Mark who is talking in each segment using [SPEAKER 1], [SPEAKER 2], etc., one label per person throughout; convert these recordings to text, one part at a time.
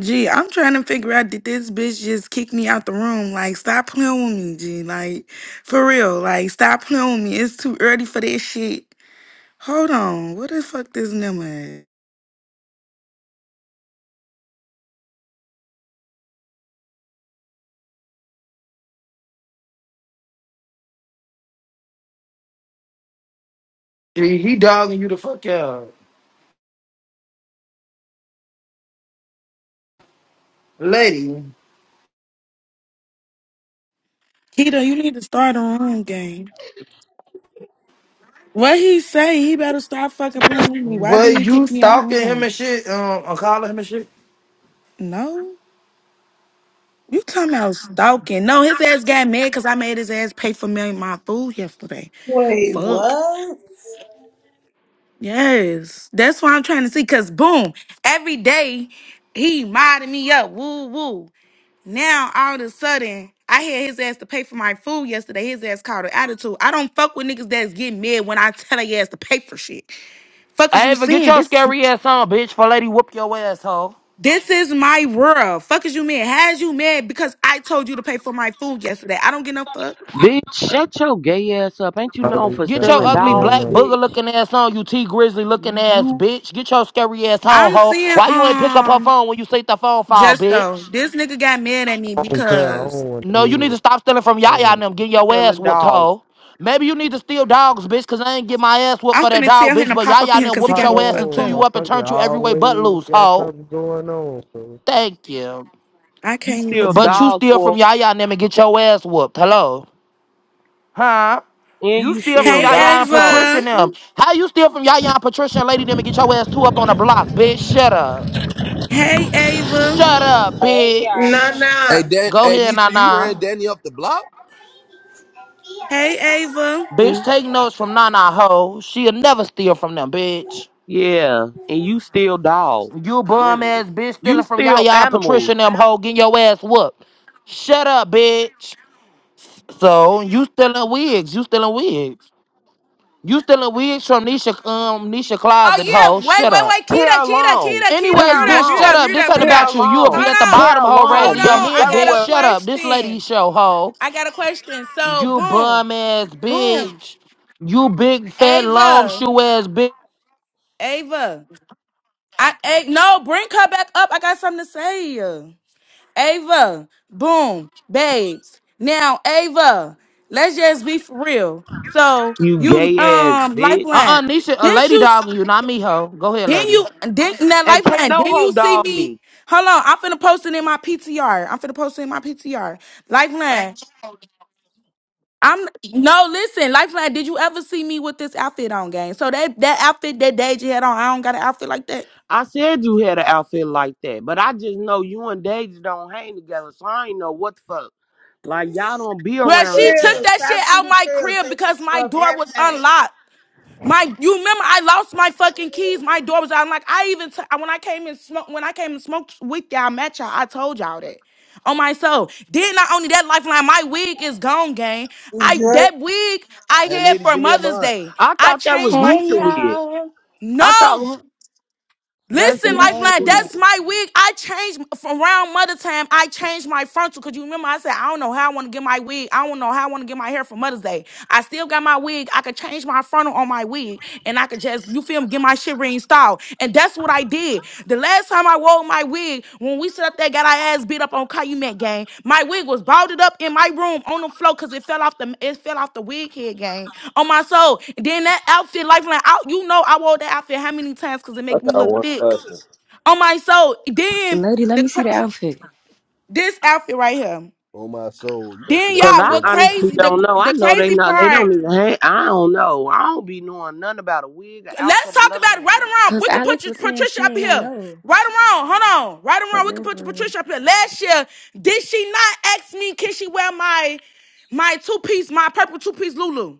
[SPEAKER 1] Gee, I'm trying to figure out did this bitch just kick me out the room? Like, stop playing with me, G. Like, for real. Like, stop playing with me. It's too early for this shit. Hold on. What the fuck this nigga at?
[SPEAKER 2] He, he dogging you the fuck out. Lady,
[SPEAKER 1] Keto, you need to start a room game. What he say? He better stop fucking playing with me. Why did
[SPEAKER 2] what
[SPEAKER 1] he
[SPEAKER 2] you
[SPEAKER 1] kick me out the
[SPEAKER 2] stalking him
[SPEAKER 1] room?
[SPEAKER 2] and shit, um, and calling him and shit?
[SPEAKER 1] No. You talking about stalking. No, his ass got mad because I made his ass pay for me my food yesterday.
[SPEAKER 3] Wait,
[SPEAKER 1] Fuck.
[SPEAKER 3] what?
[SPEAKER 1] Yes, that's what I'm trying to see. Cause boom, every day he modded me up. Woo woo. Now all of a sudden, I had his ass to pay for my food yesterday. His ass called an attitude. I don't fuck with niggas that's getting mad when I tell their ass to pay for shit. Fuck is you
[SPEAKER 2] Ava, get
[SPEAKER 1] saying?
[SPEAKER 2] your
[SPEAKER 1] This
[SPEAKER 2] scary ass on, bitch, for lady whoop your asshole.
[SPEAKER 1] this is my world. Fuck is you mad? Has you mad because I told you to pay for my food yesterday? I don't get no fuck.
[SPEAKER 4] Bitch, shut your gay ass up. Ain't you known
[SPEAKER 5] always
[SPEAKER 4] for
[SPEAKER 2] Get
[SPEAKER 5] got
[SPEAKER 2] your
[SPEAKER 4] stealing
[SPEAKER 5] something
[SPEAKER 2] ugly
[SPEAKER 4] dogs,
[SPEAKER 5] going
[SPEAKER 2] black
[SPEAKER 5] on.
[SPEAKER 2] booger
[SPEAKER 4] bitch?
[SPEAKER 2] looking ass on, you T Grizzly looking
[SPEAKER 4] You,
[SPEAKER 2] ass,
[SPEAKER 4] you
[SPEAKER 2] bitch. Get your scary ass on,
[SPEAKER 1] I'm
[SPEAKER 2] ho.
[SPEAKER 1] seeing
[SPEAKER 2] Why you ain't pick up her
[SPEAKER 1] um
[SPEAKER 2] phone when you see the phone fall,
[SPEAKER 1] just though
[SPEAKER 2] bitch?
[SPEAKER 1] this nigga got mad at me
[SPEAKER 5] I don't care. I don't
[SPEAKER 1] because
[SPEAKER 5] want to
[SPEAKER 2] No, you need
[SPEAKER 5] hear
[SPEAKER 2] to
[SPEAKER 5] it.
[SPEAKER 2] stop stealing from
[SPEAKER 5] I
[SPEAKER 2] Yaya and
[SPEAKER 5] don't-
[SPEAKER 2] them, getting your ass
[SPEAKER 4] stealing
[SPEAKER 2] whooped,
[SPEAKER 4] dogs.
[SPEAKER 2] ho. Maybe you need to steal dogs, bitch, cause I ain't get my ass whooped
[SPEAKER 1] I'm
[SPEAKER 2] for that
[SPEAKER 1] finna
[SPEAKER 2] dog,
[SPEAKER 1] tell him
[SPEAKER 2] bitch,
[SPEAKER 1] to
[SPEAKER 2] but
[SPEAKER 1] pop
[SPEAKER 2] Yaya
[SPEAKER 1] up in
[SPEAKER 2] and
[SPEAKER 1] here
[SPEAKER 2] them
[SPEAKER 1] because he
[SPEAKER 2] whooped
[SPEAKER 1] got
[SPEAKER 5] Pop
[SPEAKER 1] me
[SPEAKER 2] your ass and
[SPEAKER 1] fucked
[SPEAKER 2] threw
[SPEAKER 5] on,
[SPEAKER 1] up.
[SPEAKER 2] you up and
[SPEAKER 5] motherfucker. I
[SPEAKER 2] turned you every way but
[SPEAKER 5] always
[SPEAKER 2] loose,
[SPEAKER 5] got
[SPEAKER 2] ho.
[SPEAKER 5] something going on, bro.
[SPEAKER 2] Thank you.
[SPEAKER 1] I
[SPEAKER 4] You
[SPEAKER 1] can't even
[SPEAKER 4] steal
[SPEAKER 2] But you
[SPEAKER 1] think.
[SPEAKER 4] dogs
[SPEAKER 2] steal from
[SPEAKER 4] for,
[SPEAKER 2] Yaya and them and get your ass whooped. Hello? Huh?
[SPEAKER 4] and
[SPEAKER 2] You
[SPEAKER 4] you
[SPEAKER 2] steal from
[SPEAKER 4] steal
[SPEAKER 1] Hey,
[SPEAKER 2] Yaya and
[SPEAKER 4] dogs,
[SPEAKER 2] Patricia
[SPEAKER 1] Ava.
[SPEAKER 2] and them. How you steal from Yaya and Patricia and Lady them and get your ass two up on the block, bitch? Shut up.
[SPEAKER 1] Hey, Ava.
[SPEAKER 2] Shut up,
[SPEAKER 6] Hey, yeah.
[SPEAKER 2] bitch.
[SPEAKER 7] Hey,
[SPEAKER 3] Nana,
[SPEAKER 7] Dan,
[SPEAKER 2] Go
[SPEAKER 7] hey,
[SPEAKER 2] here,
[SPEAKER 7] Nisha, you ran
[SPEAKER 2] Nana.
[SPEAKER 7] Danny up the block?
[SPEAKER 1] Hey, Ava.
[SPEAKER 2] Bitch,
[SPEAKER 4] bitch.
[SPEAKER 2] take notes from Nana Ho. She'll never steal from them, bitch.
[SPEAKER 4] Yeah, and you steal dogs.
[SPEAKER 2] You bum
[SPEAKER 4] Literally.
[SPEAKER 2] ass bitch
[SPEAKER 4] You
[SPEAKER 2] stealing from
[SPEAKER 4] steal
[SPEAKER 2] Yaya and Patricia
[SPEAKER 4] animals.
[SPEAKER 2] and them ho, getting your ass whooped. Shut up, bitch. So you stealing wigs. You stealing wigs. You stealing wigs from Nisha um Nisha
[SPEAKER 1] Oh,
[SPEAKER 2] closet, hoe.
[SPEAKER 1] yeah. Wait,
[SPEAKER 2] Shut
[SPEAKER 1] wait,
[SPEAKER 2] up.
[SPEAKER 1] wait. Kita,
[SPEAKER 4] Hair
[SPEAKER 1] Kita,
[SPEAKER 4] long,
[SPEAKER 1] Kita, Kita.
[SPEAKER 2] Anyways,
[SPEAKER 4] hair
[SPEAKER 1] Mute up,
[SPEAKER 2] bitch,
[SPEAKER 1] mute
[SPEAKER 2] shut
[SPEAKER 1] up,
[SPEAKER 4] long,
[SPEAKER 2] up.
[SPEAKER 1] mute
[SPEAKER 2] This
[SPEAKER 1] up,
[SPEAKER 2] ain't
[SPEAKER 1] mute up.
[SPEAKER 4] hair
[SPEAKER 2] about you. You'll be
[SPEAKER 4] long,
[SPEAKER 2] at the
[SPEAKER 1] Hold on.
[SPEAKER 2] bottom,
[SPEAKER 4] hair
[SPEAKER 2] hoe,
[SPEAKER 1] Hold
[SPEAKER 4] long,
[SPEAKER 2] raising your
[SPEAKER 4] bitch.
[SPEAKER 1] on. I
[SPEAKER 2] hand,
[SPEAKER 4] Never
[SPEAKER 2] bitch.
[SPEAKER 1] got a
[SPEAKER 4] wear
[SPEAKER 2] Shut up. This lady
[SPEAKER 1] question.
[SPEAKER 2] show, hoe.
[SPEAKER 1] I got a question. So,
[SPEAKER 2] You
[SPEAKER 1] boom,
[SPEAKER 2] bum ass
[SPEAKER 1] boom.
[SPEAKER 2] bitch. You big fat long
[SPEAKER 1] Ava.
[SPEAKER 2] shoe ass bitch.
[SPEAKER 1] Ava. I, A- no, bring her back up. I got something to say. Ava, boom, babes. Now, Ava, let's just be for real. So
[SPEAKER 4] you
[SPEAKER 1] you
[SPEAKER 4] gay ass
[SPEAKER 1] um
[SPEAKER 4] bitch.
[SPEAKER 2] Uh-uh,
[SPEAKER 1] lifeline.
[SPEAKER 2] Nisha, a
[SPEAKER 1] Didn't
[SPEAKER 2] lady
[SPEAKER 1] you
[SPEAKER 2] dogging you, not me, hoe. Go ahead,
[SPEAKER 1] didn't
[SPEAKER 2] lady.
[SPEAKER 1] you didn't that
[SPEAKER 4] And can't
[SPEAKER 1] lifeline?
[SPEAKER 4] no
[SPEAKER 1] Didn't
[SPEAKER 4] hoe
[SPEAKER 1] you see
[SPEAKER 4] dog me.
[SPEAKER 1] me? Hold on, I'm finna post it in my PTR. I'm finna post it in my PTR. Lifeline. I'm no listen, Lifeline. Did you ever see me with this outfit on, gang? So that that outfit that Deja had on, I don't got an outfit like that.
[SPEAKER 4] I said you had an outfit like that, but I just know you and Daisy don't hang together, so I ain't know what the fuck. Like y'all don't be
[SPEAKER 1] Well, she
[SPEAKER 4] around each
[SPEAKER 1] took
[SPEAKER 4] other.
[SPEAKER 3] Trill,
[SPEAKER 1] that shit
[SPEAKER 3] Trap
[SPEAKER 1] out
[SPEAKER 3] City
[SPEAKER 1] my
[SPEAKER 3] Trill
[SPEAKER 1] crib
[SPEAKER 3] takes it
[SPEAKER 1] because my
[SPEAKER 3] above
[SPEAKER 1] door was
[SPEAKER 3] everything.
[SPEAKER 1] unlocked. My, you remember I lost my fucking keys. My door was out. I'm like, I even t- when I came and smoked when I came and smoked with y'all, met y'all. I told y'all that on my soul. Then not only that, lifeline, my wig is gone, gang. I
[SPEAKER 3] Dre.
[SPEAKER 1] that wig I
[SPEAKER 7] Hey,
[SPEAKER 1] had
[SPEAKER 7] lady,
[SPEAKER 1] for
[SPEAKER 7] give me a
[SPEAKER 1] Mother's
[SPEAKER 7] mod.
[SPEAKER 1] Day.
[SPEAKER 4] I
[SPEAKER 1] I
[SPEAKER 4] thought that was
[SPEAKER 1] changed my
[SPEAKER 8] Hey
[SPEAKER 4] Nisha weird.
[SPEAKER 8] y'all,
[SPEAKER 4] I thought
[SPEAKER 1] no
[SPEAKER 4] "Huh,
[SPEAKER 8] I'm
[SPEAKER 4] that's
[SPEAKER 1] Listen,
[SPEAKER 8] finna
[SPEAKER 4] Nisha
[SPEAKER 8] add
[SPEAKER 1] Lifeline,
[SPEAKER 8] you
[SPEAKER 4] weird.
[SPEAKER 8] that.
[SPEAKER 1] that's my wig. I changed from around Mother Time. I changed my frontal because you remember I said, I don't know how I want to get my wig. I don't know how I want to get my hair for Mother's Day. I still got my wig. I could change my frontal on my wig and I could just, you feel me, get my shit reinstalled. And that's what I did did. The last time I wore my wig, when we sat up there, got our ass beat up on Calumet gang. My wig was balled up in my room on the floor because it fell off the it fell off the wig head gang. On my soul. Then that outfit, lifeline out, you know I wore that outfit how many times because it
[SPEAKER 9] I
[SPEAKER 1] make me
[SPEAKER 9] got
[SPEAKER 1] look
[SPEAKER 9] one
[SPEAKER 1] thick.
[SPEAKER 9] question.
[SPEAKER 1] On my soul. Then
[SPEAKER 8] Lady, let
[SPEAKER 1] the
[SPEAKER 8] me see the outfit.
[SPEAKER 1] this outfit right here.
[SPEAKER 7] On my soul. You don't
[SPEAKER 1] Then
[SPEAKER 7] sit down
[SPEAKER 4] Cause
[SPEAKER 7] like
[SPEAKER 1] y'all,
[SPEAKER 4] I
[SPEAKER 1] what
[SPEAKER 7] seven times.
[SPEAKER 4] honestly
[SPEAKER 1] crazy the
[SPEAKER 4] don't know. I
[SPEAKER 1] the
[SPEAKER 4] know they
[SPEAKER 1] crazy
[SPEAKER 4] not. They
[SPEAKER 1] part?
[SPEAKER 4] don't even. Hang, I don't know. I don't be knowing nothing about a wig, or
[SPEAKER 1] Let's
[SPEAKER 4] outfit, or
[SPEAKER 1] talk
[SPEAKER 4] nothing.
[SPEAKER 1] about it right
[SPEAKER 4] like that.
[SPEAKER 1] around.
[SPEAKER 8] Cause
[SPEAKER 1] We could put
[SPEAKER 8] Alex
[SPEAKER 1] your
[SPEAKER 8] was saying
[SPEAKER 1] Patricia
[SPEAKER 8] she
[SPEAKER 1] up
[SPEAKER 8] ain't
[SPEAKER 1] here.
[SPEAKER 8] know.
[SPEAKER 1] Right around. Hold on. Right
[SPEAKER 8] For
[SPEAKER 1] around. We could
[SPEAKER 8] real,
[SPEAKER 1] put your
[SPEAKER 8] for
[SPEAKER 1] Patricia up
[SPEAKER 8] real.
[SPEAKER 1] here. Last year, did she not ask me, can she wear my my two piece, my purple two piece Lulu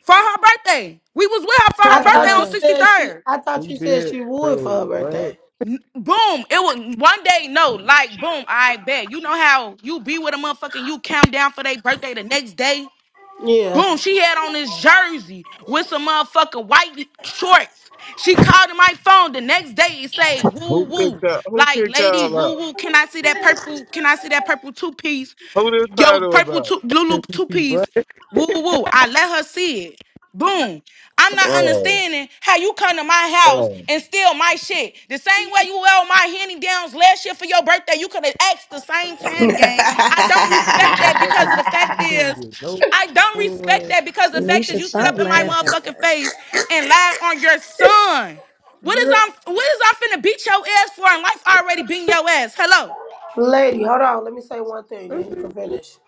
[SPEAKER 1] for her birthday? We was with her for her
[SPEAKER 3] I
[SPEAKER 1] birthday
[SPEAKER 3] thought you
[SPEAKER 1] on
[SPEAKER 3] said she.
[SPEAKER 1] 63rd.
[SPEAKER 3] I thought
[SPEAKER 5] Who
[SPEAKER 3] you said
[SPEAKER 5] did,
[SPEAKER 3] she would
[SPEAKER 5] bro?
[SPEAKER 3] for her birthday.
[SPEAKER 5] What?
[SPEAKER 1] Boom. It was one day, no, like boom, I bet. You know how you be with a motherfucker and you count down for their birthday the next day?
[SPEAKER 3] Yeah,
[SPEAKER 1] Boom, she had on this jersey with some motherfucking white shorts. She called in my phone the next day and say, woo
[SPEAKER 10] Who
[SPEAKER 1] woo.
[SPEAKER 10] picked up? Who
[SPEAKER 1] Like,
[SPEAKER 10] picked
[SPEAKER 1] lady,
[SPEAKER 10] y'all
[SPEAKER 1] woo
[SPEAKER 10] up?
[SPEAKER 1] woo. Can I see that purple? Can I see that purple two-piece?
[SPEAKER 10] Who this
[SPEAKER 1] Yo,
[SPEAKER 10] title
[SPEAKER 1] purple
[SPEAKER 10] about?
[SPEAKER 1] two Lulu
[SPEAKER 5] KCC, what?
[SPEAKER 1] two-piece. Woo woo. I let her see it. Boom. I'm not
[SPEAKER 10] Right.
[SPEAKER 1] understanding how you come to my house
[SPEAKER 10] right.
[SPEAKER 1] and steal my shit. The same way you wore my Henny Downs last year for your birthday, you could have asked the same
[SPEAKER 5] So,
[SPEAKER 1] time, gang. I don't respect that because
[SPEAKER 5] motherfucker,
[SPEAKER 1] of the
[SPEAKER 5] I
[SPEAKER 1] fact
[SPEAKER 5] can't
[SPEAKER 1] is,
[SPEAKER 5] get no
[SPEAKER 1] I don't respect
[SPEAKER 5] for uh,
[SPEAKER 1] that because of the fact is
[SPEAKER 8] Nisha,
[SPEAKER 1] you sit
[SPEAKER 8] stop
[SPEAKER 1] up in my
[SPEAKER 8] laughing
[SPEAKER 1] motherfucking
[SPEAKER 8] for us.
[SPEAKER 1] face and lie on your son. What is
[SPEAKER 3] Gr-
[SPEAKER 1] I'm what is I finna beat your ass for? And life already beating your ass. Hello.
[SPEAKER 3] lady. Hold on. Let me say one thing, then you can finish.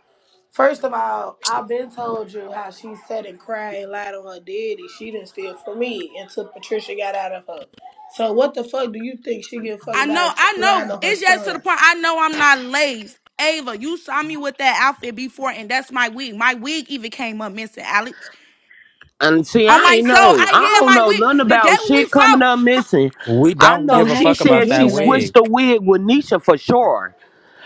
[SPEAKER 3] First of all, I've been told you how she sat and cried and lied on her daddy. She didn't steal from me until Patricia got out of her. So what the fuck do you think she give a fuck
[SPEAKER 1] I know,
[SPEAKER 3] about
[SPEAKER 1] I
[SPEAKER 3] lying
[SPEAKER 1] know.
[SPEAKER 3] on her
[SPEAKER 1] It's just to the
[SPEAKER 3] son?
[SPEAKER 1] point. I know I'm not lazy, Ava, you saw me with that outfit before, and that's my wig. My wig even came up missing, Alex.
[SPEAKER 4] And see,
[SPEAKER 1] On
[SPEAKER 4] I
[SPEAKER 1] my
[SPEAKER 4] ain't
[SPEAKER 1] soul,
[SPEAKER 4] know.
[SPEAKER 1] I
[SPEAKER 4] I
[SPEAKER 1] hear
[SPEAKER 4] don't
[SPEAKER 1] my
[SPEAKER 4] know nothing
[SPEAKER 1] wig. The day
[SPEAKER 4] about
[SPEAKER 1] when we
[SPEAKER 4] shit coming
[SPEAKER 1] fought,
[SPEAKER 4] up missing.
[SPEAKER 11] We
[SPEAKER 4] I
[SPEAKER 11] don't
[SPEAKER 8] So
[SPEAKER 11] give
[SPEAKER 4] know
[SPEAKER 11] a
[SPEAKER 8] how
[SPEAKER 4] she
[SPEAKER 8] did
[SPEAKER 11] fuck
[SPEAKER 8] she
[SPEAKER 11] about
[SPEAKER 4] said
[SPEAKER 8] get
[SPEAKER 4] she
[SPEAKER 11] that
[SPEAKER 8] it, lady?
[SPEAKER 11] wig.
[SPEAKER 4] switched the wig with Nisha for sure.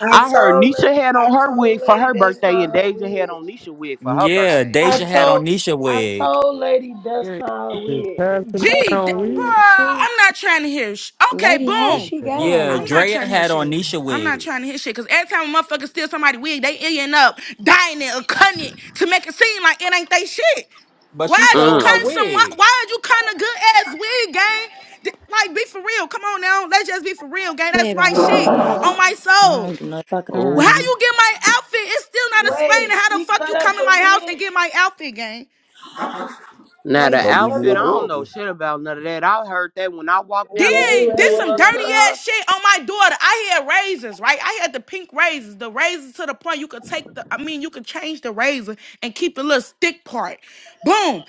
[SPEAKER 3] I
[SPEAKER 4] I heard
[SPEAKER 3] told
[SPEAKER 4] Nisha had
[SPEAKER 3] la- I
[SPEAKER 4] on her
[SPEAKER 3] told
[SPEAKER 4] wig for
[SPEAKER 3] lady
[SPEAKER 4] her
[SPEAKER 3] that's
[SPEAKER 4] birthday,
[SPEAKER 3] not
[SPEAKER 4] and
[SPEAKER 3] her
[SPEAKER 4] Deja had
[SPEAKER 3] wig.
[SPEAKER 4] on Nisha wig for her
[SPEAKER 11] Yeah,
[SPEAKER 4] birthday.
[SPEAKER 3] I
[SPEAKER 11] Deja had on
[SPEAKER 3] told
[SPEAKER 11] Nisha
[SPEAKER 3] I
[SPEAKER 11] wig.
[SPEAKER 3] told lady that's
[SPEAKER 5] yeah,
[SPEAKER 3] not her
[SPEAKER 5] just
[SPEAKER 3] wig.
[SPEAKER 5] passing
[SPEAKER 3] That's
[SPEAKER 1] gee, th-
[SPEAKER 5] around
[SPEAKER 3] my
[SPEAKER 5] weed,
[SPEAKER 3] wig.
[SPEAKER 1] bruh,
[SPEAKER 5] bro.
[SPEAKER 1] I'm not trying to hear. Sh- okay,
[SPEAKER 8] Lady, how
[SPEAKER 5] It's
[SPEAKER 1] boom.
[SPEAKER 8] she got
[SPEAKER 5] bad.
[SPEAKER 8] all
[SPEAKER 11] Yeah,
[SPEAKER 1] I'm
[SPEAKER 8] of
[SPEAKER 1] not
[SPEAKER 8] it?
[SPEAKER 11] Drea
[SPEAKER 1] trying to hear
[SPEAKER 11] had on
[SPEAKER 1] shit.
[SPEAKER 11] Nisha
[SPEAKER 1] I'm not
[SPEAKER 11] wig,
[SPEAKER 1] trying to hear shit. Cause every time a motherfucker steals somebody's wig, they end up dying it or cutting it to make it seem like it ain't they shit.
[SPEAKER 11] but
[SPEAKER 1] Why
[SPEAKER 11] she
[SPEAKER 1] is you
[SPEAKER 11] stole her
[SPEAKER 1] cutting
[SPEAKER 4] Mm.
[SPEAKER 1] some? Why,
[SPEAKER 11] wig.
[SPEAKER 1] why are you cutting a good ass wig, gang? D- Like, be for real. Come on now. Let's just be for real, gang.
[SPEAKER 8] Play
[SPEAKER 1] That's my
[SPEAKER 8] about my
[SPEAKER 1] shit on
[SPEAKER 8] wigs.
[SPEAKER 1] my
[SPEAKER 8] I
[SPEAKER 1] soul.
[SPEAKER 8] don't do no fucking
[SPEAKER 1] How
[SPEAKER 4] Oh,
[SPEAKER 8] around.
[SPEAKER 1] you get my outfit? It's still not
[SPEAKER 3] Wait,
[SPEAKER 1] explaining how the
[SPEAKER 3] she
[SPEAKER 1] fuck
[SPEAKER 3] cut
[SPEAKER 1] you come
[SPEAKER 3] up
[SPEAKER 1] in
[SPEAKER 3] the
[SPEAKER 1] my house
[SPEAKER 3] wig.
[SPEAKER 1] and get my outfit, gang.
[SPEAKER 4] now the
[SPEAKER 3] Wait,
[SPEAKER 7] Don't
[SPEAKER 3] she
[SPEAKER 7] leave me
[SPEAKER 3] cut
[SPEAKER 4] outfit,
[SPEAKER 7] your
[SPEAKER 3] the
[SPEAKER 4] I
[SPEAKER 3] wig.
[SPEAKER 4] don't
[SPEAKER 7] door,
[SPEAKER 4] know shit about none of that. I heard that when I
[SPEAKER 3] Wait,
[SPEAKER 4] walked out and you
[SPEAKER 1] Then
[SPEAKER 3] wait,
[SPEAKER 1] did
[SPEAKER 4] came
[SPEAKER 1] some
[SPEAKER 4] up
[SPEAKER 3] wait, wait.
[SPEAKER 4] to
[SPEAKER 1] dirty
[SPEAKER 4] her.
[SPEAKER 1] ass shit on my daughter. I had razors, right? I had the pink razors, the razors to the point you could take the, I mean, you could change the razor and keep the little stick part. Boom.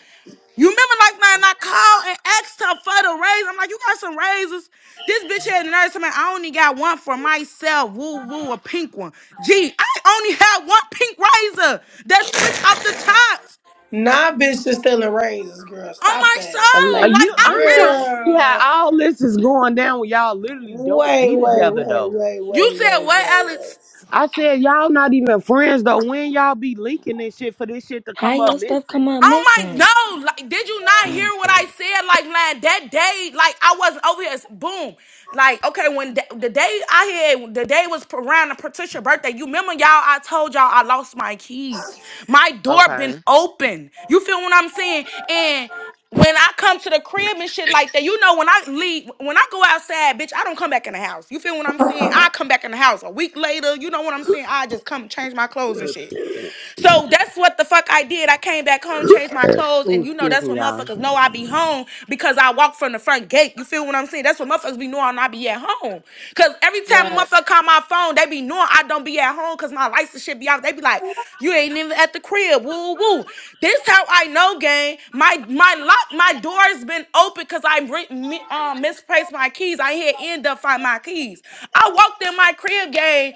[SPEAKER 1] You remember like man, I called and asked her for the raise? I'm like, you got some raises? This bitch had another time. I only got one for myself. Woo woo, a pink one. Gee, I only had one pink razor that switch off the tops
[SPEAKER 3] Nah, bitch, just stealing razors, girl.
[SPEAKER 1] on
[SPEAKER 3] Stop
[SPEAKER 1] my
[SPEAKER 3] that,
[SPEAKER 8] I'm
[SPEAKER 4] Are
[SPEAKER 1] soul.
[SPEAKER 8] Like,
[SPEAKER 1] Like
[SPEAKER 4] you,
[SPEAKER 1] I'm
[SPEAKER 4] I'm
[SPEAKER 1] really.
[SPEAKER 4] trying to see
[SPEAKER 3] girl.
[SPEAKER 4] how all this is going down when y'all literally don't
[SPEAKER 3] Way,
[SPEAKER 4] be
[SPEAKER 3] way,
[SPEAKER 4] together
[SPEAKER 3] way,
[SPEAKER 4] though.
[SPEAKER 3] way, way, way,
[SPEAKER 1] You said what,
[SPEAKER 3] way, way.
[SPEAKER 1] Alex?
[SPEAKER 4] I said y'all not even friends though. When y'all be linking and shit for this shit to
[SPEAKER 8] how
[SPEAKER 4] come up
[SPEAKER 8] your stuff come
[SPEAKER 4] missing?
[SPEAKER 8] up
[SPEAKER 1] Oh my
[SPEAKER 8] missing?
[SPEAKER 1] no! Like, did you not hear
[SPEAKER 5] Weed,
[SPEAKER 1] what I
[SPEAKER 5] bro.
[SPEAKER 1] said? Like, man, that day, like I wasn't over here. Boom! Like, okay, when the, the day I had the day was around Patricia's birthday. You remember, y'all? I told y'all I lost my keys. My door
[SPEAKER 4] Okay.
[SPEAKER 1] been open. You feel what I'm saying? And when I come to the crib and shit like that, you know, when I leave, when I go outside, bitch, I don't come back in the house. You feel what I'm saying? I come back in the house a week later. You know what I'm saying? I just come change my clothes and shit. So that's what the fuck I did. I came back home, changed my
[SPEAKER 4] Yes.
[SPEAKER 1] clothes, and
[SPEAKER 4] Ooh,
[SPEAKER 1] you know
[SPEAKER 4] excuse
[SPEAKER 1] that's
[SPEAKER 4] me,
[SPEAKER 1] when
[SPEAKER 4] y'all.
[SPEAKER 1] motherfuckers know I be home because I walk from the front gate. You feel what I'm saying? That's what motherfuckers be knowing I be at home. Cause every time a
[SPEAKER 3] Right.
[SPEAKER 1] motherfucker call my phone, they be knowing I don't be at home cause my license shit be out. They be like, you ain't even at the crib. Woo woo. This how I know, gang. My my lock, my door's been open cause I re- mi- um, misplaced my keys. I had end up find my keys. I walked in my crib, gang.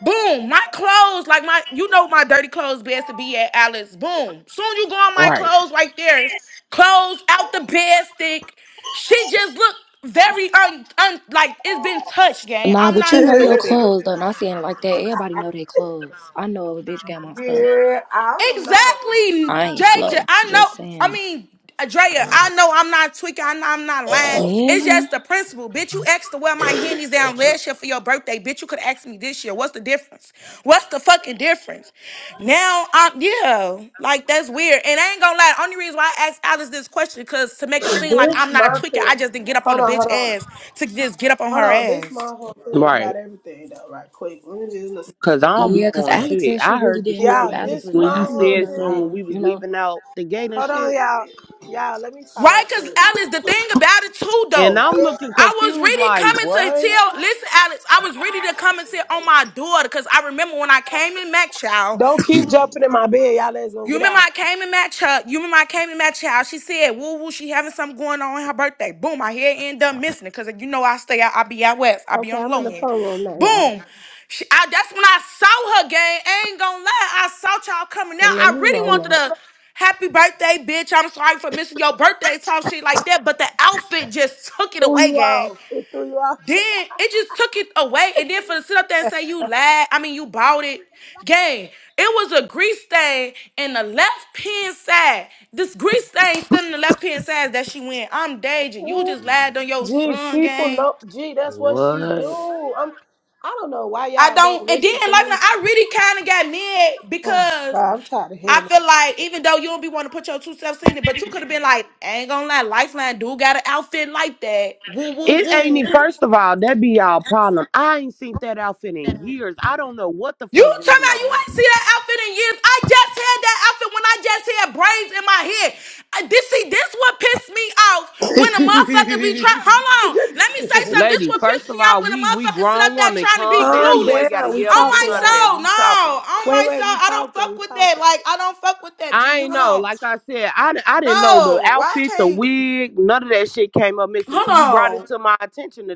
[SPEAKER 1] Boom, my clothes, like my, you know, my dirty clothes best to be at Alice. Boom. Soon you go on my
[SPEAKER 4] Right.
[SPEAKER 1] clothes right there. Clothes out the bed stick. She just looked very un, un like it's been touched, gang.
[SPEAKER 8] Nah,
[SPEAKER 1] I'm
[SPEAKER 8] but
[SPEAKER 1] not
[SPEAKER 8] you know your
[SPEAKER 1] stupid.
[SPEAKER 8] clothes though. Not saying it like that. Everybody know their clothes. I know if a bitch got my stuff.
[SPEAKER 3] yeah, I don't know.
[SPEAKER 1] Exactly,
[SPEAKER 8] I ain't
[SPEAKER 1] JJ.
[SPEAKER 8] slow.
[SPEAKER 1] I
[SPEAKER 8] Just
[SPEAKER 1] know. I
[SPEAKER 8] saying.
[SPEAKER 1] mean, Drea, I know I'm not tweaking. I know I'm not lying. It's
[SPEAKER 8] Yeah.
[SPEAKER 1] just the principle, bitch. You asked to wear my hennies down last year for your birthday, bitch. You could ask me this year. What's the difference? What's the fucking difference? Now, I'm yeah, like that's weird. And I ain't gonna lie. Only reason why I asked Alice this question because to make it seem like
[SPEAKER 3] This
[SPEAKER 1] I'm not
[SPEAKER 3] my
[SPEAKER 1] tweaking,
[SPEAKER 3] thing.
[SPEAKER 1] I just didn't get up on
[SPEAKER 3] Hold
[SPEAKER 1] the
[SPEAKER 3] on,
[SPEAKER 1] bitch
[SPEAKER 3] hold on.
[SPEAKER 1] ass to just get up on
[SPEAKER 3] Hold
[SPEAKER 1] her
[SPEAKER 3] on, this
[SPEAKER 1] ass.
[SPEAKER 3] my whole thing
[SPEAKER 4] Right.
[SPEAKER 3] about everything though, right quick. Let me just listen.
[SPEAKER 4] Cause I don't be
[SPEAKER 8] Yeah, because
[SPEAKER 4] knowing
[SPEAKER 8] Alex
[SPEAKER 4] shit.
[SPEAKER 8] said she
[SPEAKER 4] I heard
[SPEAKER 8] really
[SPEAKER 4] the
[SPEAKER 8] didn't
[SPEAKER 4] shit when
[SPEAKER 8] know.
[SPEAKER 3] Y'all,
[SPEAKER 4] you
[SPEAKER 8] Alex
[SPEAKER 3] this
[SPEAKER 8] was
[SPEAKER 4] when
[SPEAKER 8] like,
[SPEAKER 3] my
[SPEAKER 4] you
[SPEAKER 8] I didn't
[SPEAKER 3] whole
[SPEAKER 8] even
[SPEAKER 4] said
[SPEAKER 8] know
[SPEAKER 4] something
[SPEAKER 3] thing.
[SPEAKER 4] when
[SPEAKER 8] y'all,
[SPEAKER 4] we
[SPEAKER 8] you
[SPEAKER 4] was
[SPEAKER 8] know.
[SPEAKER 4] leaving out the gate and
[SPEAKER 3] Hold on,
[SPEAKER 4] shit.
[SPEAKER 3] y'all. Y'all, let me talk
[SPEAKER 1] Right,
[SPEAKER 3] right
[SPEAKER 1] because
[SPEAKER 3] quick.
[SPEAKER 1] Alex, the thing about it too,
[SPEAKER 4] And
[SPEAKER 1] though,
[SPEAKER 4] I'm looking
[SPEAKER 1] I was
[SPEAKER 4] confused
[SPEAKER 1] really
[SPEAKER 4] like
[SPEAKER 1] coming to
[SPEAKER 4] what?
[SPEAKER 1] tell. Listen, Alex, I was ready to come and sit on my daughter because I remember when I came in Mac Child.
[SPEAKER 3] Don't keep jumping in my bed, y'all let's gonna
[SPEAKER 1] You
[SPEAKER 3] get
[SPEAKER 1] remember
[SPEAKER 3] out.
[SPEAKER 1] I came and match her. You remember I came and match her. how She said, "Woo woo, she having something going on on her birthday." Boom, I hear end up missing it because you know I stay out. I be out west. I be
[SPEAKER 3] Okay,
[SPEAKER 1] on the
[SPEAKER 3] I'm in
[SPEAKER 1] low
[SPEAKER 3] the
[SPEAKER 1] end.
[SPEAKER 3] phone room now, y'all.
[SPEAKER 1] Boom. She, I, that's when I saw her game. I ain't gonna lie, I saw y'all coming out.
[SPEAKER 3] Let
[SPEAKER 1] I
[SPEAKER 3] me
[SPEAKER 1] really wanted
[SPEAKER 3] roll up.
[SPEAKER 1] to happy birthday, bitch. I'm sorry for missing your birthday, talk shit like that. But the outfit just took it
[SPEAKER 3] Threw
[SPEAKER 1] away,
[SPEAKER 3] you
[SPEAKER 1] gang.
[SPEAKER 3] off. It threw you off.
[SPEAKER 1] Then it just took it away, and then for to sit up there and say you lied, I mean you bought it, gang. It was a grease stain in the left pen side. This grease stain still in the left pen side that she went. I'm Deja. You just lied on your
[SPEAKER 3] Gee,
[SPEAKER 1] son,
[SPEAKER 3] people
[SPEAKER 1] gang.
[SPEAKER 3] know. Gee, that's what she
[SPEAKER 4] What?
[SPEAKER 3] do. I'm. I don't know why
[SPEAKER 1] I
[SPEAKER 3] y'all don't
[SPEAKER 1] don't. And then
[SPEAKER 3] listen to
[SPEAKER 1] like now,
[SPEAKER 3] me.
[SPEAKER 1] I really kind of got mad
[SPEAKER 3] Oh,
[SPEAKER 1] because
[SPEAKER 3] God, I'm tired of
[SPEAKER 1] I
[SPEAKER 3] hearing.
[SPEAKER 1] feel like even though you don't be want to put your two selves in it, but you could have been like, I ain't gonna lie, Lifeline do got an outfit like that. Woo woo
[SPEAKER 4] It
[SPEAKER 1] woo.
[SPEAKER 4] ain't even first of all, that be y'all problem. I ain't seen that outfit in years. I don't know what the
[SPEAKER 1] You
[SPEAKER 4] fuck
[SPEAKER 1] talking
[SPEAKER 4] going
[SPEAKER 1] about you
[SPEAKER 4] on.
[SPEAKER 1] ain't see that outfit in years. I just had that outfit when I just had braids in my head. I, this see, this what pissed me off when a motherfucker be trying.
[SPEAKER 3] it.
[SPEAKER 1] Hold on, let me say something. This
[SPEAKER 4] Lady,
[SPEAKER 1] what
[SPEAKER 4] first
[SPEAKER 1] pissed me
[SPEAKER 4] of
[SPEAKER 1] off
[SPEAKER 4] all,
[SPEAKER 1] when a
[SPEAKER 4] we we
[SPEAKER 1] motherfucker sit
[SPEAKER 4] grown
[SPEAKER 1] up there
[SPEAKER 4] woman.
[SPEAKER 1] trying to be
[SPEAKER 4] Calm down.
[SPEAKER 3] Calm
[SPEAKER 4] You ain't
[SPEAKER 1] clueless.
[SPEAKER 4] gotta
[SPEAKER 3] down. We
[SPEAKER 4] yell or
[SPEAKER 1] On
[SPEAKER 4] do
[SPEAKER 1] my
[SPEAKER 3] talking,
[SPEAKER 4] none of
[SPEAKER 3] y'all.
[SPEAKER 4] that.
[SPEAKER 1] soul,
[SPEAKER 4] We
[SPEAKER 1] no.
[SPEAKER 4] talking.
[SPEAKER 1] On
[SPEAKER 3] Wait,
[SPEAKER 1] my
[SPEAKER 3] wait.
[SPEAKER 1] soul,
[SPEAKER 3] We
[SPEAKER 1] I don't
[SPEAKER 3] talking.
[SPEAKER 1] fuck
[SPEAKER 3] We
[SPEAKER 1] with that.
[SPEAKER 3] talking.
[SPEAKER 1] Like I don't fuck with that.
[SPEAKER 4] I
[SPEAKER 1] G,
[SPEAKER 4] ain't
[SPEAKER 1] hold
[SPEAKER 4] know.
[SPEAKER 1] on.
[SPEAKER 4] Like I said, I, di- I didn't know the
[SPEAKER 1] No, why
[SPEAKER 4] outfit, the
[SPEAKER 1] can't?
[SPEAKER 4] wig, none of that shit came up missing
[SPEAKER 1] Hold
[SPEAKER 4] till you brought
[SPEAKER 1] on.
[SPEAKER 4] it to my attention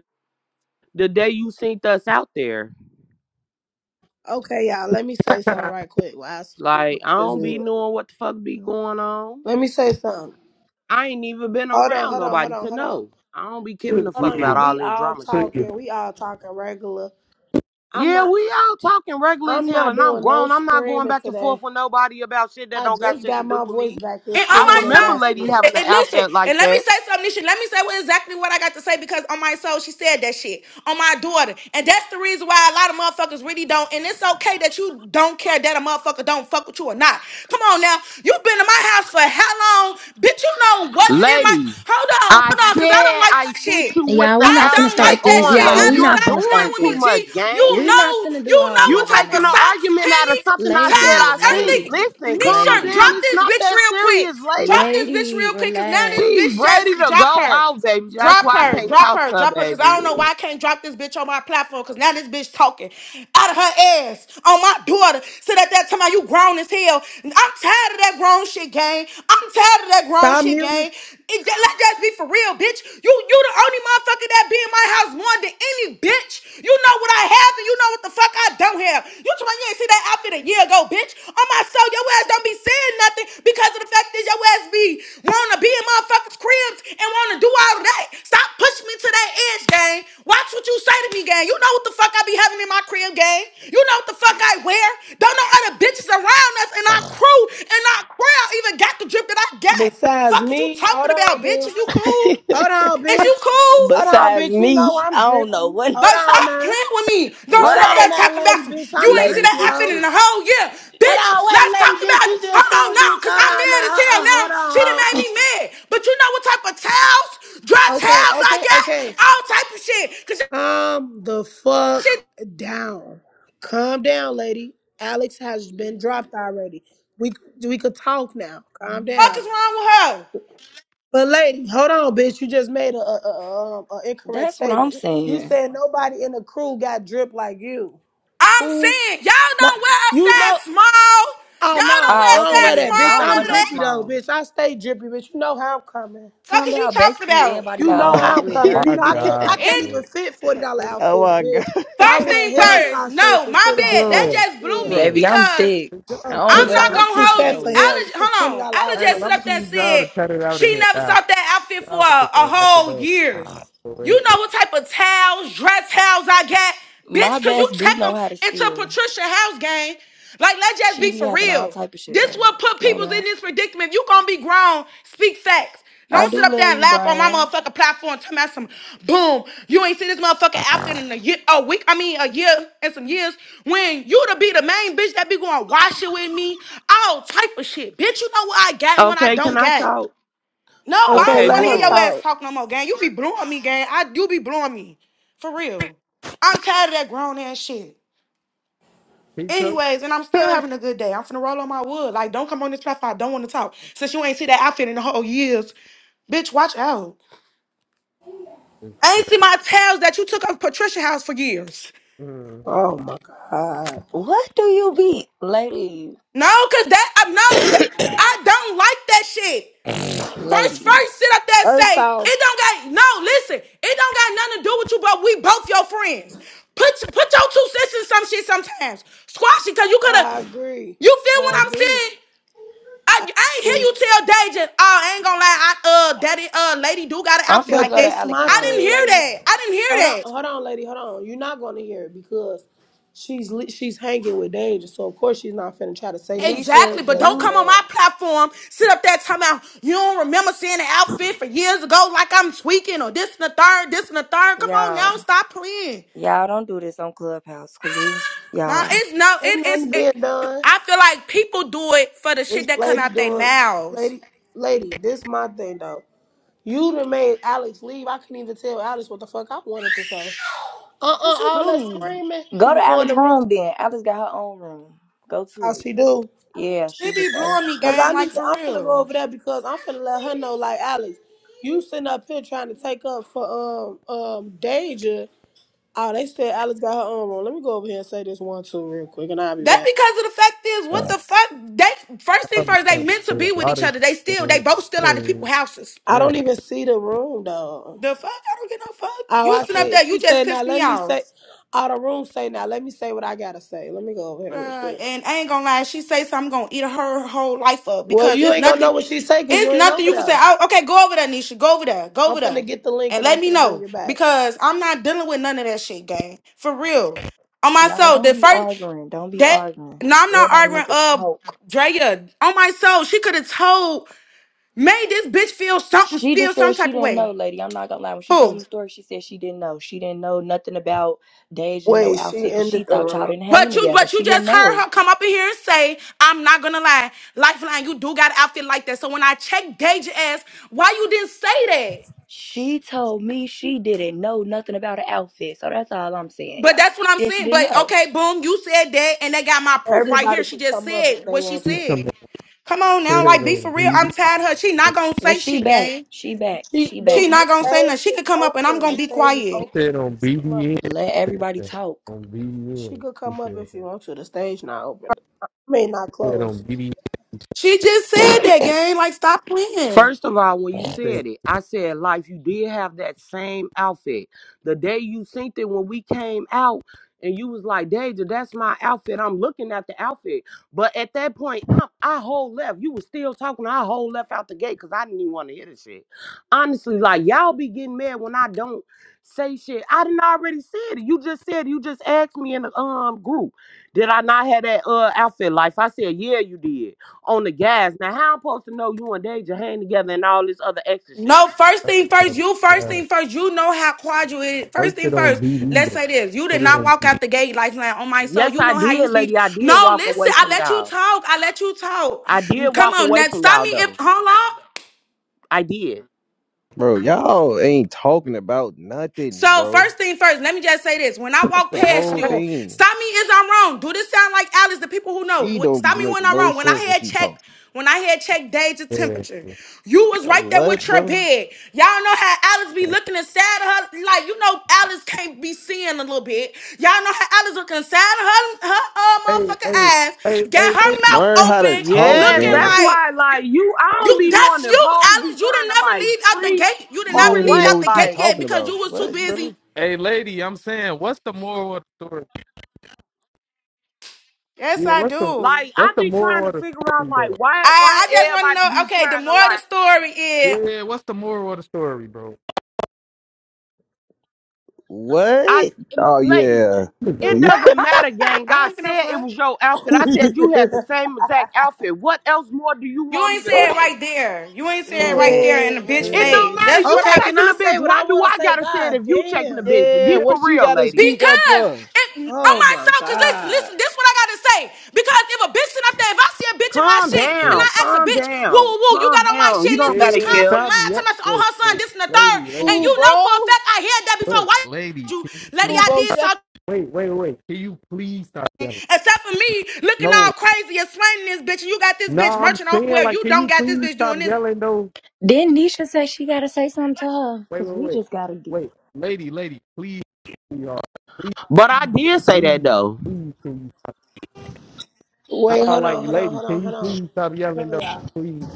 [SPEAKER 4] the day you sent us out there.
[SPEAKER 3] Okay, y'all. Let me say something
[SPEAKER 5] I
[SPEAKER 3] right quick. While I
[SPEAKER 4] Like
[SPEAKER 3] swallow
[SPEAKER 4] I
[SPEAKER 3] this
[SPEAKER 4] don't be
[SPEAKER 3] wood.
[SPEAKER 4] knowing what the fuck be going on.
[SPEAKER 3] Let me say something.
[SPEAKER 4] I ain't even been
[SPEAKER 3] Hold on.
[SPEAKER 4] around
[SPEAKER 3] Hold on. Hold
[SPEAKER 4] nobody
[SPEAKER 3] on.
[SPEAKER 4] to
[SPEAKER 3] Hold on.
[SPEAKER 4] know. I don't be giving a
[SPEAKER 5] Took
[SPEAKER 3] Hold
[SPEAKER 4] fuck
[SPEAKER 3] on,
[SPEAKER 4] about
[SPEAKER 3] y'all.
[SPEAKER 5] weed,
[SPEAKER 4] all
[SPEAKER 3] We
[SPEAKER 4] this
[SPEAKER 3] all
[SPEAKER 4] drama shit.
[SPEAKER 5] took
[SPEAKER 3] talking.
[SPEAKER 5] it.
[SPEAKER 3] We all talking regular. I'm
[SPEAKER 4] Yeah,
[SPEAKER 3] not.
[SPEAKER 4] we all talking regular as
[SPEAKER 3] I'm
[SPEAKER 4] hell,
[SPEAKER 3] not
[SPEAKER 4] and I'm
[SPEAKER 3] doing no
[SPEAKER 4] grown. I'm not going
[SPEAKER 3] screaming
[SPEAKER 4] back and forth
[SPEAKER 3] today.
[SPEAKER 4] with nobody about shit that
[SPEAKER 3] I
[SPEAKER 4] don't got
[SPEAKER 3] just
[SPEAKER 4] shit to
[SPEAKER 3] got
[SPEAKER 4] do
[SPEAKER 3] my
[SPEAKER 4] with
[SPEAKER 3] voice
[SPEAKER 4] me.
[SPEAKER 3] back. It's
[SPEAKER 1] And on
[SPEAKER 4] I
[SPEAKER 3] still a
[SPEAKER 1] my
[SPEAKER 3] little
[SPEAKER 4] remember
[SPEAKER 1] soul, and
[SPEAKER 4] lady
[SPEAKER 3] raspy.
[SPEAKER 1] listen,
[SPEAKER 4] having an
[SPEAKER 1] and listen,
[SPEAKER 4] outfit
[SPEAKER 1] and
[SPEAKER 4] like
[SPEAKER 1] let me
[SPEAKER 4] that.
[SPEAKER 1] say something, Nisha. Let me say what exactly what I got to say because on my soul, she said that shit on my daughter, and that's the reason why a lot of motherfuckers really don't. And it's okay that you don't care that a motherfucker don't fuck with you or not. Come on now, you've been in my house for how long, bitch? You know what's in my.
[SPEAKER 4] Lady,
[SPEAKER 1] Hold on,
[SPEAKER 4] I
[SPEAKER 1] hold on, cause I don't
[SPEAKER 4] said I
[SPEAKER 1] like this
[SPEAKER 4] sent you
[SPEAKER 1] shit.
[SPEAKER 4] with
[SPEAKER 8] Y'all,
[SPEAKER 4] the
[SPEAKER 8] we
[SPEAKER 1] I
[SPEAKER 8] not finna
[SPEAKER 1] don't
[SPEAKER 4] outfit
[SPEAKER 1] like
[SPEAKER 8] start
[SPEAKER 1] that
[SPEAKER 8] this.
[SPEAKER 4] on,
[SPEAKER 1] shit.
[SPEAKER 4] lady.
[SPEAKER 8] Y'all, we
[SPEAKER 1] Alice,
[SPEAKER 4] You're
[SPEAKER 8] not
[SPEAKER 1] stop
[SPEAKER 8] finna
[SPEAKER 1] playing
[SPEAKER 8] start
[SPEAKER 4] doing
[SPEAKER 1] with
[SPEAKER 4] too
[SPEAKER 1] me, G.
[SPEAKER 8] this.
[SPEAKER 4] much,
[SPEAKER 1] You
[SPEAKER 4] gang.
[SPEAKER 8] We not
[SPEAKER 1] know,
[SPEAKER 8] finna
[SPEAKER 1] you
[SPEAKER 8] do
[SPEAKER 1] know
[SPEAKER 8] all
[SPEAKER 4] You
[SPEAKER 8] that
[SPEAKER 1] what
[SPEAKER 8] right
[SPEAKER 1] type
[SPEAKER 4] making
[SPEAKER 1] of
[SPEAKER 4] an
[SPEAKER 8] now.
[SPEAKER 1] socks,
[SPEAKER 4] argument out of
[SPEAKER 1] pennies,
[SPEAKER 4] something I said
[SPEAKER 8] Lady,
[SPEAKER 4] I
[SPEAKER 1] towels,
[SPEAKER 4] seen.
[SPEAKER 8] lady,
[SPEAKER 4] Listen,
[SPEAKER 1] everything.
[SPEAKER 4] calm
[SPEAKER 1] Nisha,
[SPEAKER 4] down.
[SPEAKER 1] drop
[SPEAKER 8] lady,
[SPEAKER 4] It's
[SPEAKER 1] this
[SPEAKER 4] not
[SPEAKER 1] bitch
[SPEAKER 4] that
[SPEAKER 1] real quick.
[SPEAKER 4] serious, lady.
[SPEAKER 1] Drop this bitch
[SPEAKER 8] lady,
[SPEAKER 1] real quick, cause now this
[SPEAKER 4] She
[SPEAKER 8] relax.
[SPEAKER 1] bitch just
[SPEAKER 4] ready to
[SPEAKER 1] drop
[SPEAKER 4] go
[SPEAKER 1] her.
[SPEAKER 4] out, baby. That's
[SPEAKER 1] Drop
[SPEAKER 4] why I
[SPEAKER 1] her,
[SPEAKER 4] can't
[SPEAKER 1] drop
[SPEAKER 4] talk to
[SPEAKER 1] her,
[SPEAKER 4] her,
[SPEAKER 1] drop her, cause I
[SPEAKER 4] baby.
[SPEAKER 1] don't know why I can't drop this bitch on my platform, cause now this bitch talking out of her ass on my daughter. Sit at that time, you grown as hell. I'm tired of that grown shit gang. I'm tired of that grown
[SPEAKER 3] Stop
[SPEAKER 1] shit
[SPEAKER 3] muting
[SPEAKER 1] gang. It, let that be for real, bitch. You you the only motherfucker that be in my house more than any bitch. You know what I have and you know what the fuck I don't have. You trying you ain't see that outfit a year ago, bitch. On my soul, your ass don't be saying nothing because of the fact that your ass be wanna be in motherfuckers' cribs and wanna do all of that. Stop pushing me to that edge, gang. Watch what you say to me, gang. You know what the fuck I be having in my crib, gang. You know what the fuck I wear. Don't know other bitches around us and our crew and our crowd even got the drip that I got.
[SPEAKER 3] Besides
[SPEAKER 1] Fuck is you
[SPEAKER 3] me, hold
[SPEAKER 1] talking about,
[SPEAKER 3] on,
[SPEAKER 1] bitch? Is you
[SPEAKER 3] bitch.
[SPEAKER 1] cool?
[SPEAKER 3] Hold on,
[SPEAKER 1] Is you
[SPEAKER 3] bitch. Hold
[SPEAKER 1] cool?
[SPEAKER 3] on,
[SPEAKER 8] Besides
[SPEAKER 3] bitch. You
[SPEAKER 8] me,
[SPEAKER 3] know I'm
[SPEAKER 8] I don't know
[SPEAKER 3] drippy.
[SPEAKER 8] what
[SPEAKER 3] Hold
[SPEAKER 1] Like,
[SPEAKER 3] on
[SPEAKER 1] stop
[SPEAKER 3] now.
[SPEAKER 1] playing with me. Don't
[SPEAKER 3] Hold
[SPEAKER 1] sit up there
[SPEAKER 3] on
[SPEAKER 8] what
[SPEAKER 3] now,
[SPEAKER 1] tapping
[SPEAKER 3] lady
[SPEAKER 1] back from
[SPEAKER 3] bitch.
[SPEAKER 1] you.
[SPEAKER 3] I'm
[SPEAKER 1] Ain't see
[SPEAKER 8] lady
[SPEAKER 1] that
[SPEAKER 3] drippy,
[SPEAKER 8] fix
[SPEAKER 1] effing
[SPEAKER 3] ho.
[SPEAKER 8] you?
[SPEAKER 1] in a whole year.
[SPEAKER 3] Hold
[SPEAKER 1] Bitch,
[SPEAKER 3] on, wait,
[SPEAKER 1] let's talk
[SPEAKER 3] lady bitch.
[SPEAKER 1] about
[SPEAKER 3] You
[SPEAKER 1] it.
[SPEAKER 3] just
[SPEAKER 1] Hold on
[SPEAKER 3] said
[SPEAKER 1] now,
[SPEAKER 3] bitch.
[SPEAKER 1] because
[SPEAKER 3] Hold
[SPEAKER 1] I'm
[SPEAKER 3] on
[SPEAKER 1] mad
[SPEAKER 3] now.
[SPEAKER 1] as hell
[SPEAKER 3] Uh-uh.
[SPEAKER 1] now.
[SPEAKER 3] Hold
[SPEAKER 1] She
[SPEAKER 3] on,
[SPEAKER 1] done
[SPEAKER 3] ho.
[SPEAKER 1] made me mad. But you know what type of towels, dry
[SPEAKER 3] Okay,
[SPEAKER 1] towels I
[SPEAKER 3] okay,
[SPEAKER 1] got?
[SPEAKER 3] okay.
[SPEAKER 1] All type of shit. Because
[SPEAKER 3] Calm the fuck
[SPEAKER 1] shit,
[SPEAKER 3] down. Calm down, lady. Alex has been dropped already. We we could talk now. Calm
[SPEAKER 1] fuck
[SPEAKER 3] down.
[SPEAKER 1] is wrong with her?
[SPEAKER 3] But lady, hold on, bitch. You just made a, a, a, um, a incorrect
[SPEAKER 8] That's what I'm
[SPEAKER 3] statement. You
[SPEAKER 8] saying.
[SPEAKER 3] said nobody in the crew got drip like you.
[SPEAKER 1] I'm
[SPEAKER 3] Who?
[SPEAKER 1] saying, y'all
[SPEAKER 3] Not,
[SPEAKER 1] don't wear a
[SPEAKER 3] you
[SPEAKER 1] size
[SPEAKER 3] know?
[SPEAKER 1] small.
[SPEAKER 3] Oh
[SPEAKER 1] Y'all don't
[SPEAKER 3] nah,
[SPEAKER 1] wear
[SPEAKER 3] I
[SPEAKER 8] Oh,
[SPEAKER 1] a
[SPEAKER 3] don't
[SPEAKER 8] okay,
[SPEAKER 1] size
[SPEAKER 3] wear
[SPEAKER 8] yeah,
[SPEAKER 3] that,
[SPEAKER 8] because I
[SPEAKER 1] small,
[SPEAKER 3] bitch.
[SPEAKER 8] don't
[SPEAKER 3] I'm
[SPEAKER 1] none
[SPEAKER 8] want
[SPEAKER 1] of
[SPEAKER 8] no
[SPEAKER 1] that.
[SPEAKER 3] drippy though,
[SPEAKER 8] small.
[SPEAKER 3] bitch. I stay drippy, bitch. You know how I'm coming.
[SPEAKER 1] Fuck
[SPEAKER 8] Talking
[SPEAKER 1] is you
[SPEAKER 8] about
[SPEAKER 1] talking
[SPEAKER 8] basically
[SPEAKER 1] about?
[SPEAKER 8] everybody
[SPEAKER 3] You
[SPEAKER 8] y'all
[SPEAKER 3] know
[SPEAKER 5] Oh
[SPEAKER 3] how
[SPEAKER 8] hang
[SPEAKER 3] I'm
[SPEAKER 8] with
[SPEAKER 3] coming. You
[SPEAKER 8] dirty,
[SPEAKER 5] my
[SPEAKER 3] know I can't. I
[SPEAKER 5] god,
[SPEAKER 8] Nathan.
[SPEAKER 3] can't
[SPEAKER 1] It.
[SPEAKER 3] even
[SPEAKER 5] bro.
[SPEAKER 3] fit forty dollar
[SPEAKER 12] oh
[SPEAKER 3] outfits,
[SPEAKER 12] my god.
[SPEAKER 3] bitch. I
[SPEAKER 1] First
[SPEAKER 3] wear
[SPEAKER 1] thing
[SPEAKER 3] hell
[SPEAKER 1] first,
[SPEAKER 3] star shirts
[SPEAKER 1] no,
[SPEAKER 3] and
[SPEAKER 1] my
[SPEAKER 3] shit like
[SPEAKER 1] bed that
[SPEAKER 3] that.
[SPEAKER 5] bro,
[SPEAKER 1] just blew me
[SPEAKER 3] Yeah,
[SPEAKER 5] bro.
[SPEAKER 8] Baby, I'm
[SPEAKER 1] because
[SPEAKER 8] thick.
[SPEAKER 5] If
[SPEAKER 8] I
[SPEAKER 5] y'all
[SPEAKER 8] don't
[SPEAKER 5] cut
[SPEAKER 1] I'm
[SPEAKER 3] bitch.
[SPEAKER 5] it
[SPEAKER 8] wear
[SPEAKER 3] I,
[SPEAKER 1] not
[SPEAKER 5] out.
[SPEAKER 3] I'm
[SPEAKER 1] gonna
[SPEAKER 3] too
[SPEAKER 8] boutique
[SPEAKER 1] hold you.
[SPEAKER 3] fat for
[SPEAKER 8] clothes.
[SPEAKER 3] hell
[SPEAKER 1] Ella,
[SPEAKER 3] for twenty
[SPEAKER 1] hold on.
[SPEAKER 3] dollar
[SPEAKER 1] Ella
[SPEAKER 5] I ain't
[SPEAKER 1] just
[SPEAKER 5] gonna,
[SPEAKER 1] sit
[SPEAKER 5] I'm
[SPEAKER 1] up
[SPEAKER 5] gonna
[SPEAKER 3] outfits.
[SPEAKER 1] there and
[SPEAKER 5] need y'all
[SPEAKER 1] said
[SPEAKER 5] to cut it out
[SPEAKER 1] she
[SPEAKER 5] of here
[SPEAKER 1] never saw
[SPEAKER 5] now.
[SPEAKER 1] that outfit for
[SPEAKER 5] Y'all
[SPEAKER 1] a,
[SPEAKER 5] get
[SPEAKER 1] a
[SPEAKER 5] the
[SPEAKER 1] whole
[SPEAKER 5] academic
[SPEAKER 1] year. You
[SPEAKER 5] for
[SPEAKER 1] know what type of towels, dress towels I got?
[SPEAKER 8] My
[SPEAKER 1] Bitch, cause you
[SPEAKER 8] best do
[SPEAKER 1] take
[SPEAKER 8] know
[SPEAKER 1] them
[SPEAKER 8] how to
[SPEAKER 1] into
[SPEAKER 8] steal.
[SPEAKER 1] Patricia house gang. Like, let's just
[SPEAKER 8] She
[SPEAKER 1] be
[SPEAKER 8] be
[SPEAKER 1] for
[SPEAKER 8] having all
[SPEAKER 1] real.
[SPEAKER 8] type of shit
[SPEAKER 1] This
[SPEAKER 8] though.
[SPEAKER 1] what put
[SPEAKER 8] No
[SPEAKER 1] peoples in
[SPEAKER 8] doubt.
[SPEAKER 1] this predicament. If you gonna be grown, speak facts.
[SPEAKER 8] I
[SPEAKER 1] Don't sit
[SPEAKER 8] do
[SPEAKER 1] up
[SPEAKER 8] love
[SPEAKER 1] there and
[SPEAKER 8] you,
[SPEAKER 1] laugh on my
[SPEAKER 8] Brian.
[SPEAKER 1] motherfucking platform talking about some boom. You ain't seen this motherfucking outfit in a year, a week. I mean, a year and some years. When you to be the main bitch that be going wash it with me, all type of shit. Bitch, you know what I got and what I
[SPEAKER 4] Okay, can
[SPEAKER 1] don't
[SPEAKER 4] I
[SPEAKER 1] got.
[SPEAKER 4] talk?
[SPEAKER 1] No, I
[SPEAKER 3] Okay,
[SPEAKER 4] Okay,
[SPEAKER 1] don't want to
[SPEAKER 3] let
[SPEAKER 1] hear
[SPEAKER 3] her
[SPEAKER 1] your
[SPEAKER 4] boom.
[SPEAKER 1] ass
[SPEAKER 3] talk.
[SPEAKER 1] talk no more, gang. You be blowing me, gang. I do be blowing me. For real. I'm tired of that grown ass shit.
[SPEAKER 5] pizza.
[SPEAKER 1] Anyways, and I'm still having a good day. I'm finna roll on my wood. Like, don't come on this platform. I don't want to talk. Since you ain't see that outfit in the whole years, bitch, watch out. I ain't see my tails that you took off Patricia house for years.
[SPEAKER 5] mm,
[SPEAKER 3] Oh my god.
[SPEAKER 8] What do you be? Lady.
[SPEAKER 1] No, cause that I no, that, I don't like that shit. First,
[SPEAKER 8] Lady.
[SPEAKER 1] first, sit up there and say,
[SPEAKER 3] First off.
[SPEAKER 1] it don't got, no, listen, it don't got nothing to do with you, but we both your friends. Put, put your two cents in some shit sometimes. Squash it, because you could have,
[SPEAKER 3] I agree.
[SPEAKER 1] you feel what
[SPEAKER 3] I
[SPEAKER 1] I'm
[SPEAKER 3] agree.
[SPEAKER 1] saying? I, I
[SPEAKER 3] I
[SPEAKER 1] ain't hear
[SPEAKER 3] agree.
[SPEAKER 1] you tell Deja, oh, I ain't gonna lie, I, uh, daddy, uh, lady do got an
[SPEAKER 8] I'm
[SPEAKER 1] outfit
[SPEAKER 8] finna
[SPEAKER 3] But
[SPEAKER 1] like
[SPEAKER 8] go
[SPEAKER 1] that.
[SPEAKER 8] to
[SPEAKER 3] this
[SPEAKER 8] Alex's
[SPEAKER 3] my
[SPEAKER 1] I didn't
[SPEAKER 8] room.
[SPEAKER 3] thing,
[SPEAKER 1] hear
[SPEAKER 3] lady.
[SPEAKER 1] that. I didn't hear
[SPEAKER 3] Hold on,
[SPEAKER 1] that.
[SPEAKER 3] hold on, lady. Hold on. You're not gonna hear it because she's li- she's hanging with Danger, so of course she's not finna try to say nothing to
[SPEAKER 8] Nisha,
[SPEAKER 1] Exactly,
[SPEAKER 3] make
[SPEAKER 1] but don't
[SPEAKER 3] Danger
[SPEAKER 1] come
[SPEAKER 8] you
[SPEAKER 1] on my
[SPEAKER 3] mad.
[SPEAKER 1] platform, sit up there talking about you don't remember seeing an outfit for years ago like I'm tweaking or this and the third, this and the third. Come on now,
[SPEAKER 8] y'all.
[SPEAKER 1] stop playing.
[SPEAKER 8] Y'all don't do this on Clubhouse cause we was
[SPEAKER 1] No,
[SPEAKER 8] y'all.
[SPEAKER 1] it's no,
[SPEAKER 3] Ain't
[SPEAKER 1] it is.
[SPEAKER 3] nothing
[SPEAKER 1] It,
[SPEAKER 3] being done.
[SPEAKER 1] I feel like people do it for the
[SPEAKER 3] It's
[SPEAKER 1] shit that come
[SPEAKER 3] lady
[SPEAKER 1] out their
[SPEAKER 3] doing,
[SPEAKER 1] mouths.
[SPEAKER 3] lady, lady. This my thing though. You done made Alex leave. I couldn't even tell Alex what the fuck I wanted to say. Uh uh
[SPEAKER 1] Cause she
[SPEAKER 3] all that
[SPEAKER 1] blew me.
[SPEAKER 3] screaming. You
[SPEAKER 8] Go to
[SPEAKER 3] can go in
[SPEAKER 8] Alex's
[SPEAKER 3] the room.
[SPEAKER 8] room then. Alex got her own room. Go
[SPEAKER 3] How
[SPEAKER 8] to it.
[SPEAKER 3] she do?
[SPEAKER 8] Yeah,
[SPEAKER 1] She
[SPEAKER 8] she just
[SPEAKER 1] be
[SPEAKER 8] uh,
[SPEAKER 1] blowing me,
[SPEAKER 3] Cause I
[SPEAKER 1] gang. Like
[SPEAKER 3] need to,
[SPEAKER 1] for
[SPEAKER 3] I'm finna go
[SPEAKER 1] real.
[SPEAKER 3] over there because I'm finna let her know, like Alex, you sitting up here trying to take up for um um Deja. Oh, they said Alex got her own room. Let me go over here and say this one too real quick, and I'll be
[SPEAKER 1] That
[SPEAKER 3] back.
[SPEAKER 1] because of the fact is, what the fuck? They first thing
[SPEAKER 5] I'm
[SPEAKER 1] first, they
[SPEAKER 5] trying to
[SPEAKER 1] meant to
[SPEAKER 5] say
[SPEAKER 1] be
[SPEAKER 5] a
[SPEAKER 1] with
[SPEAKER 5] lot
[SPEAKER 1] each
[SPEAKER 5] of
[SPEAKER 1] other. They
[SPEAKER 5] shit.
[SPEAKER 1] still, they
[SPEAKER 5] man.
[SPEAKER 1] both still
[SPEAKER 5] I
[SPEAKER 1] out of people's
[SPEAKER 5] ain't,
[SPEAKER 1] houses.
[SPEAKER 3] I
[SPEAKER 5] I
[SPEAKER 3] don't
[SPEAKER 5] ain't,
[SPEAKER 3] even see the room though.
[SPEAKER 1] The fuck? I don't get no fuck.
[SPEAKER 3] Oh,
[SPEAKER 1] You
[SPEAKER 3] I
[SPEAKER 1] sitting
[SPEAKER 5] I
[SPEAKER 3] see
[SPEAKER 1] up
[SPEAKER 5] ain't
[SPEAKER 3] it.
[SPEAKER 1] there, you
[SPEAKER 3] She
[SPEAKER 1] just
[SPEAKER 3] said, now
[SPEAKER 1] pissed me
[SPEAKER 3] let me say,
[SPEAKER 1] off.
[SPEAKER 3] oh, the room say now. Let me say what I gotta say. Let me go over here real
[SPEAKER 1] Bruh,
[SPEAKER 3] quick.
[SPEAKER 1] and I ain't gonna lie, she say something gonna eat her whole life up
[SPEAKER 3] Well,
[SPEAKER 1] because
[SPEAKER 3] you
[SPEAKER 1] it's
[SPEAKER 3] ain't gonna know
[SPEAKER 1] nothing.
[SPEAKER 3] what she say cause you
[SPEAKER 1] It's
[SPEAKER 3] ain't
[SPEAKER 1] nothing
[SPEAKER 3] over
[SPEAKER 1] you can say.
[SPEAKER 3] there.
[SPEAKER 1] Oh, okay, go over there, Nisha. Go over there. Go
[SPEAKER 3] I'm
[SPEAKER 1] over there,
[SPEAKER 3] finna get the link
[SPEAKER 1] and
[SPEAKER 3] and I'm
[SPEAKER 1] let me
[SPEAKER 3] finna bring
[SPEAKER 1] know
[SPEAKER 3] it back.
[SPEAKER 1] because I'm not dealing with none of that shit, gang. For real, on my
[SPEAKER 8] y'all
[SPEAKER 1] soul. The
[SPEAKER 8] don't be
[SPEAKER 1] first
[SPEAKER 8] arguing. Don't be
[SPEAKER 1] that
[SPEAKER 8] arguing.
[SPEAKER 1] no, I'm not
[SPEAKER 8] Everybody
[SPEAKER 1] arguing.
[SPEAKER 8] need to
[SPEAKER 1] Uh,
[SPEAKER 8] talk.
[SPEAKER 1] Drea, on my soul, she could have told made this bitch feel something,
[SPEAKER 8] She
[SPEAKER 1] feel
[SPEAKER 8] just
[SPEAKER 1] some
[SPEAKER 8] said she
[SPEAKER 1] type of
[SPEAKER 8] didn't
[SPEAKER 1] way.
[SPEAKER 8] know, lady. I'm not gonna lie. When she told
[SPEAKER 1] Who?
[SPEAKER 8] me the story, she said she didn't know. She didn't know nothing about Deja and no
[SPEAKER 3] Wait, she
[SPEAKER 8] outfit because
[SPEAKER 3] ended
[SPEAKER 8] she
[SPEAKER 3] the
[SPEAKER 8] thought y'all
[SPEAKER 3] room.
[SPEAKER 8] didn't hang
[SPEAKER 1] But you,
[SPEAKER 8] together.
[SPEAKER 1] but
[SPEAKER 8] She
[SPEAKER 1] you
[SPEAKER 8] didn't
[SPEAKER 1] just heard
[SPEAKER 8] know.
[SPEAKER 1] her come up in here and say, "I'm not gonna lie, Lifeline, you do got an outfit like that." So when I checked Gage ass, why you didn't say that?
[SPEAKER 8] She told me she didn't know nothing about an outfit. So that's all I'm saying,
[SPEAKER 1] But
[SPEAKER 8] y'all.
[SPEAKER 1] that's what I'm
[SPEAKER 8] Yeah, she
[SPEAKER 1] saying.
[SPEAKER 8] didn't
[SPEAKER 1] But
[SPEAKER 8] know.
[SPEAKER 1] okay, boom, you said that, and they got my proof right
[SPEAKER 3] Everybody
[SPEAKER 1] here. She
[SPEAKER 3] can
[SPEAKER 1] just
[SPEAKER 3] come up if
[SPEAKER 1] said
[SPEAKER 3] they
[SPEAKER 1] what she
[SPEAKER 3] want
[SPEAKER 5] she
[SPEAKER 3] to.
[SPEAKER 1] said. Come on now,
[SPEAKER 5] said
[SPEAKER 1] like be
[SPEAKER 5] on
[SPEAKER 1] for real.
[SPEAKER 5] BD,
[SPEAKER 1] I'm
[SPEAKER 5] she
[SPEAKER 1] tired of her. She not gonna
[SPEAKER 8] Well,
[SPEAKER 1] say
[SPEAKER 8] she
[SPEAKER 1] she
[SPEAKER 8] back.
[SPEAKER 1] gay.
[SPEAKER 8] She back.
[SPEAKER 3] She
[SPEAKER 8] She
[SPEAKER 3] the,
[SPEAKER 1] She
[SPEAKER 8] back.
[SPEAKER 3] the
[SPEAKER 1] not gonna
[SPEAKER 8] So
[SPEAKER 1] say nothing.
[SPEAKER 3] stage
[SPEAKER 1] She could
[SPEAKER 3] is
[SPEAKER 1] come up and I'm
[SPEAKER 3] open.
[SPEAKER 1] gonna
[SPEAKER 3] The
[SPEAKER 1] be
[SPEAKER 3] stage is
[SPEAKER 1] quiet.
[SPEAKER 3] open.
[SPEAKER 5] said on
[SPEAKER 3] Come up.
[SPEAKER 5] BDN,
[SPEAKER 8] let everybody talk.
[SPEAKER 5] on
[SPEAKER 3] She
[SPEAKER 5] BDN,
[SPEAKER 3] could
[SPEAKER 5] she
[SPEAKER 3] come up
[SPEAKER 5] said
[SPEAKER 3] if you
[SPEAKER 5] that.
[SPEAKER 3] want to. The stage not open. I mean
[SPEAKER 5] She
[SPEAKER 3] not
[SPEAKER 5] said on
[SPEAKER 3] closed.
[SPEAKER 5] BDN,
[SPEAKER 1] She just said that gang. Like stop playing.
[SPEAKER 4] First of all, when you
[SPEAKER 5] she said,
[SPEAKER 4] said it, I said, Life, you did have that same outfit. The day you seen it when we came out and you was like, Deja, that's my outfit. I'm looking at the outfit. But at that point, i I whole left. You was still talking. I whole left out the gate because I didn't even want to hear the shit. Honestly, like, y'all be getting mad when I don't say shit. I didn't already said it. You just said, you just asked me in the um group, did I not have that uh outfit, Life? I said, yeah, you did on the gas. Now, how I'm supposed to know you and Deja hang together and all this other extra shit?
[SPEAKER 1] No, first thing first,
[SPEAKER 5] oh,
[SPEAKER 1] you first
[SPEAKER 5] God,
[SPEAKER 1] thing first, you know how quad you is. First
[SPEAKER 5] first
[SPEAKER 1] thing
[SPEAKER 5] it on
[SPEAKER 1] first,
[SPEAKER 5] BD,
[SPEAKER 1] let's
[SPEAKER 5] though.
[SPEAKER 1] say this. You did
[SPEAKER 5] Put it
[SPEAKER 1] not
[SPEAKER 5] on
[SPEAKER 1] walk out the gate like that on my soul.
[SPEAKER 4] Yes,
[SPEAKER 1] You
[SPEAKER 4] I
[SPEAKER 1] know how you
[SPEAKER 4] did,
[SPEAKER 1] be.
[SPEAKER 4] lady. I did
[SPEAKER 1] No,
[SPEAKER 4] walk away
[SPEAKER 1] listen, I
[SPEAKER 4] from
[SPEAKER 1] let you
[SPEAKER 4] y'all.
[SPEAKER 1] talk. I let you talk.
[SPEAKER 4] I did
[SPEAKER 1] Come
[SPEAKER 4] walk
[SPEAKER 1] on,
[SPEAKER 4] away
[SPEAKER 1] now
[SPEAKER 4] from
[SPEAKER 1] stop
[SPEAKER 4] y'all
[SPEAKER 1] me if
[SPEAKER 4] though.
[SPEAKER 1] hold on.
[SPEAKER 4] I did.
[SPEAKER 12] Bro, y'all ain't talking about nothing,
[SPEAKER 1] So
[SPEAKER 12] bro.
[SPEAKER 1] first thing first, let me just say this: when I
[SPEAKER 12] That's
[SPEAKER 1] walk
[SPEAKER 5] BD.
[SPEAKER 12] the
[SPEAKER 1] past
[SPEAKER 12] whole
[SPEAKER 1] you,
[SPEAKER 12] thing.
[SPEAKER 1] stop me if I'm wrong. Do this sound like Alice? The people who know,
[SPEAKER 12] She
[SPEAKER 1] Wh-
[SPEAKER 12] don't
[SPEAKER 1] stop
[SPEAKER 12] be
[SPEAKER 1] me when
[SPEAKER 12] making
[SPEAKER 1] I'm
[SPEAKER 12] no
[SPEAKER 1] wrong. When I
[SPEAKER 12] sense when
[SPEAKER 1] had
[SPEAKER 12] she talk.
[SPEAKER 1] checked, when I had checked Deja's
[SPEAKER 5] yeah.
[SPEAKER 1] temperature, you was
[SPEAKER 12] Like
[SPEAKER 1] right there
[SPEAKER 12] what,
[SPEAKER 1] with your
[SPEAKER 12] bro?
[SPEAKER 1] bed. Y'all know how Alice be looking inside of her, like you know Alice can't be seeing a little bit. Y'all know how Alice looking inside of her, her uh,
[SPEAKER 5] Hey,
[SPEAKER 1] motherfucking
[SPEAKER 5] hey,
[SPEAKER 1] eyes,
[SPEAKER 5] hey,
[SPEAKER 1] got
[SPEAKER 5] hey,
[SPEAKER 1] her
[SPEAKER 5] baby,
[SPEAKER 12] Learn
[SPEAKER 1] mouth
[SPEAKER 12] how to
[SPEAKER 1] open,
[SPEAKER 5] hold,
[SPEAKER 12] talk,
[SPEAKER 5] hold,
[SPEAKER 4] Yes,
[SPEAKER 1] looking
[SPEAKER 5] hold on.
[SPEAKER 12] gang.
[SPEAKER 4] that's
[SPEAKER 1] like.
[SPEAKER 4] why. Like you, I
[SPEAKER 1] You
[SPEAKER 4] don't be
[SPEAKER 1] that's
[SPEAKER 4] knowing if
[SPEAKER 1] you,
[SPEAKER 4] hoes be
[SPEAKER 1] Alice. You
[SPEAKER 4] trying
[SPEAKER 1] didn't
[SPEAKER 4] to
[SPEAKER 1] never
[SPEAKER 4] like
[SPEAKER 1] leave out the
[SPEAKER 4] treat
[SPEAKER 1] gate. You didn't
[SPEAKER 12] You
[SPEAKER 1] never
[SPEAKER 4] or
[SPEAKER 12] don't
[SPEAKER 1] leave
[SPEAKER 12] even know
[SPEAKER 4] what.
[SPEAKER 1] out the
[SPEAKER 12] what you
[SPEAKER 1] gate
[SPEAKER 4] Like,
[SPEAKER 1] yet
[SPEAKER 12] talking
[SPEAKER 1] because
[SPEAKER 12] about.
[SPEAKER 1] you was too
[SPEAKER 12] What,
[SPEAKER 1] busy.
[SPEAKER 12] bro?
[SPEAKER 5] Hey, lady, I'm saying, what's the moral of the story?
[SPEAKER 1] Yes,
[SPEAKER 5] Yeah,
[SPEAKER 1] I
[SPEAKER 5] what's the
[SPEAKER 1] do.
[SPEAKER 4] like I
[SPEAKER 5] what's the
[SPEAKER 4] be trying
[SPEAKER 5] moral
[SPEAKER 4] to
[SPEAKER 5] of the
[SPEAKER 4] figure out
[SPEAKER 5] story,
[SPEAKER 4] like
[SPEAKER 5] though?
[SPEAKER 1] I,
[SPEAKER 4] why why
[SPEAKER 1] I just want to
[SPEAKER 4] everybody
[SPEAKER 1] know.
[SPEAKER 4] be
[SPEAKER 1] Okay, the
[SPEAKER 4] trying to
[SPEAKER 1] more the
[SPEAKER 4] like
[SPEAKER 1] story is,
[SPEAKER 5] Yeah, what's the moral of the story, bro?
[SPEAKER 4] I
[SPEAKER 12] What? Oh
[SPEAKER 4] lady.
[SPEAKER 12] yeah.
[SPEAKER 5] oh,
[SPEAKER 4] It doesn't matter, gang.
[SPEAKER 1] I
[SPEAKER 4] I
[SPEAKER 1] don't give no
[SPEAKER 4] said it
[SPEAKER 1] fuck.
[SPEAKER 4] was your outfit.
[SPEAKER 3] wait,
[SPEAKER 4] I said you had the same exact outfit. What else more do you
[SPEAKER 1] You
[SPEAKER 4] want me
[SPEAKER 1] ain't say
[SPEAKER 4] to
[SPEAKER 5] oh,
[SPEAKER 1] it
[SPEAKER 4] say?
[SPEAKER 1] right there. You ain't say it right
[SPEAKER 5] oh,
[SPEAKER 1] there in the
[SPEAKER 3] wait,
[SPEAKER 1] bitch
[SPEAKER 3] wait,
[SPEAKER 4] It
[SPEAKER 5] oh,
[SPEAKER 4] don't
[SPEAKER 1] phase.
[SPEAKER 3] wait.
[SPEAKER 4] matter.
[SPEAKER 1] That's
[SPEAKER 4] You
[SPEAKER 1] what
[SPEAKER 3] Okay,
[SPEAKER 1] I.
[SPEAKER 3] can
[SPEAKER 4] checking
[SPEAKER 3] I
[SPEAKER 4] a bitch.
[SPEAKER 3] say what I
[SPEAKER 4] Why do
[SPEAKER 3] want to
[SPEAKER 4] I
[SPEAKER 3] say?
[SPEAKER 4] gotta say it
[SPEAKER 3] God
[SPEAKER 4] if you checking a
[SPEAKER 3] damn.
[SPEAKER 4] bitch?
[SPEAKER 12] Yeah,
[SPEAKER 4] Be for
[SPEAKER 12] what she
[SPEAKER 4] real,
[SPEAKER 12] gotta
[SPEAKER 4] lady.
[SPEAKER 12] speak up
[SPEAKER 1] Because
[SPEAKER 12] for?
[SPEAKER 1] it, on
[SPEAKER 3] Oh
[SPEAKER 1] my
[SPEAKER 3] my
[SPEAKER 1] soul, cause listen,
[SPEAKER 3] God.
[SPEAKER 1] listen, this what I gotta say. Because if a bitch sitting up there, if I see a bitch in my
[SPEAKER 4] Calm
[SPEAKER 1] shit, and I
[SPEAKER 5] oh.
[SPEAKER 4] down.
[SPEAKER 1] ask a
[SPEAKER 4] Calm
[SPEAKER 1] bitch, woo
[SPEAKER 4] down.
[SPEAKER 1] woo woo, you
[SPEAKER 4] Calm
[SPEAKER 1] got on my
[SPEAKER 4] down.
[SPEAKER 1] shit,
[SPEAKER 4] You
[SPEAKER 1] and
[SPEAKER 4] don't
[SPEAKER 1] this bitch
[SPEAKER 4] gotta
[SPEAKER 5] yeah,
[SPEAKER 4] yell.
[SPEAKER 1] constantly
[SPEAKER 5] stop.
[SPEAKER 1] lying,
[SPEAKER 5] Yep.
[SPEAKER 1] telling us on
[SPEAKER 5] Wait,
[SPEAKER 1] her son,
[SPEAKER 5] wait,
[SPEAKER 1] this and the
[SPEAKER 5] lady,
[SPEAKER 1] third, and
[SPEAKER 5] lady.
[SPEAKER 1] you
[SPEAKER 12] Ooh,
[SPEAKER 1] know
[SPEAKER 12] bro.
[SPEAKER 1] for a fact I heard that before.
[SPEAKER 5] Look,
[SPEAKER 1] Why
[SPEAKER 5] lady,
[SPEAKER 1] you,
[SPEAKER 5] can you
[SPEAKER 1] lady?
[SPEAKER 5] please?
[SPEAKER 12] Ooh,
[SPEAKER 1] I
[SPEAKER 12] bro,
[SPEAKER 1] did
[SPEAKER 12] shut
[SPEAKER 1] so.
[SPEAKER 5] Wait, wait, wait. Can you please stop yelling?
[SPEAKER 1] Except for me looking
[SPEAKER 5] No,
[SPEAKER 1] all crazy explaining this bitch, and you got this
[SPEAKER 5] no,
[SPEAKER 1] bitch
[SPEAKER 5] I'm
[SPEAKER 1] merchant on.
[SPEAKER 5] saying,
[SPEAKER 1] Well,
[SPEAKER 5] like,
[SPEAKER 1] you
[SPEAKER 5] can
[SPEAKER 1] don't
[SPEAKER 5] you
[SPEAKER 1] got this
[SPEAKER 5] please
[SPEAKER 1] bitch doing
[SPEAKER 5] stop
[SPEAKER 1] this.
[SPEAKER 5] yelling, though?
[SPEAKER 8] Then Nisha said she gotta say something to her.
[SPEAKER 5] Wait,
[SPEAKER 8] Cause
[SPEAKER 5] wait,
[SPEAKER 8] we
[SPEAKER 5] wait,
[SPEAKER 8] just gotta do
[SPEAKER 5] wait, lady, lady, please, y'all, please,
[SPEAKER 4] But I did say that
[SPEAKER 5] please,
[SPEAKER 4] though.
[SPEAKER 5] please, can you?
[SPEAKER 3] Wait,
[SPEAKER 5] I
[SPEAKER 3] hold
[SPEAKER 5] like,
[SPEAKER 3] on, hold on,
[SPEAKER 5] lady,
[SPEAKER 3] hold on,
[SPEAKER 5] can
[SPEAKER 3] hold
[SPEAKER 5] you
[SPEAKER 3] on.
[SPEAKER 5] please stop yelling
[SPEAKER 3] Hold on,
[SPEAKER 5] though?
[SPEAKER 3] y'all.
[SPEAKER 5] Please.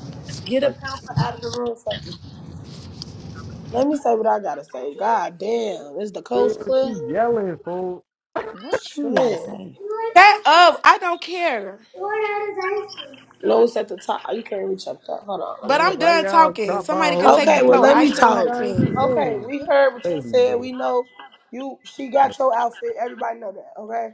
[SPEAKER 3] Get a
[SPEAKER 5] Like,
[SPEAKER 3] pamper out of the room for me. Let me say what I gotta say. God damn. Is the
[SPEAKER 5] yeah,
[SPEAKER 3] coast clear?
[SPEAKER 5] she yelling, fool.
[SPEAKER 8] what you gotta
[SPEAKER 3] Shit.
[SPEAKER 8] say.
[SPEAKER 1] That up, I don't care.
[SPEAKER 3] No, it's at the top. Oh, You can't reach up there. Hold on.
[SPEAKER 1] But
[SPEAKER 3] Let me
[SPEAKER 5] Yeah,
[SPEAKER 3] get
[SPEAKER 1] I'm
[SPEAKER 3] it.
[SPEAKER 5] why
[SPEAKER 1] done
[SPEAKER 5] y'all
[SPEAKER 1] talking.
[SPEAKER 5] drop my
[SPEAKER 1] Somebody could take
[SPEAKER 3] Okay,
[SPEAKER 1] the
[SPEAKER 5] homie,
[SPEAKER 3] well,
[SPEAKER 1] floor.
[SPEAKER 3] let
[SPEAKER 5] bro?
[SPEAKER 1] I
[SPEAKER 3] me
[SPEAKER 1] said what
[SPEAKER 5] You
[SPEAKER 1] I
[SPEAKER 3] talk.
[SPEAKER 5] guys
[SPEAKER 1] said.
[SPEAKER 3] Okay,
[SPEAKER 5] know.
[SPEAKER 3] we heard what
[SPEAKER 5] Lady,
[SPEAKER 3] you said.
[SPEAKER 5] bro.
[SPEAKER 3] We know you. She got your outfit. Everybody know that. Okay.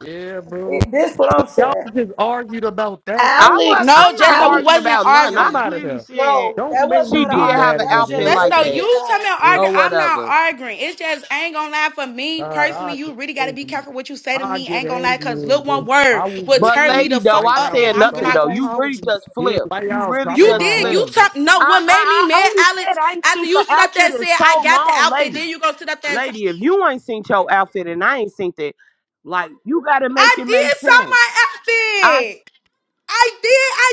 [SPEAKER 5] Yeah, bro.
[SPEAKER 3] It- this what I'm
[SPEAKER 5] Y'all
[SPEAKER 3] saying.
[SPEAKER 5] just argued about that.
[SPEAKER 4] I was.
[SPEAKER 3] Alex,
[SPEAKER 1] No,
[SPEAKER 4] I'm not
[SPEAKER 1] just so we
[SPEAKER 3] Alex.
[SPEAKER 5] I'm
[SPEAKER 4] arguing
[SPEAKER 1] wasn't
[SPEAKER 4] about nothing. I
[SPEAKER 1] arguing.
[SPEAKER 5] out of
[SPEAKER 4] clearly
[SPEAKER 5] here.
[SPEAKER 4] said
[SPEAKER 3] No, that
[SPEAKER 5] Don't make
[SPEAKER 3] was
[SPEAKER 4] she
[SPEAKER 5] me
[SPEAKER 3] not an
[SPEAKER 5] get
[SPEAKER 4] did have
[SPEAKER 3] argument.
[SPEAKER 5] mad
[SPEAKER 4] an
[SPEAKER 5] in
[SPEAKER 3] That was
[SPEAKER 5] this
[SPEAKER 4] outfit
[SPEAKER 3] just
[SPEAKER 5] room,
[SPEAKER 1] Just
[SPEAKER 4] like
[SPEAKER 3] lady
[SPEAKER 1] so
[SPEAKER 5] bro.
[SPEAKER 4] that
[SPEAKER 3] being
[SPEAKER 1] you tell me
[SPEAKER 3] loud.
[SPEAKER 1] I'm
[SPEAKER 5] Real
[SPEAKER 4] or
[SPEAKER 1] arguing, I'm not
[SPEAKER 4] whatever.
[SPEAKER 1] arguing. It's just I ain't gonna lie for me
[SPEAKER 5] God,
[SPEAKER 1] personally.
[SPEAKER 5] I
[SPEAKER 1] You
[SPEAKER 5] get
[SPEAKER 1] really gotta be
[SPEAKER 5] angry.
[SPEAKER 1] careful what you say to
[SPEAKER 5] I
[SPEAKER 1] me. I
[SPEAKER 5] get
[SPEAKER 1] ain't gonna lie,
[SPEAKER 5] angry
[SPEAKER 1] cause look,
[SPEAKER 5] and
[SPEAKER 1] one
[SPEAKER 5] just,
[SPEAKER 1] word
[SPEAKER 5] I will
[SPEAKER 1] will
[SPEAKER 5] get
[SPEAKER 4] But
[SPEAKER 1] turn me
[SPEAKER 5] angry
[SPEAKER 4] lady,
[SPEAKER 1] the
[SPEAKER 4] though,
[SPEAKER 1] fuck
[SPEAKER 5] right
[SPEAKER 4] I
[SPEAKER 1] up,
[SPEAKER 5] now
[SPEAKER 1] and
[SPEAKER 4] said
[SPEAKER 5] and
[SPEAKER 1] I'm
[SPEAKER 4] nothing
[SPEAKER 1] not
[SPEAKER 5] start.
[SPEAKER 4] though.
[SPEAKER 1] gonna
[SPEAKER 4] You really
[SPEAKER 1] hold you.
[SPEAKER 4] just
[SPEAKER 5] Yeah,
[SPEAKER 4] flipped.
[SPEAKER 5] why
[SPEAKER 4] You
[SPEAKER 5] y'all
[SPEAKER 4] really
[SPEAKER 5] dropping
[SPEAKER 1] You
[SPEAKER 5] my
[SPEAKER 4] just
[SPEAKER 1] did. You
[SPEAKER 4] flipped.
[SPEAKER 5] homie? bro?
[SPEAKER 1] talk. No,
[SPEAKER 4] I
[SPEAKER 1] what made
[SPEAKER 4] I,
[SPEAKER 1] me
[SPEAKER 4] I
[SPEAKER 1] mad,
[SPEAKER 4] only said
[SPEAKER 1] Alex?
[SPEAKER 4] I didn't
[SPEAKER 1] After
[SPEAKER 4] think the
[SPEAKER 1] you stood up there
[SPEAKER 4] outfit
[SPEAKER 1] and
[SPEAKER 4] is
[SPEAKER 1] said, "I
[SPEAKER 4] so
[SPEAKER 1] got the
[SPEAKER 4] long,
[SPEAKER 1] outfit,"
[SPEAKER 4] lady.
[SPEAKER 1] then you gonna sit up there and talk.
[SPEAKER 4] Lady, if you ain't seen your outfit and I ain't seen it, like you gotta make
[SPEAKER 1] I
[SPEAKER 4] it make
[SPEAKER 1] did sell
[SPEAKER 4] sense.
[SPEAKER 1] my
[SPEAKER 4] I
[SPEAKER 1] outfit. I did. I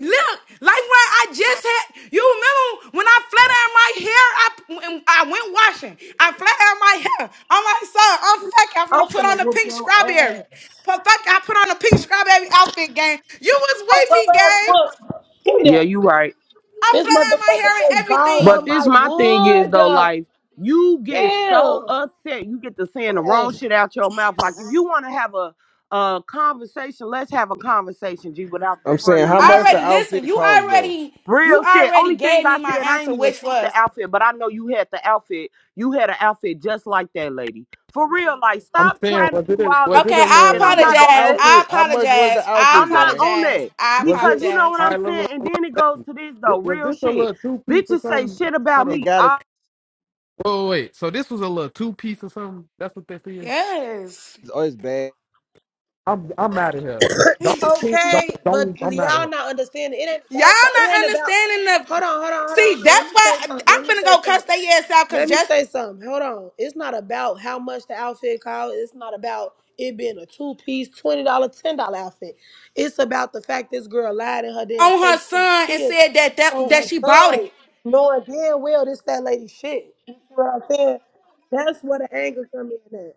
[SPEAKER 1] look like when I just had. You remember when I flat ironed my hair? I when I went washing. I flat ironed my hair. I'm like, son, I'm fucking. I'm gonna
[SPEAKER 3] I'm
[SPEAKER 1] put on
[SPEAKER 3] finna
[SPEAKER 1] the
[SPEAKER 3] whoop
[SPEAKER 1] pink
[SPEAKER 3] your
[SPEAKER 1] strawberry.
[SPEAKER 3] ass.
[SPEAKER 1] But fuck, I put on the pink strawberry outfit, gang. You
[SPEAKER 3] You
[SPEAKER 1] was
[SPEAKER 3] want
[SPEAKER 1] with
[SPEAKER 3] your
[SPEAKER 1] me,
[SPEAKER 3] ass
[SPEAKER 1] gang.
[SPEAKER 3] whooped? Give me
[SPEAKER 4] yeah,
[SPEAKER 3] that.
[SPEAKER 4] you right.
[SPEAKER 1] I
[SPEAKER 3] This
[SPEAKER 1] flat ironed my
[SPEAKER 3] motherfucker
[SPEAKER 1] hair and
[SPEAKER 3] just balled
[SPEAKER 4] But
[SPEAKER 3] up
[SPEAKER 1] everything.
[SPEAKER 4] this
[SPEAKER 3] my
[SPEAKER 4] my thing is
[SPEAKER 3] wood.
[SPEAKER 4] though, like you get so
[SPEAKER 3] Damn.
[SPEAKER 4] upset, you get to saying the wrong shit out your mouth. Like if you want to have a a conversation, let's have a conversation, G, without the
[SPEAKER 12] I'm
[SPEAKER 4] front of
[SPEAKER 12] saying
[SPEAKER 4] the
[SPEAKER 12] how
[SPEAKER 1] I
[SPEAKER 4] move,
[SPEAKER 12] much the
[SPEAKER 1] already
[SPEAKER 4] gang.
[SPEAKER 1] listen.
[SPEAKER 12] outfit
[SPEAKER 1] You
[SPEAKER 12] cost though.
[SPEAKER 1] already you
[SPEAKER 4] Real shit.
[SPEAKER 1] already
[SPEAKER 4] Only thing
[SPEAKER 1] gave
[SPEAKER 4] I
[SPEAKER 1] me my
[SPEAKER 4] said, I
[SPEAKER 1] answer,
[SPEAKER 4] ain't even
[SPEAKER 1] which
[SPEAKER 4] seen the
[SPEAKER 1] was
[SPEAKER 4] outfit, but I know you had the outfit. You had an outfit just like that, lady. For real, like
[SPEAKER 5] I'm
[SPEAKER 4] stop
[SPEAKER 5] saying,
[SPEAKER 4] trying to
[SPEAKER 5] was it
[SPEAKER 4] do
[SPEAKER 5] a,
[SPEAKER 4] all
[SPEAKER 5] was
[SPEAKER 4] the
[SPEAKER 1] okay.
[SPEAKER 5] it a
[SPEAKER 4] trick
[SPEAKER 1] I
[SPEAKER 4] shit.
[SPEAKER 5] little
[SPEAKER 4] I'm
[SPEAKER 12] How much
[SPEAKER 4] not
[SPEAKER 12] the
[SPEAKER 4] on
[SPEAKER 1] apologize.
[SPEAKER 4] that.
[SPEAKER 1] I
[SPEAKER 12] outfit? How much was the
[SPEAKER 1] apologize. I
[SPEAKER 4] I'm
[SPEAKER 12] outfit,
[SPEAKER 4] not
[SPEAKER 12] gang?
[SPEAKER 4] on
[SPEAKER 1] apologize.
[SPEAKER 4] that
[SPEAKER 1] I
[SPEAKER 5] Was
[SPEAKER 4] because
[SPEAKER 5] it?
[SPEAKER 4] you know
[SPEAKER 1] apologize.
[SPEAKER 4] what
[SPEAKER 5] All
[SPEAKER 4] I'm
[SPEAKER 5] right, look,
[SPEAKER 4] saying. And then it goes to this though,
[SPEAKER 5] look, was
[SPEAKER 4] real
[SPEAKER 5] this a
[SPEAKER 4] shit.
[SPEAKER 5] little two piece or
[SPEAKER 4] Bitches say
[SPEAKER 5] something?
[SPEAKER 4] shit about
[SPEAKER 5] Hold on.
[SPEAKER 12] It
[SPEAKER 4] me.
[SPEAKER 12] gotta
[SPEAKER 4] I-
[SPEAKER 5] Whoa, wait. So this was a little two piece or something? That's what this is.
[SPEAKER 1] Yes.
[SPEAKER 12] It's always bad.
[SPEAKER 5] I'm I'm out of here.
[SPEAKER 1] Y'all
[SPEAKER 5] Don't don't
[SPEAKER 3] Okay, but
[SPEAKER 5] don't. I'm out of here.
[SPEAKER 3] y'all not understanding. It ain't about the. It
[SPEAKER 1] not
[SPEAKER 3] ain't about.
[SPEAKER 1] understanding the.
[SPEAKER 3] Hold on, hold on, hold on, hold
[SPEAKER 1] See,
[SPEAKER 3] on. Let me
[SPEAKER 1] that's why
[SPEAKER 3] say something. Let
[SPEAKER 1] I'm
[SPEAKER 3] me
[SPEAKER 1] finna
[SPEAKER 3] say
[SPEAKER 1] go cuss
[SPEAKER 3] something.
[SPEAKER 1] their ass out because
[SPEAKER 3] Let me
[SPEAKER 1] just
[SPEAKER 3] say something. Hold on. It's not about how much the outfit costs. It's not about it being a two piece, twenty dollar, ten dollar outfit. It's about the fact this girl lied in her damn
[SPEAKER 1] on her
[SPEAKER 3] face and
[SPEAKER 1] son and
[SPEAKER 3] tears
[SPEAKER 1] said that that
[SPEAKER 3] on
[SPEAKER 1] that
[SPEAKER 3] her
[SPEAKER 1] she bought
[SPEAKER 3] son,
[SPEAKER 1] it.
[SPEAKER 3] knowing damn well this that lady shit. You see what I'm saying? That's where the anger come in at.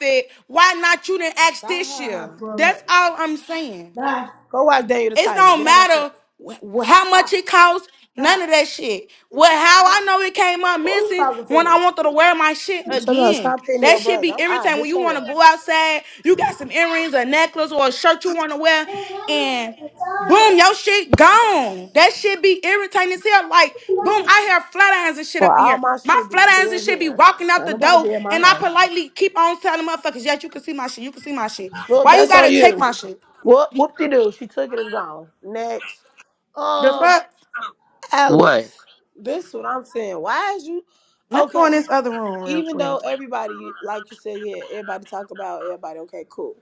[SPEAKER 1] Said, why not you didn't ask this year?
[SPEAKER 3] Stop. bro.
[SPEAKER 1] That's all I'm saying.
[SPEAKER 3] Stop. Go watch Daniel the
[SPEAKER 1] It
[SPEAKER 3] Tiger.
[SPEAKER 1] don't
[SPEAKER 3] Get out my face.
[SPEAKER 1] matter wh- how much
[SPEAKER 3] Stop.
[SPEAKER 1] it costs. None
[SPEAKER 3] Stop.
[SPEAKER 1] of that shit. Well, how I know it came up
[SPEAKER 3] Who you
[SPEAKER 1] missing
[SPEAKER 3] talking
[SPEAKER 1] when I wanted to wear my shit
[SPEAKER 3] to? Somebody
[SPEAKER 1] again.
[SPEAKER 3] stop hitting
[SPEAKER 1] That
[SPEAKER 3] your
[SPEAKER 1] shit
[SPEAKER 3] brother.
[SPEAKER 1] be
[SPEAKER 3] I'm, I'll
[SPEAKER 1] irritating when
[SPEAKER 3] hit
[SPEAKER 1] you want
[SPEAKER 3] your
[SPEAKER 1] to go
[SPEAKER 3] ass.
[SPEAKER 1] outside. You got some earrings, a necklace, or a shirt you want to wear, and boom, your shit gone. That shit be irritating as hell. Like, boom, I hear flat irons and shit
[SPEAKER 3] Well,
[SPEAKER 1] up in
[SPEAKER 3] all
[SPEAKER 1] here.
[SPEAKER 3] my
[SPEAKER 1] My
[SPEAKER 3] shit be
[SPEAKER 1] flat irons and
[SPEAKER 3] still
[SPEAKER 1] shit be
[SPEAKER 3] here.
[SPEAKER 1] walking out
[SPEAKER 3] Now
[SPEAKER 1] the
[SPEAKER 3] nobody
[SPEAKER 1] door,
[SPEAKER 3] be at my
[SPEAKER 1] and I
[SPEAKER 3] house.
[SPEAKER 1] politely keep on telling motherfuckers, yes, you can see my shit. You can see my shit.
[SPEAKER 3] Look,
[SPEAKER 1] Why you
[SPEAKER 3] that's on
[SPEAKER 1] gotta take
[SPEAKER 3] you.
[SPEAKER 1] my shit?
[SPEAKER 3] Whoop, whoop de doo. She took it, it's gone. Next.
[SPEAKER 1] The
[SPEAKER 3] Um,
[SPEAKER 1] fuck?
[SPEAKER 4] What?
[SPEAKER 3] Alex. This what I'm saying. Why is you
[SPEAKER 1] Let's go in
[SPEAKER 3] okay?
[SPEAKER 1] this other room real
[SPEAKER 3] Even
[SPEAKER 1] quick.
[SPEAKER 3] though
[SPEAKER 1] in
[SPEAKER 3] everybody, like you said, yeah, everybody talk about everybody. Okay, cool.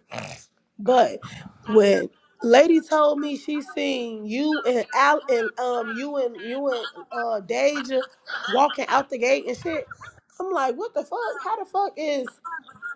[SPEAKER 3] But when Lady told me she seen you and Al and um you and you and uh Deja walking out the gate and shit, I'm like, what the fuck? How the fuck is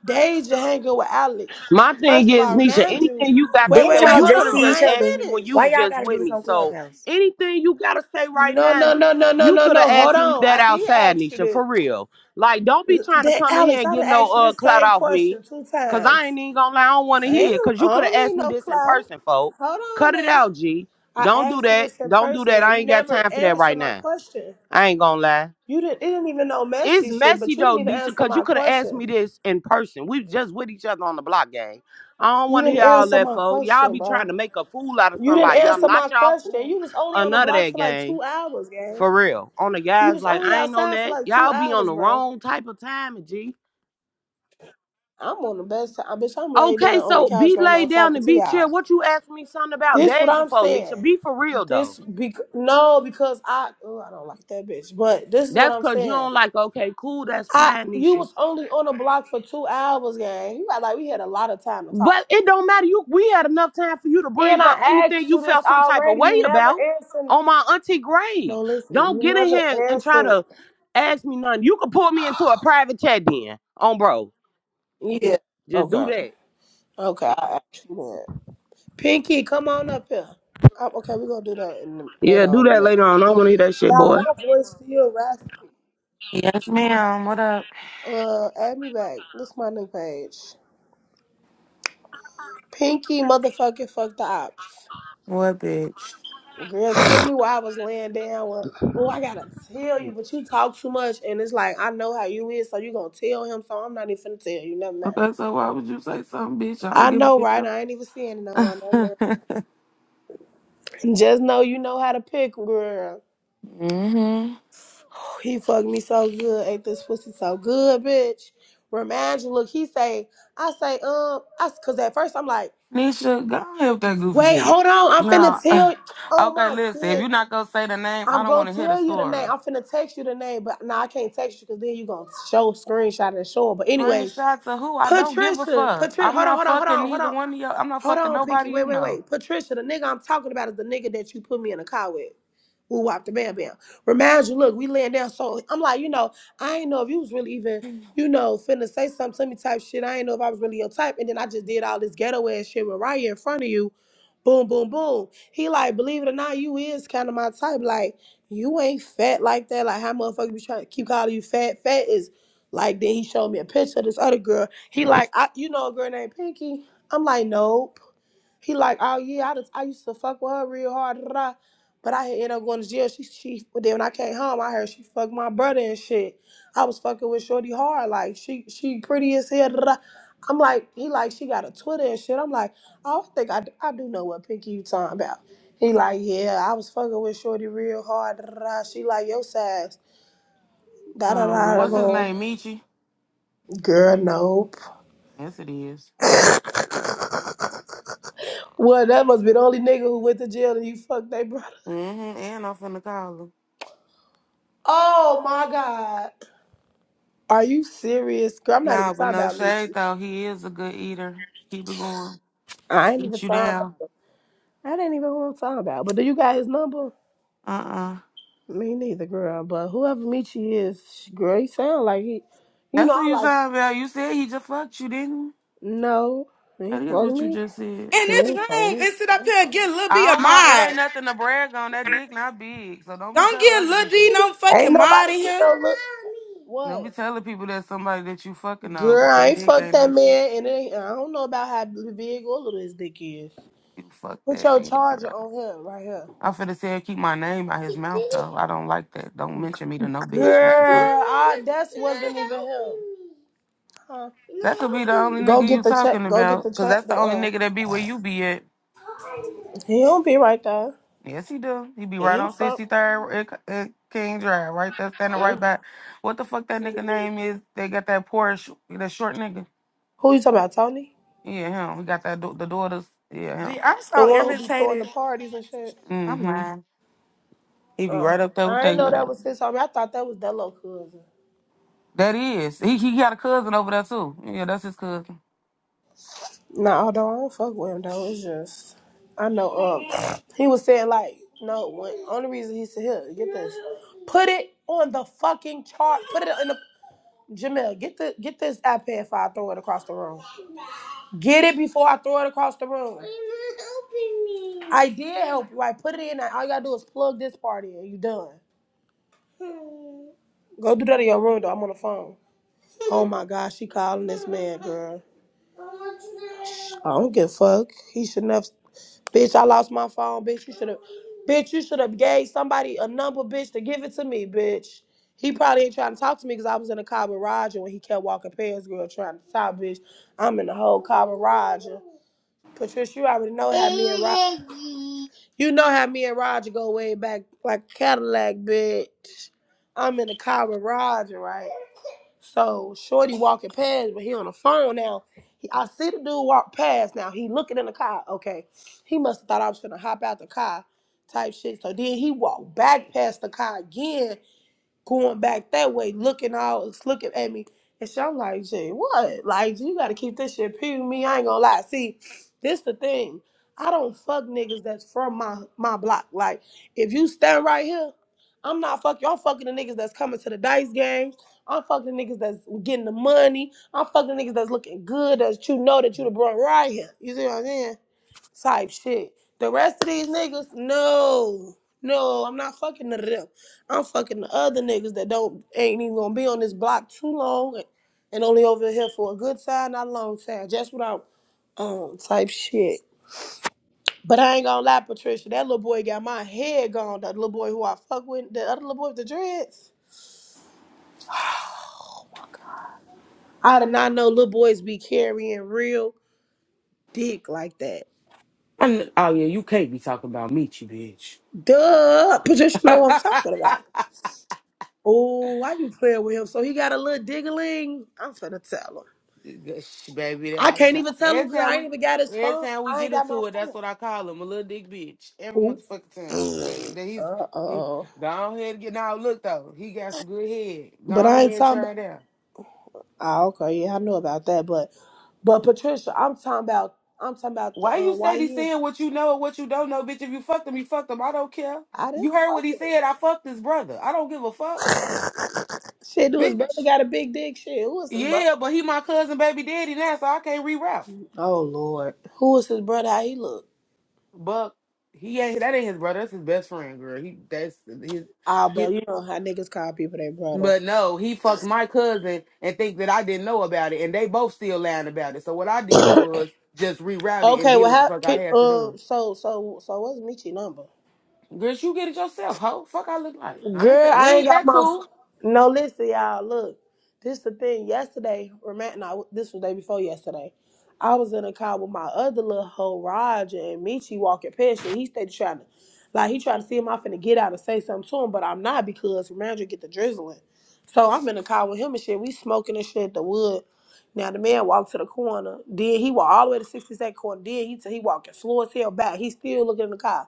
[SPEAKER 3] Deja hanging with Alex?
[SPEAKER 4] My
[SPEAKER 3] First
[SPEAKER 4] thing
[SPEAKER 3] of
[SPEAKER 4] is,
[SPEAKER 3] all,
[SPEAKER 4] Nisha,
[SPEAKER 3] remind you,
[SPEAKER 4] anything you got to
[SPEAKER 3] wait,
[SPEAKER 8] Didn't
[SPEAKER 3] wait,
[SPEAKER 4] say,
[SPEAKER 3] wait,
[SPEAKER 8] y'all
[SPEAKER 4] you
[SPEAKER 3] hold
[SPEAKER 4] could
[SPEAKER 8] just
[SPEAKER 4] have
[SPEAKER 3] on,
[SPEAKER 8] see
[SPEAKER 3] I
[SPEAKER 8] each
[SPEAKER 4] just asked
[SPEAKER 3] ain't
[SPEAKER 4] me
[SPEAKER 8] other?
[SPEAKER 4] when you
[SPEAKER 8] Why
[SPEAKER 3] finished.
[SPEAKER 4] was
[SPEAKER 8] y'all
[SPEAKER 4] just
[SPEAKER 8] gotta do
[SPEAKER 4] with
[SPEAKER 8] this
[SPEAKER 4] me.
[SPEAKER 8] on
[SPEAKER 4] So
[SPEAKER 8] Clubhouse?
[SPEAKER 4] anything you gotta say right
[SPEAKER 3] No, no,
[SPEAKER 4] now,
[SPEAKER 3] no, no, no,
[SPEAKER 4] you
[SPEAKER 3] no,
[SPEAKER 4] could have
[SPEAKER 3] no. Hold
[SPEAKER 4] asked me
[SPEAKER 3] on, I
[SPEAKER 4] that
[SPEAKER 3] did
[SPEAKER 4] outside,
[SPEAKER 3] ask you
[SPEAKER 4] Nisha,
[SPEAKER 3] this.
[SPEAKER 4] for real. Like, don't be trying to
[SPEAKER 3] That
[SPEAKER 4] come in here
[SPEAKER 3] Alex,
[SPEAKER 4] and
[SPEAKER 3] I done
[SPEAKER 4] get no
[SPEAKER 3] asked you
[SPEAKER 4] uh
[SPEAKER 3] this
[SPEAKER 4] clout
[SPEAKER 3] same
[SPEAKER 4] off me.
[SPEAKER 3] question two
[SPEAKER 4] Cause I
[SPEAKER 3] times.
[SPEAKER 4] ain't even gonna lie, I don't wanna
[SPEAKER 3] I ain't,
[SPEAKER 4] hear it. Cause
[SPEAKER 3] I
[SPEAKER 4] you could have
[SPEAKER 3] don't need
[SPEAKER 4] asked me
[SPEAKER 3] no
[SPEAKER 4] this in
[SPEAKER 3] clout.
[SPEAKER 4] person, folk.
[SPEAKER 3] Hold on
[SPEAKER 4] Cut it
[SPEAKER 3] now.
[SPEAKER 4] out, G.
[SPEAKER 3] I
[SPEAKER 4] Don't do
[SPEAKER 3] asked you
[SPEAKER 4] that.
[SPEAKER 3] this in
[SPEAKER 4] Don't do
[SPEAKER 3] person
[SPEAKER 4] that.
[SPEAKER 3] and
[SPEAKER 4] I
[SPEAKER 3] you
[SPEAKER 4] ain't got
[SPEAKER 3] never
[SPEAKER 4] time for that
[SPEAKER 3] answered
[SPEAKER 4] right
[SPEAKER 3] my
[SPEAKER 4] now.
[SPEAKER 3] question.
[SPEAKER 4] I ain't gonna lie.
[SPEAKER 3] You didn't it didn't even know messy
[SPEAKER 4] It's
[SPEAKER 3] shit, but
[SPEAKER 4] messy
[SPEAKER 3] you didn't
[SPEAKER 4] though,
[SPEAKER 3] even
[SPEAKER 4] Disha,
[SPEAKER 3] answer
[SPEAKER 4] because you
[SPEAKER 3] my
[SPEAKER 4] could have asked
[SPEAKER 3] question.
[SPEAKER 4] me this in person. We was just with each other on the block, gang. I don't
[SPEAKER 3] You
[SPEAKER 4] want to
[SPEAKER 3] didn't
[SPEAKER 4] hear all
[SPEAKER 3] answer
[SPEAKER 4] that,
[SPEAKER 3] my
[SPEAKER 4] folk. Y'all
[SPEAKER 3] question,
[SPEAKER 4] be trying
[SPEAKER 3] bro.
[SPEAKER 4] to make a fool out of
[SPEAKER 3] You didn't
[SPEAKER 4] somebody. I'm
[SPEAKER 3] answer my
[SPEAKER 4] not y'all
[SPEAKER 3] question.
[SPEAKER 4] fool
[SPEAKER 3] You was only
[SPEAKER 4] or
[SPEAKER 3] on the
[SPEAKER 4] none of
[SPEAKER 3] block
[SPEAKER 4] that,
[SPEAKER 3] for like
[SPEAKER 4] gang.
[SPEAKER 3] two hours, gang.
[SPEAKER 4] For real. On the
[SPEAKER 3] You
[SPEAKER 4] guys,
[SPEAKER 3] was
[SPEAKER 4] like,
[SPEAKER 3] only
[SPEAKER 4] I ain't on
[SPEAKER 3] outside for
[SPEAKER 4] that.
[SPEAKER 3] like two
[SPEAKER 4] Y'all be on
[SPEAKER 3] hours,
[SPEAKER 4] the
[SPEAKER 3] bro.
[SPEAKER 4] wrong type of time, G.
[SPEAKER 3] I'm on the best time. Bitch, I'm laid
[SPEAKER 4] Okay,
[SPEAKER 3] down on the
[SPEAKER 4] so
[SPEAKER 3] couch
[SPEAKER 4] be
[SPEAKER 3] right now
[SPEAKER 4] laid down
[SPEAKER 3] talking
[SPEAKER 4] and
[SPEAKER 3] to
[SPEAKER 4] be chill.
[SPEAKER 3] y'all.
[SPEAKER 4] What you asked me something about
[SPEAKER 3] This what
[SPEAKER 4] days
[SPEAKER 3] I'm
[SPEAKER 4] before, Nisha?
[SPEAKER 3] saying.
[SPEAKER 4] Be for real, though.
[SPEAKER 3] This be no, because I oh, I don't like that bitch. But this is what
[SPEAKER 4] That's
[SPEAKER 3] I'm
[SPEAKER 4] because you
[SPEAKER 3] saying.
[SPEAKER 4] don't like, okay, cool, that's
[SPEAKER 3] I
[SPEAKER 4] fine,
[SPEAKER 3] you
[SPEAKER 4] Nisha.
[SPEAKER 3] was only on the block for two hours, gang. You act like we had a lot of time to talk.
[SPEAKER 4] But it don't matter. You we had enough time for you to
[SPEAKER 3] And
[SPEAKER 4] bring up
[SPEAKER 3] I
[SPEAKER 4] anything
[SPEAKER 3] asked
[SPEAKER 4] you
[SPEAKER 3] you this
[SPEAKER 4] felt some type of
[SPEAKER 3] already.
[SPEAKER 4] way
[SPEAKER 3] You never
[SPEAKER 4] about
[SPEAKER 3] answered.
[SPEAKER 4] on my auntie grave.
[SPEAKER 3] No, listen,
[SPEAKER 4] Don't
[SPEAKER 3] you
[SPEAKER 4] get in
[SPEAKER 3] never
[SPEAKER 4] here and try
[SPEAKER 3] answered.
[SPEAKER 4] to ask me nothing. You can pull me into a private chat then on bro.
[SPEAKER 3] Yeah.
[SPEAKER 4] Just do
[SPEAKER 3] Okay.
[SPEAKER 4] that.
[SPEAKER 3] Okay, I asked you that. Pinky, come on up here. Um, okay, we're gonna do that in the,
[SPEAKER 4] Yeah,
[SPEAKER 3] later
[SPEAKER 4] do
[SPEAKER 3] on in a
[SPEAKER 4] that later
[SPEAKER 3] minute.
[SPEAKER 4] on. I don't wanna hear that shit,
[SPEAKER 3] Y'all,
[SPEAKER 4] boy.
[SPEAKER 3] my voice still raspy.
[SPEAKER 13] Yes, ma'am. What up?
[SPEAKER 3] Uh, add me back. This my new page. Pinky, motherfucking fuck the ops.
[SPEAKER 13] What bitch?
[SPEAKER 3] Girl, tell me why I was laying down. Well, oh, I gotta tell you, but you talk too much, and it's like I know how you is, so you gonna tell him. So I'm not even finna tell you, never mind.
[SPEAKER 13] Okay, so why would you say something, bitch? I don't
[SPEAKER 3] I
[SPEAKER 13] give
[SPEAKER 3] know,
[SPEAKER 13] a
[SPEAKER 3] right?
[SPEAKER 13] damn.
[SPEAKER 3] I ain't even seeing it no more, never mind. Just know you know how to pick, girl.
[SPEAKER 13] hmm
[SPEAKER 3] He fucked me so good, ain't this pussy so good, bitch? Remind you, look, he say, I say, um, I, cause at first I'm like,
[SPEAKER 13] Nisha, go ahead with that goofy
[SPEAKER 3] wait,
[SPEAKER 13] shit.
[SPEAKER 3] hold on, I'm
[SPEAKER 13] No.
[SPEAKER 3] finna tell. you. Oh
[SPEAKER 13] Okay,
[SPEAKER 3] my
[SPEAKER 13] listen. If
[SPEAKER 3] kids.
[SPEAKER 13] you're not gonna say the name, I
[SPEAKER 3] I'm
[SPEAKER 13] don't want
[SPEAKER 3] gonna
[SPEAKER 13] to hear the
[SPEAKER 3] tell you the
[SPEAKER 13] story.
[SPEAKER 3] name. I'm finna text you the name, but no, I can't text you because then you gonna show screenshot and show it. But anyways,
[SPEAKER 13] Screenshots of who? I don't give a
[SPEAKER 3] Patricia,
[SPEAKER 13] fuck.
[SPEAKER 3] Patricia,
[SPEAKER 13] I'm
[SPEAKER 3] hold on,
[SPEAKER 13] not
[SPEAKER 3] hold on, hold
[SPEAKER 13] fucking
[SPEAKER 3] on, hold
[SPEAKER 13] neither
[SPEAKER 3] on.
[SPEAKER 13] one of y'all. I'm not
[SPEAKER 3] Hold
[SPEAKER 13] fucking
[SPEAKER 3] on, Pinky.
[SPEAKER 13] nobody
[SPEAKER 3] Wait,
[SPEAKER 13] you
[SPEAKER 3] wait,
[SPEAKER 13] know.
[SPEAKER 3] wait. Patricia, the nigga I'm talking about is the nigga that you put me in a car with. Woo wop the bam bam. Reminds you, look, we laying down. So I'm like, you know, I ain't know if you was really even, you know, finna say something to me type shit. I ain't know if I was really your type. And then I just did all this ghetto ass shit with Raya in front of you. Boom, boom, boom. He like, believe it or not, you is kind of my type. Like, you ain't fat like that. Like, how motherfuckers be trying to keep calling you fat? Fat is like, then he showed me a picture of this other girl. He like, I, you know, a girl named Pinky. I'm like, nope. He like, oh yeah, I just I used to fuck with her real hard, da, da, da. but I had ended up going to jail. She she but then when I came home, I heard she fucked my brother and shit. I was fucking with Shorty hard, like she she pretty as hell. Da, da, da. I'm like, he like she got a Twitter and shit. I'm like, oh, I think I, d- I do know what Pinky you talking about. He like, yeah, I was fucking with Shorty real hard. Da, da, da. She like your size. Da da
[SPEAKER 13] Oh well,
[SPEAKER 3] da da.
[SPEAKER 13] what's his
[SPEAKER 3] boom.
[SPEAKER 13] name? Michi?
[SPEAKER 3] Girl, nope.
[SPEAKER 13] Yes, it is.
[SPEAKER 3] Well, that must be the only nigga who went to jail and you fucked they brother.
[SPEAKER 13] Mm-hmm. And I'm finna call him.
[SPEAKER 3] Oh my god. Are you serious? Girl, I'm not even
[SPEAKER 13] Nah, but
[SPEAKER 3] talking
[SPEAKER 13] no
[SPEAKER 3] about
[SPEAKER 13] shade
[SPEAKER 3] Lucci.
[SPEAKER 13] though. He is a good eater. Keep it going.
[SPEAKER 3] I ain't even
[SPEAKER 13] Beat you
[SPEAKER 3] talking
[SPEAKER 13] down.
[SPEAKER 3] about him. I didn't even know who I'm talking about. But do you got his number?
[SPEAKER 13] Uh uh
[SPEAKER 3] Me neither, girl. But whoever Michi is, sh- girl, he sound like he you
[SPEAKER 13] That's
[SPEAKER 3] know,
[SPEAKER 13] what
[SPEAKER 3] I'm
[SPEAKER 13] you
[SPEAKER 3] like,
[SPEAKER 13] trying to about. You said he just fucked you, didn't you?
[SPEAKER 3] no. He
[SPEAKER 13] That
[SPEAKER 3] ain't
[SPEAKER 13] is
[SPEAKER 3] fuck
[SPEAKER 13] what you
[SPEAKER 3] me.
[SPEAKER 13] just said.
[SPEAKER 3] He
[SPEAKER 1] this
[SPEAKER 3] ain't
[SPEAKER 1] room
[SPEAKER 3] fuck me.
[SPEAKER 1] and sit up here and get Lil B
[SPEAKER 13] I
[SPEAKER 1] a
[SPEAKER 13] don't know. It
[SPEAKER 1] mod.
[SPEAKER 13] ain't nothing to brag on. That dick not big. So don't be
[SPEAKER 1] Don't
[SPEAKER 13] telling
[SPEAKER 1] get
[SPEAKER 13] other
[SPEAKER 1] Lil
[SPEAKER 13] people.
[SPEAKER 1] D no
[SPEAKER 3] Ain't
[SPEAKER 1] fucking mod
[SPEAKER 3] nobody
[SPEAKER 1] in
[SPEAKER 3] get
[SPEAKER 1] here.
[SPEAKER 3] no look.
[SPEAKER 13] Don't
[SPEAKER 3] What?
[SPEAKER 13] be telling people that somebody that you fucking on,
[SPEAKER 3] Girl,
[SPEAKER 13] because
[SPEAKER 3] I
[SPEAKER 13] that
[SPEAKER 3] ain't
[SPEAKER 13] dick
[SPEAKER 3] fucked
[SPEAKER 13] ain't
[SPEAKER 3] that
[SPEAKER 13] no shit.
[SPEAKER 3] man, and it ain't, I don't know about how big or little his dick is.
[SPEAKER 13] You fuck
[SPEAKER 3] Put
[SPEAKER 13] that
[SPEAKER 3] your
[SPEAKER 13] man,
[SPEAKER 3] charger
[SPEAKER 13] girl.
[SPEAKER 3] on him right here.
[SPEAKER 13] I finna say keep my name out his mouth though. I don't like that. Don't mention me to no bitch. What the fuck?
[SPEAKER 3] Girl, I, that wasn't even him. Huh?
[SPEAKER 13] That could be the only
[SPEAKER 3] Go
[SPEAKER 13] nigga you
[SPEAKER 3] get the check.
[SPEAKER 13] talking
[SPEAKER 3] Go get
[SPEAKER 13] about,
[SPEAKER 3] the
[SPEAKER 13] because
[SPEAKER 3] check.
[SPEAKER 13] that's
[SPEAKER 3] the,
[SPEAKER 13] the only
[SPEAKER 3] Uh,
[SPEAKER 13] nigga that be where you be at.
[SPEAKER 3] he don't be right there.
[SPEAKER 13] Yes, he do. He be
[SPEAKER 3] He
[SPEAKER 13] right
[SPEAKER 3] ain't
[SPEAKER 13] on
[SPEAKER 3] fuck.
[SPEAKER 13] 63rd at, K- at King Drive, right there, standing right
[SPEAKER 3] mm.
[SPEAKER 13] back. What the fuck that nigga name is? They got that Porsche, that short nigga.
[SPEAKER 3] Who you talking about, Tony?
[SPEAKER 13] Yeah, him. He got that da- the daughters. Yeah,
[SPEAKER 1] Gee, I'm
[SPEAKER 3] The
[SPEAKER 1] so
[SPEAKER 3] one who be throwing the
[SPEAKER 1] irritated.
[SPEAKER 3] parties and shit.
[SPEAKER 13] him.
[SPEAKER 1] I'm
[SPEAKER 13] hmm
[SPEAKER 1] lying.
[SPEAKER 13] He be
[SPEAKER 3] Uh,
[SPEAKER 13] right up there with
[SPEAKER 3] I ain't
[SPEAKER 13] they.
[SPEAKER 3] know
[SPEAKER 13] ass.
[SPEAKER 3] that was his homie. I thought that was that little cousin.
[SPEAKER 13] That is. He he got a cousin over there too. Yeah, that's his cousin.
[SPEAKER 3] Now, although I don't fuck with him though, it's just I know um he was saying like no when, only reason he said here get this put it on the fucking chart put it in the Jamel get the get this iPad five throw it across the room get it before I throw it across the room. I did help you. I put it in. All you gotta do is plug this part in. You done. Go do that in your room though. I'm on the phone. Oh my gosh, she calling this man, girl. I don't give a fuck. He shouldn't have. Bitch, I lost my phone. Bitch, you should have. Bitch, you should have gave somebody a number, bitch, to give it to me, bitch. He probably ain't trying to talk to me because I was in the car barrage and when he kept walking past, girl, trying to talk, bitch. I'm in the whole car barrage. And Patricia, you already know how me and Roger, you know how me and Roger go way back like Cadillac, bitch. I'm in the car with Roger, right? So Shorty walking past, but he on the phone now. He, I see the dude walk past now. He looking in the car. Okay, he must have thought I was gonna hop out the car, type shit. So then he walked back past the car again going back that way, looking all looking at me. And so I'm like, gee, what? Like, you gotta keep this shit pure." with me. I ain't gonna lie. See, this the thing. I don't fuck niggas that's from my my block. Like, if you stand right here, I'm not fucking. I'm fucking the niggas that's coming to the dice games. I'm fucking the niggas that's getting the money. I'm fucking the niggas that's looking good, that you know that you the brought right here. You see what I'm saying? type shit. The rest of these niggas, no, no, I'm not fucking none of them. I'm fucking the other niggas that don't ain't even gonna be on this block too long, and only over here for a good time, not a long time. Just am um type shit. But I ain't gonna lie, Patricia, that little boy got my head gone. That little boy who I fuck with, the other little boy with the dreads. Oh my god, I did not know little boys be carrying real dick like that.
[SPEAKER 13] And, oh yeah, you can't be talking about Michi, bitch.
[SPEAKER 3] Duh, Patricia, know what I'm talking about. Oh, why you playing with him? So he got a little diggling. I'm finna tell him.
[SPEAKER 13] Gosh, Baby,
[SPEAKER 3] I
[SPEAKER 13] I,
[SPEAKER 3] can't even tell
[SPEAKER 13] every
[SPEAKER 3] him girl.
[SPEAKER 13] time
[SPEAKER 3] I ain't
[SPEAKER 13] we
[SPEAKER 3] even got his
[SPEAKER 13] every
[SPEAKER 3] phone.
[SPEAKER 13] time we
[SPEAKER 3] I ain't
[SPEAKER 13] get
[SPEAKER 3] got my
[SPEAKER 13] into it, that's
[SPEAKER 3] phone.
[SPEAKER 13] what I call him, a little dick bitch. Every
[SPEAKER 3] Ooh.
[SPEAKER 13] motherfucking time, baby. Then he's
[SPEAKER 3] Uh
[SPEAKER 13] he,
[SPEAKER 3] oh.
[SPEAKER 13] go on ahead and get now. Look though, he got some good head. Go
[SPEAKER 3] But
[SPEAKER 13] on
[SPEAKER 3] I ain't
[SPEAKER 13] ahead and
[SPEAKER 3] talking.
[SPEAKER 13] try
[SPEAKER 3] About,
[SPEAKER 13] it out.
[SPEAKER 3] oh, okay. Yeah, I know about that. But, but Patricia, I'm talking about. I'm talking about the
[SPEAKER 13] Why you
[SPEAKER 3] uh,
[SPEAKER 13] steady
[SPEAKER 3] YN.
[SPEAKER 13] saying what you know and what you don't know, bitch? If you fucked him, you fucked him. I don't care.
[SPEAKER 3] I
[SPEAKER 13] You
[SPEAKER 3] didn't
[SPEAKER 13] heard what
[SPEAKER 3] fuck
[SPEAKER 13] he
[SPEAKER 3] with it.
[SPEAKER 13] said. I fucked his brother. I don't give a fuck,
[SPEAKER 3] Shit, do his brother
[SPEAKER 13] bitch.
[SPEAKER 3] got a big dick? Shit, who is his brother?
[SPEAKER 13] Yeah, but he my cousin, baby daddy now, so I can't reroute.
[SPEAKER 3] Oh Lord, who is his brother? How he look?
[SPEAKER 13] But he ain't that ain't his brother. That's his best friend, girl. He that's his.
[SPEAKER 3] Ah, but you know how niggas call people their brother.
[SPEAKER 13] But no, he fucked my cousin and think that I didn't know about it, and they both still lying about it. So what I did was just reroute it and
[SPEAKER 3] okay,
[SPEAKER 13] did
[SPEAKER 3] well,
[SPEAKER 13] what the
[SPEAKER 3] how?
[SPEAKER 13] fuck I
[SPEAKER 3] Can,
[SPEAKER 13] had to do.
[SPEAKER 3] um, so, so, so, what's Michi's number?
[SPEAKER 13] Girl, you get it yourself, hoe. Fuck, I look like I ain't
[SPEAKER 3] Girl,
[SPEAKER 13] that. We
[SPEAKER 3] I ain't
[SPEAKER 13] ain't
[SPEAKER 3] got
[SPEAKER 13] that
[SPEAKER 3] my.
[SPEAKER 13] cool.
[SPEAKER 3] ph- No, listen, y'all. Look, this the thing. Yesterday, remember? No, this was the day before yesterday. I was in a car with my other little hoe, Roger, and Michi walking past me. He stayed trying to, like, he tried to see him off and get out and say something to him, but I'm not because Roger get the drizzling. So I'm in a car with him and shit. We smoking and shit the wood. Now the man walked to the corner. Then he walked all the way to 62nd corner. Then he he walking slow as hell back. He still looking in the car.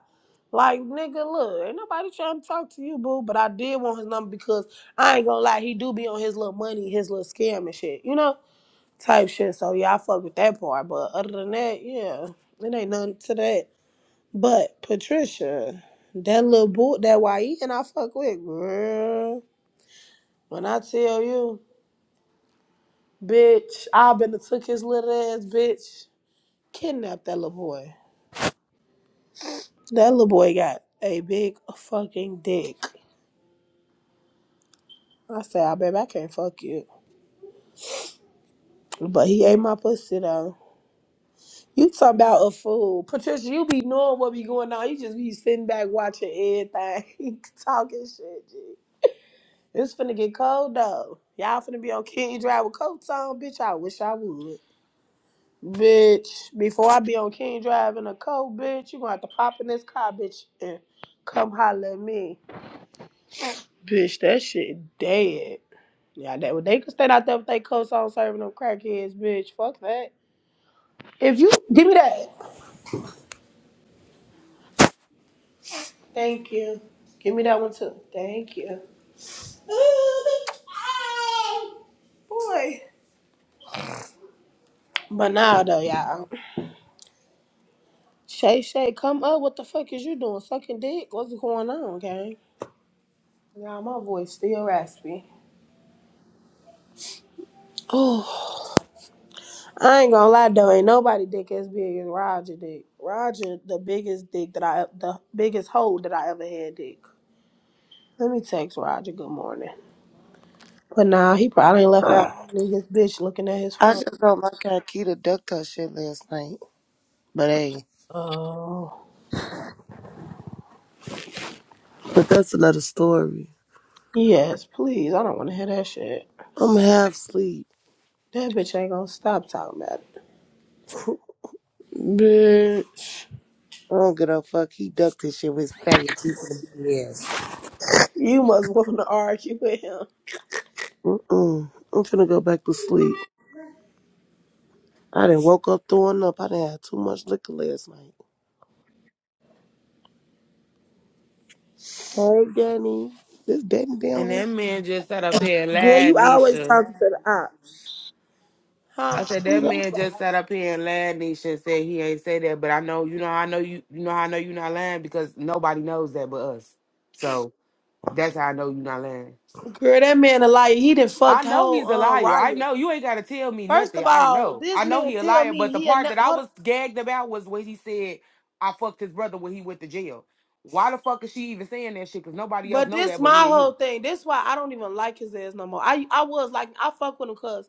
[SPEAKER 3] Like, nigga, look, ain't nobody trying to talk to you, boo. But I did want his number because I ain't gonna lie, he do be on his little money, his little scam and shit, you know? Type shit. So yeah, I fuck with that part. But other than that, yeah, it ain't nothing to that. But Patricia, that little boot that YE and I fuck with, girl. When I tell you, bitch, I been to took his little ass, bitch, kidnapped that little boy. That little boy got a big fucking dick. I said, I baby, I can't fuck you. But he ate my pussy though. You talk about a fool. Patricia, you be knowing what be going on. You just be sitting back watching everything, talking shit, G. It's finna get cold though. Y'all finna be on King Drive with coats on, bitch. I wish I would. Bitch, before I be on King Drive in a coat, bitch, you gonna have to pop in this car, bitch, and come holler at me. Bitch, that shit dead. Yeah, that they could stand out there with their coats on serving them crackheads, bitch. Fuck that. If you give me that. Thank you. Give me that one too. Thank you. Boy. But now though, y'all. Shay Shay, come up. What the fuck is you doing? Sucking dick? What's going on, gang? Y'all, my voice still raspy. Oh, I ain't gonna lie though. Ain't nobody dick as big as Roger dick. Roger, the biggest dick that I, the biggest hole that I ever had dick. Let me text Roger. Good morning. But nah, he probably ain't left
[SPEAKER 14] I
[SPEAKER 3] out. Niggas bitch looking at his phone.
[SPEAKER 14] just don't like how Keita ducked her shit last night. But hey,
[SPEAKER 3] Oh.
[SPEAKER 14] but that's another story.
[SPEAKER 3] Yes, please. I don't want to hear that shit.
[SPEAKER 14] I'm half asleep.
[SPEAKER 3] That bitch ain't gonna stop talking about it. Bitch.
[SPEAKER 14] I don't give a fuck. He ducked his shit with his faggot deep in his ass.
[SPEAKER 3] You must want to argue with him.
[SPEAKER 14] Mm-mm. I'm finna go back to sleep. I done woke up throwing up. I done had too much liquor last night. Hey, Danny. This Danny down
[SPEAKER 13] And that man just sat up here and
[SPEAKER 3] Girl,
[SPEAKER 13] lied,
[SPEAKER 3] you always
[SPEAKER 13] Nisha.
[SPEAKER 3] talking to the ops.
[SPEAKER 13] I
[SPEAKER 3] Huh?
[SPEAKER 13] said that man just sat up here and lied, Nisha, and said he ain't say that. But I know, you know, I know you, you know, I know you not lying because nobody knows that but us. So that's how I know you not lying.
[SPEAKER 3] Girl, that man a liar. He done
[SPEAKER 13] I
[SPEAKER 3] fucked
[SPEAKER 13] know
[SPEAKER 3] whole
[SPEAKER 13] he's a
[SPEAKER 3] um
[SPEAKER 13] liar. I
[SPEAKER 3] Raya.
[SPEAKER 13] know you ain't gotta tell me
[SPEAKER 3] First
[SPEAKER 13] nothing.
[SPEAKER 3] of
[SPEAKER 13] I
[SPEAKER 3] all,
[SPEAKER 13] know. I
[SPEAKER 3] this
[SPEAKER 13] know
[SPEAKER 3] man
[SPEAKER 13] he a
[SPEAKER 3] tell
[SPEAKER 13] liar.
[SPEAKER 3] me
[SPEAKER 13] But the
[SPEAKER 3] he a
[SPEAKER 13] part
[SPEAKER 3] ne-
[SPEAKER 13] that I
[SPEAKER 3] hold
[SPEAKER 13] was gagged about was when he said I fucked his brother when he went to jail. Why the fuck is she even saying that shit? Cause nobody else
[SPEAKER 3] but
[SPEAKER 13] know
[SPEAKER 3] this
[SPEAKER 13] that but
[SPEAKER 3] my
[SPEAKER 13] me and
[SPEAKER 3] whole
[SPEAKER 13] you.
[SPEAKER 3] thing. This why I don't even like his ass no more. I I was like I fuck with him cause.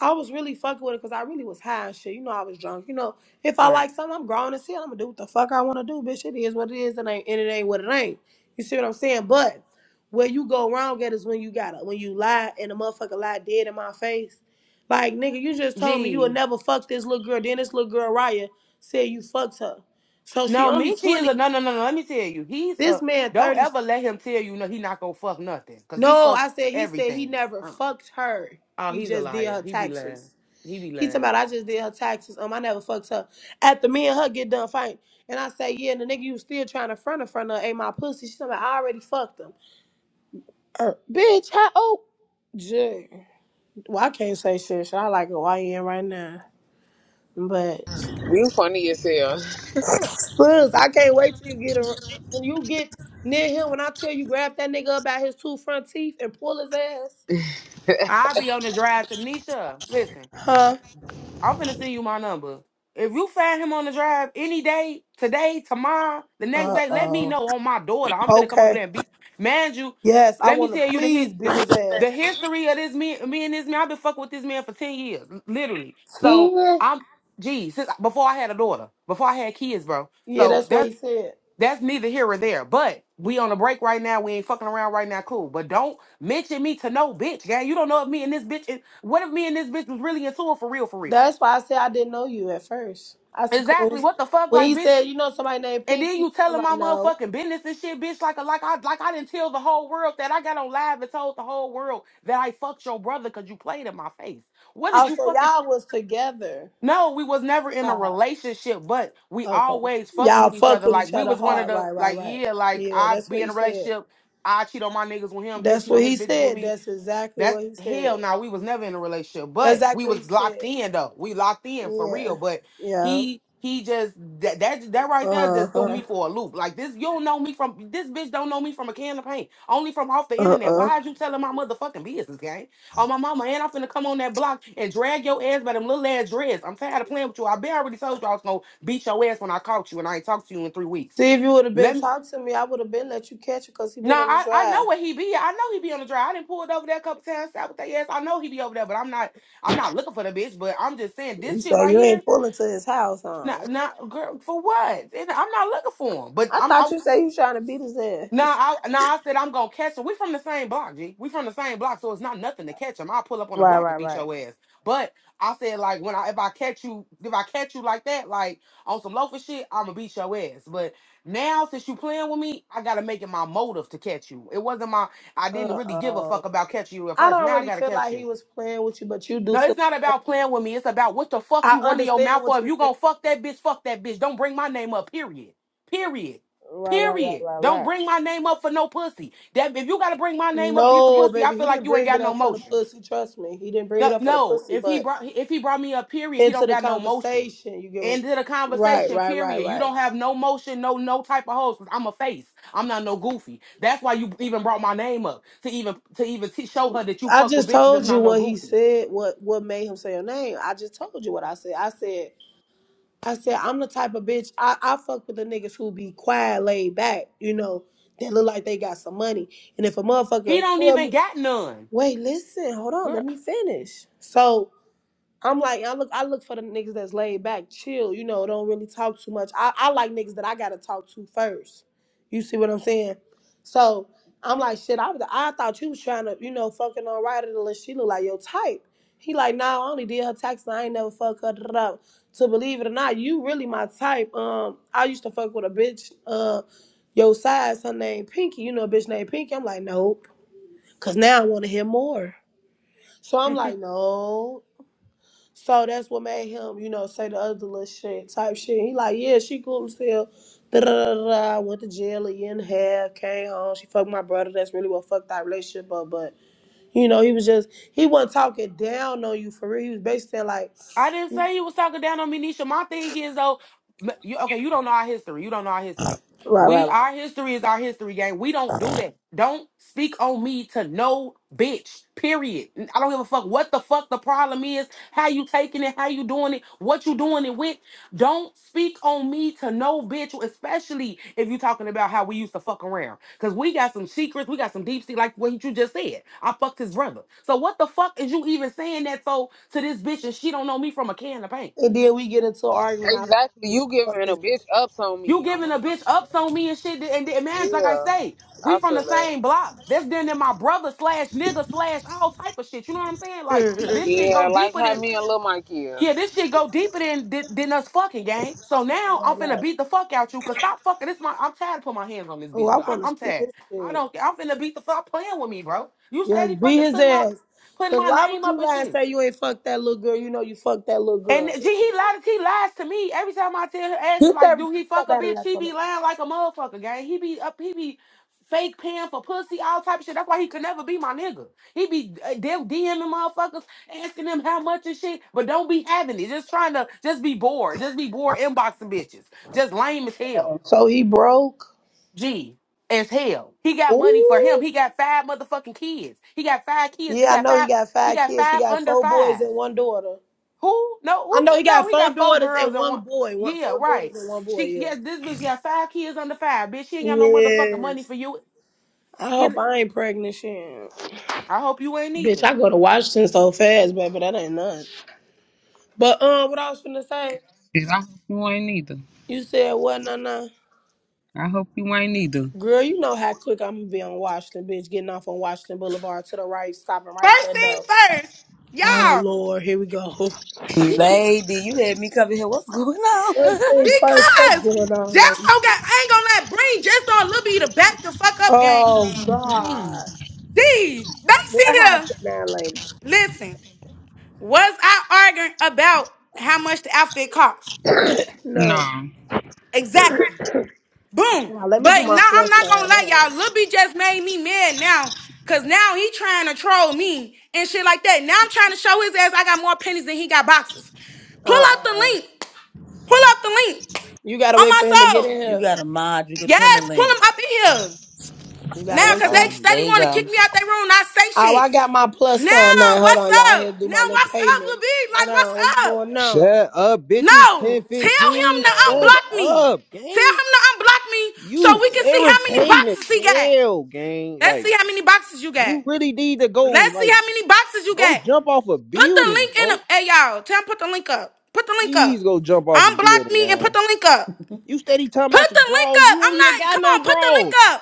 [SPEAKER 3] I was really fucking with it because I really was high and shit. You know, I was drunk. You know, if I
[SPEAKER 13] Right.
[SPEAKER 3] like something, I'm grown as hell. I'm gonna do what the fuck I wanna do, bitch. It is what it is, and ain't and it ain't what it ain't. You see what I'm saying? But where you go wrong at is when you gotta when you lie and the motherfucker lie dead in my face. Like nigga, you just told me you
[SPEAKER 13] Gee,
[SPEAKER 3] would never fuck this little girl. Then this little girl Raya said you fucked her. So she
[SPEAKER 13] no,
[SPEAKER 3] only
[SPEAKER 13] Michi is a
[SPEAKER 3] 20.
[SPEAKER 13] no, no, no, no. Let me tell you, he's
[SPEAKER 3] This
[SPEAKER 13] a.
[SPEAKER 3] man
[SPEAKER 13] Don't
[SPEAKER 3] 30.
[SPEAKER 13] ever let him tell you no. He not gonna fuck nothing, cause he
[SPEAKER 3] No,
[SPEAKER 13] fucks
[SPEAKER 3] I said he said he
[SPEAKER 13] everything.
[SPEAKER 3] never
[SPEAKER 13] uh
[SPEAKER 3] fucked her.
[SPEAKER 13] Oh,
[SPEAKER 3] He
[SPEAKER 13] he's a
[SPEAKER 3] just did
[SPEAKER 13] liar.
[SPEAKER 3] her
[SPEAKER 13] He be
[SPEAKER 3] taxes.
[SPEAKER 13] lying. He be
[SPEAKER 3] He talking
[SPEAKER 13] lying.
[SPEAKER 3] about I just did her taxes. Um, I never fucked her. After me and her get done fighting, and I say, yeah, and the nigga you still trying to front in front of her ain't my pussy. She talking about I already fucked him. Er, bitch, how old? Jay. Well, I can't say shit. So I like a YN right now, but
[SPEAKER 6] You funny as hell.
[SPEAKER 3] sis, I can't wait till you get a bitch. When you get near him, when I tell you grab that nigga about his two front teeth and pull his ass,
[SPEAKER 13] I be on the drive to Nisha. Listen.
[SPEAKER 3] huh?
[SPEAKER 13] I'm finna send you my number. If you find him on the drive any day, today, tomorrow, the next
[SPEAKER 3] Uh
[SPEAKER 13] day, let me
[SPEAKER 3] oh.
[SPEAKER 13] know on my daughter. I'm finna come over
[SPEAKER 3] Okay.
[SPEAKER 13] there and beat. Man, you,
[SPEAKER 3] Yes, I
[SPEAKER 13] let me
[SPEAKER 3] want to
[SPEAKER 13] tell you the hit
[SPEAKER 3] please
[SPEAKER 13] the,
[SPEAKER 3] beat his
[SPEAKER 13] the
[SPEAKER 3] ass.
[SPEAKER 13] history of this man, me and this man. I've been fucking with this man for 10 years, l- literally. So
[SPEAKER 3] Ten.
[SPEAKER 13] I'm geez, since before I had a daughter, before I had kids, bro.
[SPEAKER 3] Yeah,
[SPEAKER 13] So
[SPEAKER 3] that's what
[SPEAKER 13] that's
[SPEAKER 3] he said.
[SPEAKER 13] that's neither here or there. But we on a break right now. We ain't fucking around right now. Cool. But don't mention me to no bitch, gang. You don't know if me and this bitch is, what if me and this bitch was really into it for real, for real?
[SPEAKER 3] That's why I said I didn't know you at first. I said,
[SPEAKER 13] Exactly.
[SPEAKER 3] Cause
[SPEAKER 13] What the fuck,
[SPEAKER 3] when
[SPEAKER 13] like,
[SPEAKER 3] he
[SPEAKER 13] bitch?
[SPEAKER 3] said, you know somebody named
[SPEAKER 13] And then
[SPEAKER 3] Pinky,
[SPEAKER 13] you
[SPEAKER 3] I'm
[SPEAKER 13] telling
[SPEAKER 3] like,
[SPEAKER 13] my
[SPEAKER 3] no.
[SPEAKER 13] motherfucking business and shit, bitch. Like, like I, like I didn't tell the whole world that I got on live and told the whole world that I fucked your brother because you played in my face. What did
[SPEAKER 3] Oh,
[SPEAKER 13] you
[SPEAKER 3] so
[SPEAKER 13] fucking?
[SPEAKER 3] y'all was together.
[SPEAKER 13] no, we was never in a
[SPEAKER 3] Wow.
[SPEAKER 13] relationship, but we
[SPEAKER 3] Okay.
[SPEAKER 13] always fucked
[SPEAKER 3] Y'all
[SPEAKER 13] with each
[SPEAKER 3] fuck
[SPEAKER 13] other.
[SPEAKER 3] with
[SPEAKER 13] Like
[SPEAKER 3] each
[SPEAKER 13] we
[SPEAKER 3] other
[SPEAKER 13] was one of
[SPEAKER 3] hard.
[SPEAKER 13] the,
[SPEAKER 3] Right, right,
[SPEAKER 13] like
[SPEAKER 3] right.
[SPEAKER 13] yeah, like
[SPEAKER 3] Yeah,
[SPEAKER 13] I
[SPEAKER 3] that's what
[SPEAKER 13] be in
[SPEAKER 3] he
[SPEAKER 13] a
[SPEAKER 3] said.
[SPEAKER 13] relationship. I cheat on my niggas with him. He'll
[SPEAKER 3] That's
[SPEAKER 13] cheat
[SPEAKER 3] what
[SPEAKER 13] on his
[SPEAKER 3] he
[SPEAKER 13] bitches with
[SPEAKER 3] said.
[SPEAKER 13] me.
[SPEAKER 3] That's exactly
[SPEAKER 13] That's
[SPEAKER 3] what he
[SPEAKER 13] hell.
[SPEAKER 3] said.
[SPEAKER 13] Now we was never in a relationship,
[SPEAKER 3] That's
[SPEAKER 13] but we
[SPEAKER 3] exactly what
[SPEAKER 13] was
[SPEAKER 3] he
[SPEAKER 13] locked
[SPEAKER 3] said.
[SPEAKER 13] in though. We locked in for
[SPEAKER 3] Yeah.
[SPEAKER 13] real. But
[SPEAKER 3] Yeah.
[SPEAKER 13] he he just that that that right there just threw
[SPEAKER 3] Uh-huh.
[SPEAKER 13] me for a loop. Like this, you don't know me from this bitch. Don't know me from a can of paint. Only from off the internet.
[SPEAKER 3] Uh-uh.
[SPEAKER 13] Why are you telling my motherfucking business, gang? Oh my mama, and I'm finna come on that block and drag your ass by them little ass dreads. I'm tired of playing with you. I been already told you I was gonna beat your ass when I caught you, and I ain't talked to you in three weeks.
[SPEAKER 3] See, if you would have
[SPEAKER 13] Let
[SPEAKER 3] been
[SPEAKER 13] me.
[SPEAKER 3] talking to me, I would have been let you catch it because he
[SPEAKER 13] No,
[SPEAKER 3] been on the
[SPEAKER 13] I, I know
[SPEAKER 3] drive.
[SPEAKER 13] where he be. at. I know he be on the drive. I didn't pull it over there a couple times. Out with that ass. I know he be over there, but I'm not. I'm not looking for the bitch. But I'm just saying this shit
[SPEAKER 3] So
[SPEAKER 13] right
[SPEAKER 3] you
[SPEAKER 13] here.
[SPEAKER 3] ain't pulling to his house, huh?
[SPEAKER 13] Not, not girl for what? And I'm not looking for him. But
[SPEAKER 3] I
[SPEAKER 13] I'm.
[SPEAKER 3] thought you said he was trying to beat his ass.
[SPEAKER 13] No, I no, I said I'm gonna catch him. We from the same block, G. We from the same block, so it's not nothing to catch him. I'll pull up on the
[SPEAKER 3] Right,
[SPEAKER 13] block and
[SPEAKER 3] right,
[SPEAKER 13] beat
[SPEAKER 3] right.
[SPEAKER 13] your ass. But I said like when I if I catch you if I catch you like that, like on some loafer shit, I'ma beat your ass. But now since you playing with me, I gotta make it my motive to catch you. It wasn't my I
[SPEAKER 3] Uh
[SPEAKER 13] didn't really give a fuck
[SPEAKER 3] oh.
[SPEAKER 13] about catching you at
[SPEAKER 3] I
[SPEAKER 13] first.
[SPEAKER 3] don't
[SPEAKER 13] Now I
[SPEAKER 3] really
[SPEAKER 13] gotta
[SPEAKER 3] feel
[SPEAKER 13] catch
[SPEAKER 3] like
[SPEAKER 13] you.
[SPEAKER 3] he was playing with you, but you do
[SPEAKER 13] No,
[SPEAKER 3] feel.
[SPEAKER 13] it's not about playing with me. It's about what the fuck
[SPEAKER 3] I
[SPEAKER 13] you running your
[SPEAKER 3] understand
[SPEAKER 13] mouth for.
[SPEAKER 3] what
[SPEAKER 13] If
[SPEAKER 3] you're
[SPEAKER 13] you
[SPEAKER 3] saying.
[SPEAKER 13] gonna fuck that bitch, fuck that bitch. Don't bring my name up. Period. Period.
[SPEAKER 3] Right, right, right,
[SPEAKER 13] Period.
[SPEAKER 3] right,
[SPEAKER 13] Don't
[SPEAKER 3] right.
[SPEAKER 13] bring my name up for no pussy. That if you gotta bring my name up to get some
[SPEAKER 3] No,
[SPEAKER 13] pussy, I
[SPEAKER 3] baby, he
[SPEAKER 13] feel like
[SPEAKER 3] didn't
[SPEAKER 13] you ain't
[SPEAKER 3] bring
[SPEAKER 13] got
[SPEAKER 3] it
[SPEAKER 13] no
[SPEAKER 3] up for the
[SPEAKER 13] motion.
[SPEAKER 3] pussy. Trust me, he didn't bring
[SPEAKER 13] No,
[SPEAKER 3] it up for the
[SPEAKER 13] no.
[SPEAKER 3] pussy,
[SPEAKER 13] If he
[SPEAKER 3] but
[SPEAKER 13] brought if he brought me up, period, he
[SPEAKER 3] into
[SPEAKER 13] don't
[SPEAKER 3] the
[SPEAKER 13] got no motion.
[SPEAKER 3] conversation, you get what?
[SPEAKER 13] End of the
[SPEAKER 3] Right,
[SPEAKER 13] conversation,
[SPEAKER 3] right, right,
[SPEAKER 13] period. You
[SPEAKER 3] right.
[SPEAKER 13] don't have no motion, no no type of hoes. 'Cause I'm a face. I'm not no goofy. That's why you even brought my name up to even to even t- show her that you
[SPEAKER 3] I
[SPEAKER 13] fuck with
[SPEAKER 3] just
[SPEAKER 13] bitches. That's
[SPEAKER 3] told you
[SPEAKER 13] not no
[SPEAKER 3] what he
[SPEAKER 13] goofies.
[SPEAKER 3] said. What what made him say your name? I just told you what I said. I said. I said, I'm the type of bitch, I, I fuck with the niggas who be quiet, laid back, you know, that look like they got some money. And if a
[SPEAKER 13] He
[SPEAKER 3] motherfucker
[SPEAKER 13] don't
[SPEAKER 3] tell
[SPEAKER 13] even
[SPEAKER 3] me,
[SPEAKER 13] got none.
[SPEAKER 3] wait, listen, hold on, let
[SPEAKER 13] Girl,
[SPEAKER 3] me finish. So I'm like, I look, I look for the niggas that's laid back, chill, you know, don't really talk too much. I, I like niggas that I gotta talk to first. You see what I'm saying? So I'm like, shit, I, was- I thought you was trying to, you know, fucking on Ryder unless she look like your type. He like, nah, I only did her taxes. I ain't never fuck her. Da-da-da. To believe it or not, you really my type. Um, I used to fuck with a bitch, uh, your size, her name Pinky. You know a bitch named Pinky. I'm like, nope. Cause now I wanna hear more. So I'm like, no. So that's what made him, you know, say the other little shit type shit. He like, yeah, she cool as hell. Da da da da. Went to jail a year and a half. Came home. She fucked my brother. That's really what fucked our relationship up. But you know, he was just he wasn't talking down on you for real. He was basically saying like,
[SPEAKER 13] I didn't say he was talking down on me, Nisha. My thing is though, m- you okay? You don't know our history. You don't know our history.
[SPEAKER 3] right, right,
[SPEAKER 13] We
[SPEAKER 3] right.
[SPEAKER 13] our history is our history, gang. We don't do that. Don't speak on me to no bitch. Period. I don't give a fuck what the fuck the problem is. How you taking it? How you doing it? What you doing it with? Don't speak on me to no bitch, especially if you're talking about how we used to fuck around. Cause we got some secrets, we got some deep sea, like what you just said. I fucked his brother. So what the fuck is you even saying that so to this bitch and she don't know me from a can of paint?
[SPEAKER 3] And then we get into an argument. I said,
[SPEAKER 6] Exactly.
[SPEAKER 3] bitch,
[SPEAKER 6] You
[SPEAKER 3] you fucked
[SPEAKER 6] giving a
[SPEAKER 3] this.
[SPEAKER 6] bitch ups on
[SPEAKER 13] You
[SPEAKER 6] me. On my
[SPEAKER 13] giving a
[SPEAKER 6] mom.
[SPEAKER 13] bitch ups on me and shit, and, and man, like I
[SPEAKER 6] Yeah.
[SPEAKER 13] say, we
[SPEAKER 6] I
[SPEAKER 13] from
[SPEAKER 6] feel
[SPEAKER 13] the
[SPEAKER 6] that.
[SPEAKER 13] same block. That's then in my brother slash nigga slash all type of shit. You know what I'm saying? Like this
[SPEAKER 3] right,
[SPEAKER 13] shit
[SPEAKER 6] Yeah,
[SPEAKER 13] go
[SPEAKER 6] like
[SPEAKER 13] deeper than
[SPEAKER 6] how me and Lil Mike
[SPEAKER 13] Yeah,
[SPEAKER 6] is.
[SPEAKER 13] this shit go deeper than than, than us fucking, gang. So now I'm
[SPEAKER 3] right,
[SPEAKER 13] finna
[SPEAKER 3] right.
[SPEAKER 13] beat the fuck out you, cause stop fucking. This my I'm tired of putting my hands on this
[SPEAKER 3] Oh,
[SPEAKER 13] bitch,
[SPEAKER 3] I
[SPEAKER 13] but I,
[SPEAKER 3] want to
[SPEAKER 13] I'm
[SPEAKER 3] see
[SPEAKER 13] tired.
[SPEAKER 3] this
[SPEAKER 13] I
[SPEAKER 3] shit.
[SPEAKER 13] don't. care. I'm finna beat the fuck playing with me, bro. You said
[SPEAKER 3] Yes,
[SPEAKER 13] he
[SPEAKER 3] beat
[SPEAKER 13] fucking
[SPEAKER 3] his
[SPEAKER 13] put my
[SPEAKER 3] ass.
[SPEAKER 13] putting
[SPEAKER 3] Cause
[SPEAKER 13] my
[SPEAKER 3] why would
[SPEAKER 13] name up
[SPEAKER 3] you
[SPEAKER 13] and
[SPEAKER 3] lie and
[SPEAKER 13] shit.
[SPEAKER 3] say you ain't fucked that little girl? You know you fucked that little
[SPEAKER 13] And
[SPEAKER 3] girl.
[SPEAKER 13] gee, he lies. He lies to me every time I tell her, ask him
[SPEAKER 3] Get
[SPEAKER 13] like,
[SPEAKER 3] that,
[SPEAKER 13] "Do he
[SPEAKER 3] get
[SPEAKER 13] fuck
[SPEAKER 3] that
[SPEAKER 13] a
[SPEAKER 3] battery
[SPEAKER 13] bitch?"
[SPEAKER 3] out
[SPEAKER 13] She
[SPEAKER 3] your
[SPEAKER 13] be
[SPEAKER 3] mouth.
[SPEAKER 13] lying like a motherfucker, gang. He be up. He be fake paying for pussy, all type of shit. That's why he could never be my nigga. He be uh, them DMing motherfuckers, asking them how much and shit, but don't be having it. Just trying to, just be bored. Just be bored inboxing bitches. Just lame as hell.
[SPEAKER 3] dog. So he broke.
[SPEAKER 13] Gee. As hell, he got money for him.
[SPEAKER 3] Ooh.
[SPEAKER 13] He got five motherfucking kids. He got five kids. He
[SPEAKER 3] Yeah, I
[SPEAKER 13] got
[SPEAKER 3] know he
[SPEAKER 13] five.
[SPEAKER 3] got
[SPEAKER 13] He
[SPEAKER 3] five
[SPEAKER 13] got
[SPEAKER 3] kids. He
[SPEAKER 13] five
[SPEAKER 3] got
[SPEAKER 13] under
[SPEAKER 3] four boys
[SPEAKER 13] fives.
[SPEAKER 3] and one daughter.
[SPEAKER 13] Who? No,
[SPEAKER 3] I know
[SPEAKER 13] who?
[SPEAKER 3] he
[SPEAKER 13] No,
[SPEAKER 3] got
[SPEAKER 13] he
[SPEAKER 3] four
[SPEAKER 13] got four
[SPEAKER 3] daughters
[SPEAKER 13] girls
[SPEAKER 3] and
[SPEAKER 13] and
[SPEAKER 3] one
[SPEAKER 13] one.
[SPEAKER 3] boy. One
[SPEAKER 13] Yeah,
[SPEAKER 3] four daughters
[SPEAKER 13] right.
[SPEAKER 3] and one boy,
[SPEAKER 13] She,
[SPEAKER 3] yeah.
[SPEAKER 13] yes, this bitch got five kids under five. Bitch, she ain't got no motherfucking money
[SPEAKER 3] Yes.
[SPEAKER 13] for you.
[SPEAKER 3] I
[SPEAKER 13] He,
[SPEAKER 3] hope I ain't pregnant shit.
[SPEAKER 13] I hope you ain't
[SPEAKER 3] Bitch,
[SPEAKER 13] either.
[SPEAKER 3] I go to Washington so fast, baby. That ain't nothing. But um what I was finna say,
[SPEAKER 6] Shit, I hope you ain't either.
[SPEAKER 3] you said what nah nah.
[SPEAKER 6] I hope you ain't either.
[SPEAKER 3] Girl, you know how quick I'm gonna be on Washington, bitch, getting off on Washington Boulevard to the right, stopping right at
[SPEAKER 1] First
[SPEAKER 3] that
[SPEAKER 1] thing
[SPEAKER 3] door.
[SPEAKER 1] first,
[SPEAKER 3] Oh
[SPEAKER 1] y'all,
[SPEAKER 3] Lord, here we go.
[SPEAKER 15] Lady, you had me come in here. What's going on?
[SPEAKER 3] First thing first, what's
[SPEAKER 1] because
[SPEAKER 3] going on, lady?
[SPEAKER 1] Jesto got, I ain't gonna let bring Jesto and Lil B to back the fuck up, gang.
[SPEAKER 3] Oh God,
[SPEAKER 15] Mm.
[SPEAKER 1] D, they
[SPEAKER 3] what
[SPEAKER 1] sit here.
[SPEAKER 3] happened now, lady?
[SPEAKER 1] Listen, was I arguing about how much the outfit cost?
[SPEAKER 3] No,
[SPEAKER 6] Nah.
[SPEAKER 1] Exactly. Boom.
[SPEAKER 3] now let me do
[SPEAKER 1] But
[SPEAKER 3] my
[SPEAKER 1] now I'm
[SPEAKER 3] plus
[SPEAKER 1] not
[SPEAKER 3] sign.
[SPEAKER 1] gonna
[SPEAKER 3] Hold
[SPEAKER 1] lie,
[SPEAKER 3] on.
[SPEAKER 1] y'all. Lil B just made me mad now. Cause now he trying to troll me and shit like that. Now I'm trying to show his ass I got more pennies than he got boxes. Pull
[SPEAKER 3] Uh
[SPEAKER 1] up the
[SPEAKER 3] uh
[SPEAKER 1] link. Pull up the link.
[SPEAKER 3] you gotta
[SPEAKER 1] On
[SPEAKER 3] wait
[SPEAKER 1] my
[SPEAKER 3] for him to get in
[SPEAKER 1] soul.
[SPEAKER 15] You
[SPEAKER 3] here.
[SPEAKER 15] got a mod. You can pin
[SPEAKER 1] Yes,
[SPEAKER 15] the
[SPEAKER 1] pull
[SPEAKER 15] link.
[SPEAKER 1] him up in here.
[SPEAKER 3] You gotta
[SPEAKER 1] Now,
[SPEAKER 15] Uh
[SPEAKER 3] wait
[SPEAKER 1] cause
[SPEAKER 3] till. He...
[SPEAKER 1] they
[SPEAKER 15] oh.
[SPEAKER 1] steady
[SPEAKER 15] There you
[SPEAKER 1] wanna kick
[SPEAKER 15] go.
[SPEAKER 1] me out their room, not say
[SPEAKER 3] Oh,
[SPEAKER 1] shit.
[SPEAKER 3] I got my plus sign
[SPEAKER 1] Now,
[SPEAKER 3] now. Hold
[SPEAKER 1] what's
[SPEAKER 3] on, y'all. I had to
[SPEAKER 1] up?
[SPEAKER 3] do my
[SPEAKER 1] Now
[SPEAKER 3] little
[SPEAKER 1] what's up,
[SPEAKER 3] payment.
[SPEAKER 1] Lil B?
[SPEAKER 3] Hold
[SPEAKER 1] Like, what's
[SPEAKER 3] on, what's
[SPEAKER 1] up?
[SPEAKER 3] going on?
[SPEAKER 12] Shut up, bitches.
[SPEAKER 1] No. Tell him
[SPEAKER 12] 1015.
[SPEAKER 1] to
[SPEAKER 3] Uh,
[SPEAKER 12] Shut
[SPEAKER 1] unblock me.
[SPEAKER 12] up,
[SPEAKER 1] Tell
[SPEAKER 12] gang.
[SPEAKER 1] him to unblock me so
[SPEAKER 12] You
[SPEAKER 1] we can see how many
[SPEAKER 12] irritating as
[SPEAKER 1] boxes he got.
[SPEAKER 12] hell, gang.
[SPEAKER 1] Let's
[SPEAKER 12] Like,
[SPEAKER 1] see how many boxes you got.
[SPEAKER 12] you really need to go,
[SPEAKER 1] Let's see
[SPEAKER 12] like,
[SPEAKER 1] how many boxes you
[SPEAKER 12] go
[SPEAKER 1] got.
[SPEAKER 12] jump off a
[SPEAKER 1] Put the
[SPEAKER 12] building,
[SPEAKER 1] link in. the-
[SPEAKER 12] folks.
[SPEAKER 1] Hey, y'all. Tell him put the link up. Put the link up.
[SPEAKER 12] Please go jump off a
[SPEAKER 1] Unblock
[SPEAKER 12] building,
[SPEAKER 1] me and put
[SPEAKER 12] gang.
[SPEAKER 1] the link up.
[SPEAKER 12] You steady talking about
[SPEAKER 1] Put
[SPEAKER 12] some
[SPEAKER 1] the link
[SPEAKER 12] draws.
[SPEAKER 1] up.
[SPEAKER 12] You don't
[SPEAKER 1] I'm not.
[SPEAKER 12] even got
[SPEAKER 1] Come on,
[SPEAKER 12] no
[SPEAKER 1] put the link
[SPEAKER 12] draws.
[SPEAKER 1] up.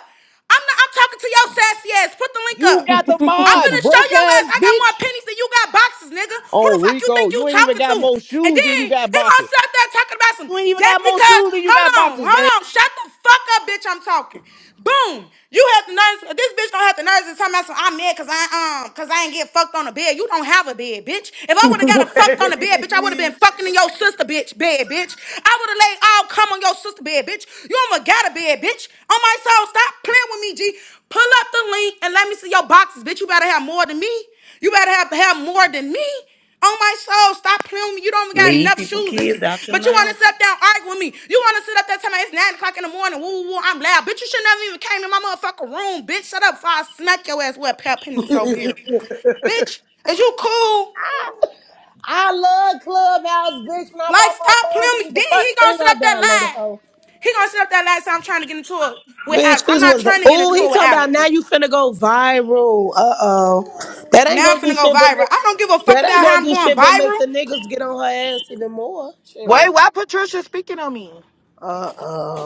[SPEAKER 1] I'm not. I'm talking to your sassy ass. Put the link up.
[SPEAKER 12] You got the
[SPEAKER 1] I'm
[SPEAKER 12] mod,
[SPEAKER 1] finna show
[SPEAKER 12] broke
[SPEAKER 1] your ass.
[SPEAKER 12] ass
[SPEAKER 1] I got more
[SPEAKER 12] bitch.
[SPEAKER 1] pennies than you got boxes, nigga. Who the
[SPEAKER 12] On
[SPEAKER 1] fuck you think
[SPEAKER 12] Rico,
[SPEAKER 1] you
[SPEAKER 12] you ain't even
[SPEAKER 1] talking to?
[SPEAKER 12] got more
[SPEAKER 1] And
[SPEAKER 12] shoes than
[SPEAKER 1] then
[SPEAKER 12] you
[SPEAKER 1] he
[SPEAKER 12] got
[SPEAKER 1] gonna
[SPEAKER 12] boxes.
[SPEAKER 1] sit up there talking about some
[SPEAKER 12] You ain't even
[SPEAKER 1] just
[SPEAKER 12] got more
[SPEAKER 1] because.
[SPEAKER 12] shoes than you
[SPEAKER 1] Hold
[SPEAKER 12] got
[SPEAKER 1] on,
[SPEAKER 12] boxes, gang.
[SPEAKER 1] hold on. Shut the fuck up, bitch. I'm talking. Boom. You have the nerves. This bitch don't have the nerves to talk about some. I'm mad cause I um cause I ain't get fucked on a bed. You don't have a bed, bitch. If I would have got a fucked on a bed, bitch, I would have been would have
[SPEAKER 3] wait.
[SPEAKER 1] been fucking in your sister bitch bed, bitch. I would have laid all come on your sister bed, bitch. You almost got a bed, bitch. On my soul, stop playing with me, G. Pull up the link and let me see your boxes, bitch. You better have more than me. You better have have more than me. On my soul, stop playing with me. You don't even got
[SPEAKER 15] Leave
[SPEAKER 1] enough
[SPEAKER 15] people
[SPEAKER 1] shoes than
[SPEAKER 15] kids
[SPEAKER 1] me.
[SPEAKER 15] out your
[SPEAKER 1] But you want to
[SPEAKER 15] mouth.
[SPEAKER 1] sit up there and argue with me. You want to sit up there telling me it's 9 o'clock in the morning. Woo, woo, woo, I'm loud. Bitch, you should never even came in my motherfucking room. Bitch, shut up before I smack your ass with a pair of pennies over here. Bitch, is you cool?
[SPEAKER 3] I love Clubhouse, bitch. When I
[SPEAKER 1] Like,
[SPEAKER 3] bought my
[SPEAKER 1] stop
[SPEAKER 3] phone,
[SPEAKER 1] playing
[SPEAKER 3] this
[SPEAKER 1] me.
[SPEAKER 3] is the
[SPEAKER 1] Then he
[SPEAKER 3] first
[SPEAKER 1] gonna
[SPEAKER 3] thing
[SPEAKER 1] sit
[SPEAKER 3] I
[SPEAKER 1] up that lie.
[SPEAKER 3] downloaded.
[SPEAKER 1] He gonna sit up that lie. So I'm trying to get into it with
[SPEAKER 3] Bitch,
[SPEAKER 1] Alex. I'm
[SPEAKER 3] this
[SPEAKER 1] not
[SPEAKER 3] was the
[SPEAKER 1] trying to get
[SPEAKER 3] oh
[SPEAKER 1] into
[SPEAKER 3] he
[SPEAKER 1] it with
[SPEAKER 3] talking about
[SPEAKER 1] Alex.
[SPEAKER 3] now you finna go viral. Uh oh. That ain't
[SPEAKER 1] Now I'm
[SPEAKER 3] gonna do
[SPEAKER 1] finna go
[SPEAKER 3] shit but
[SPEAKER 1] viral.
[SPEAKER 3] make
[SPEAKER 1] I don't give a fuck
[SPEAKER 3] that ain't
[SPEAKER 1] about how
[SPEAKER 3] gonna
[SPEAKER 1] I'm
[SPEAKER 3] do
[SPEAKER 1] going
[SPEAKER 3] shit but make
[SPEAKER 1] viral.
[SPEAKER 3] the niggas get on her ass even more.
[SPEAKER 2] Wait, why Patricia speaking on me?
[SPEAKER 3] Uh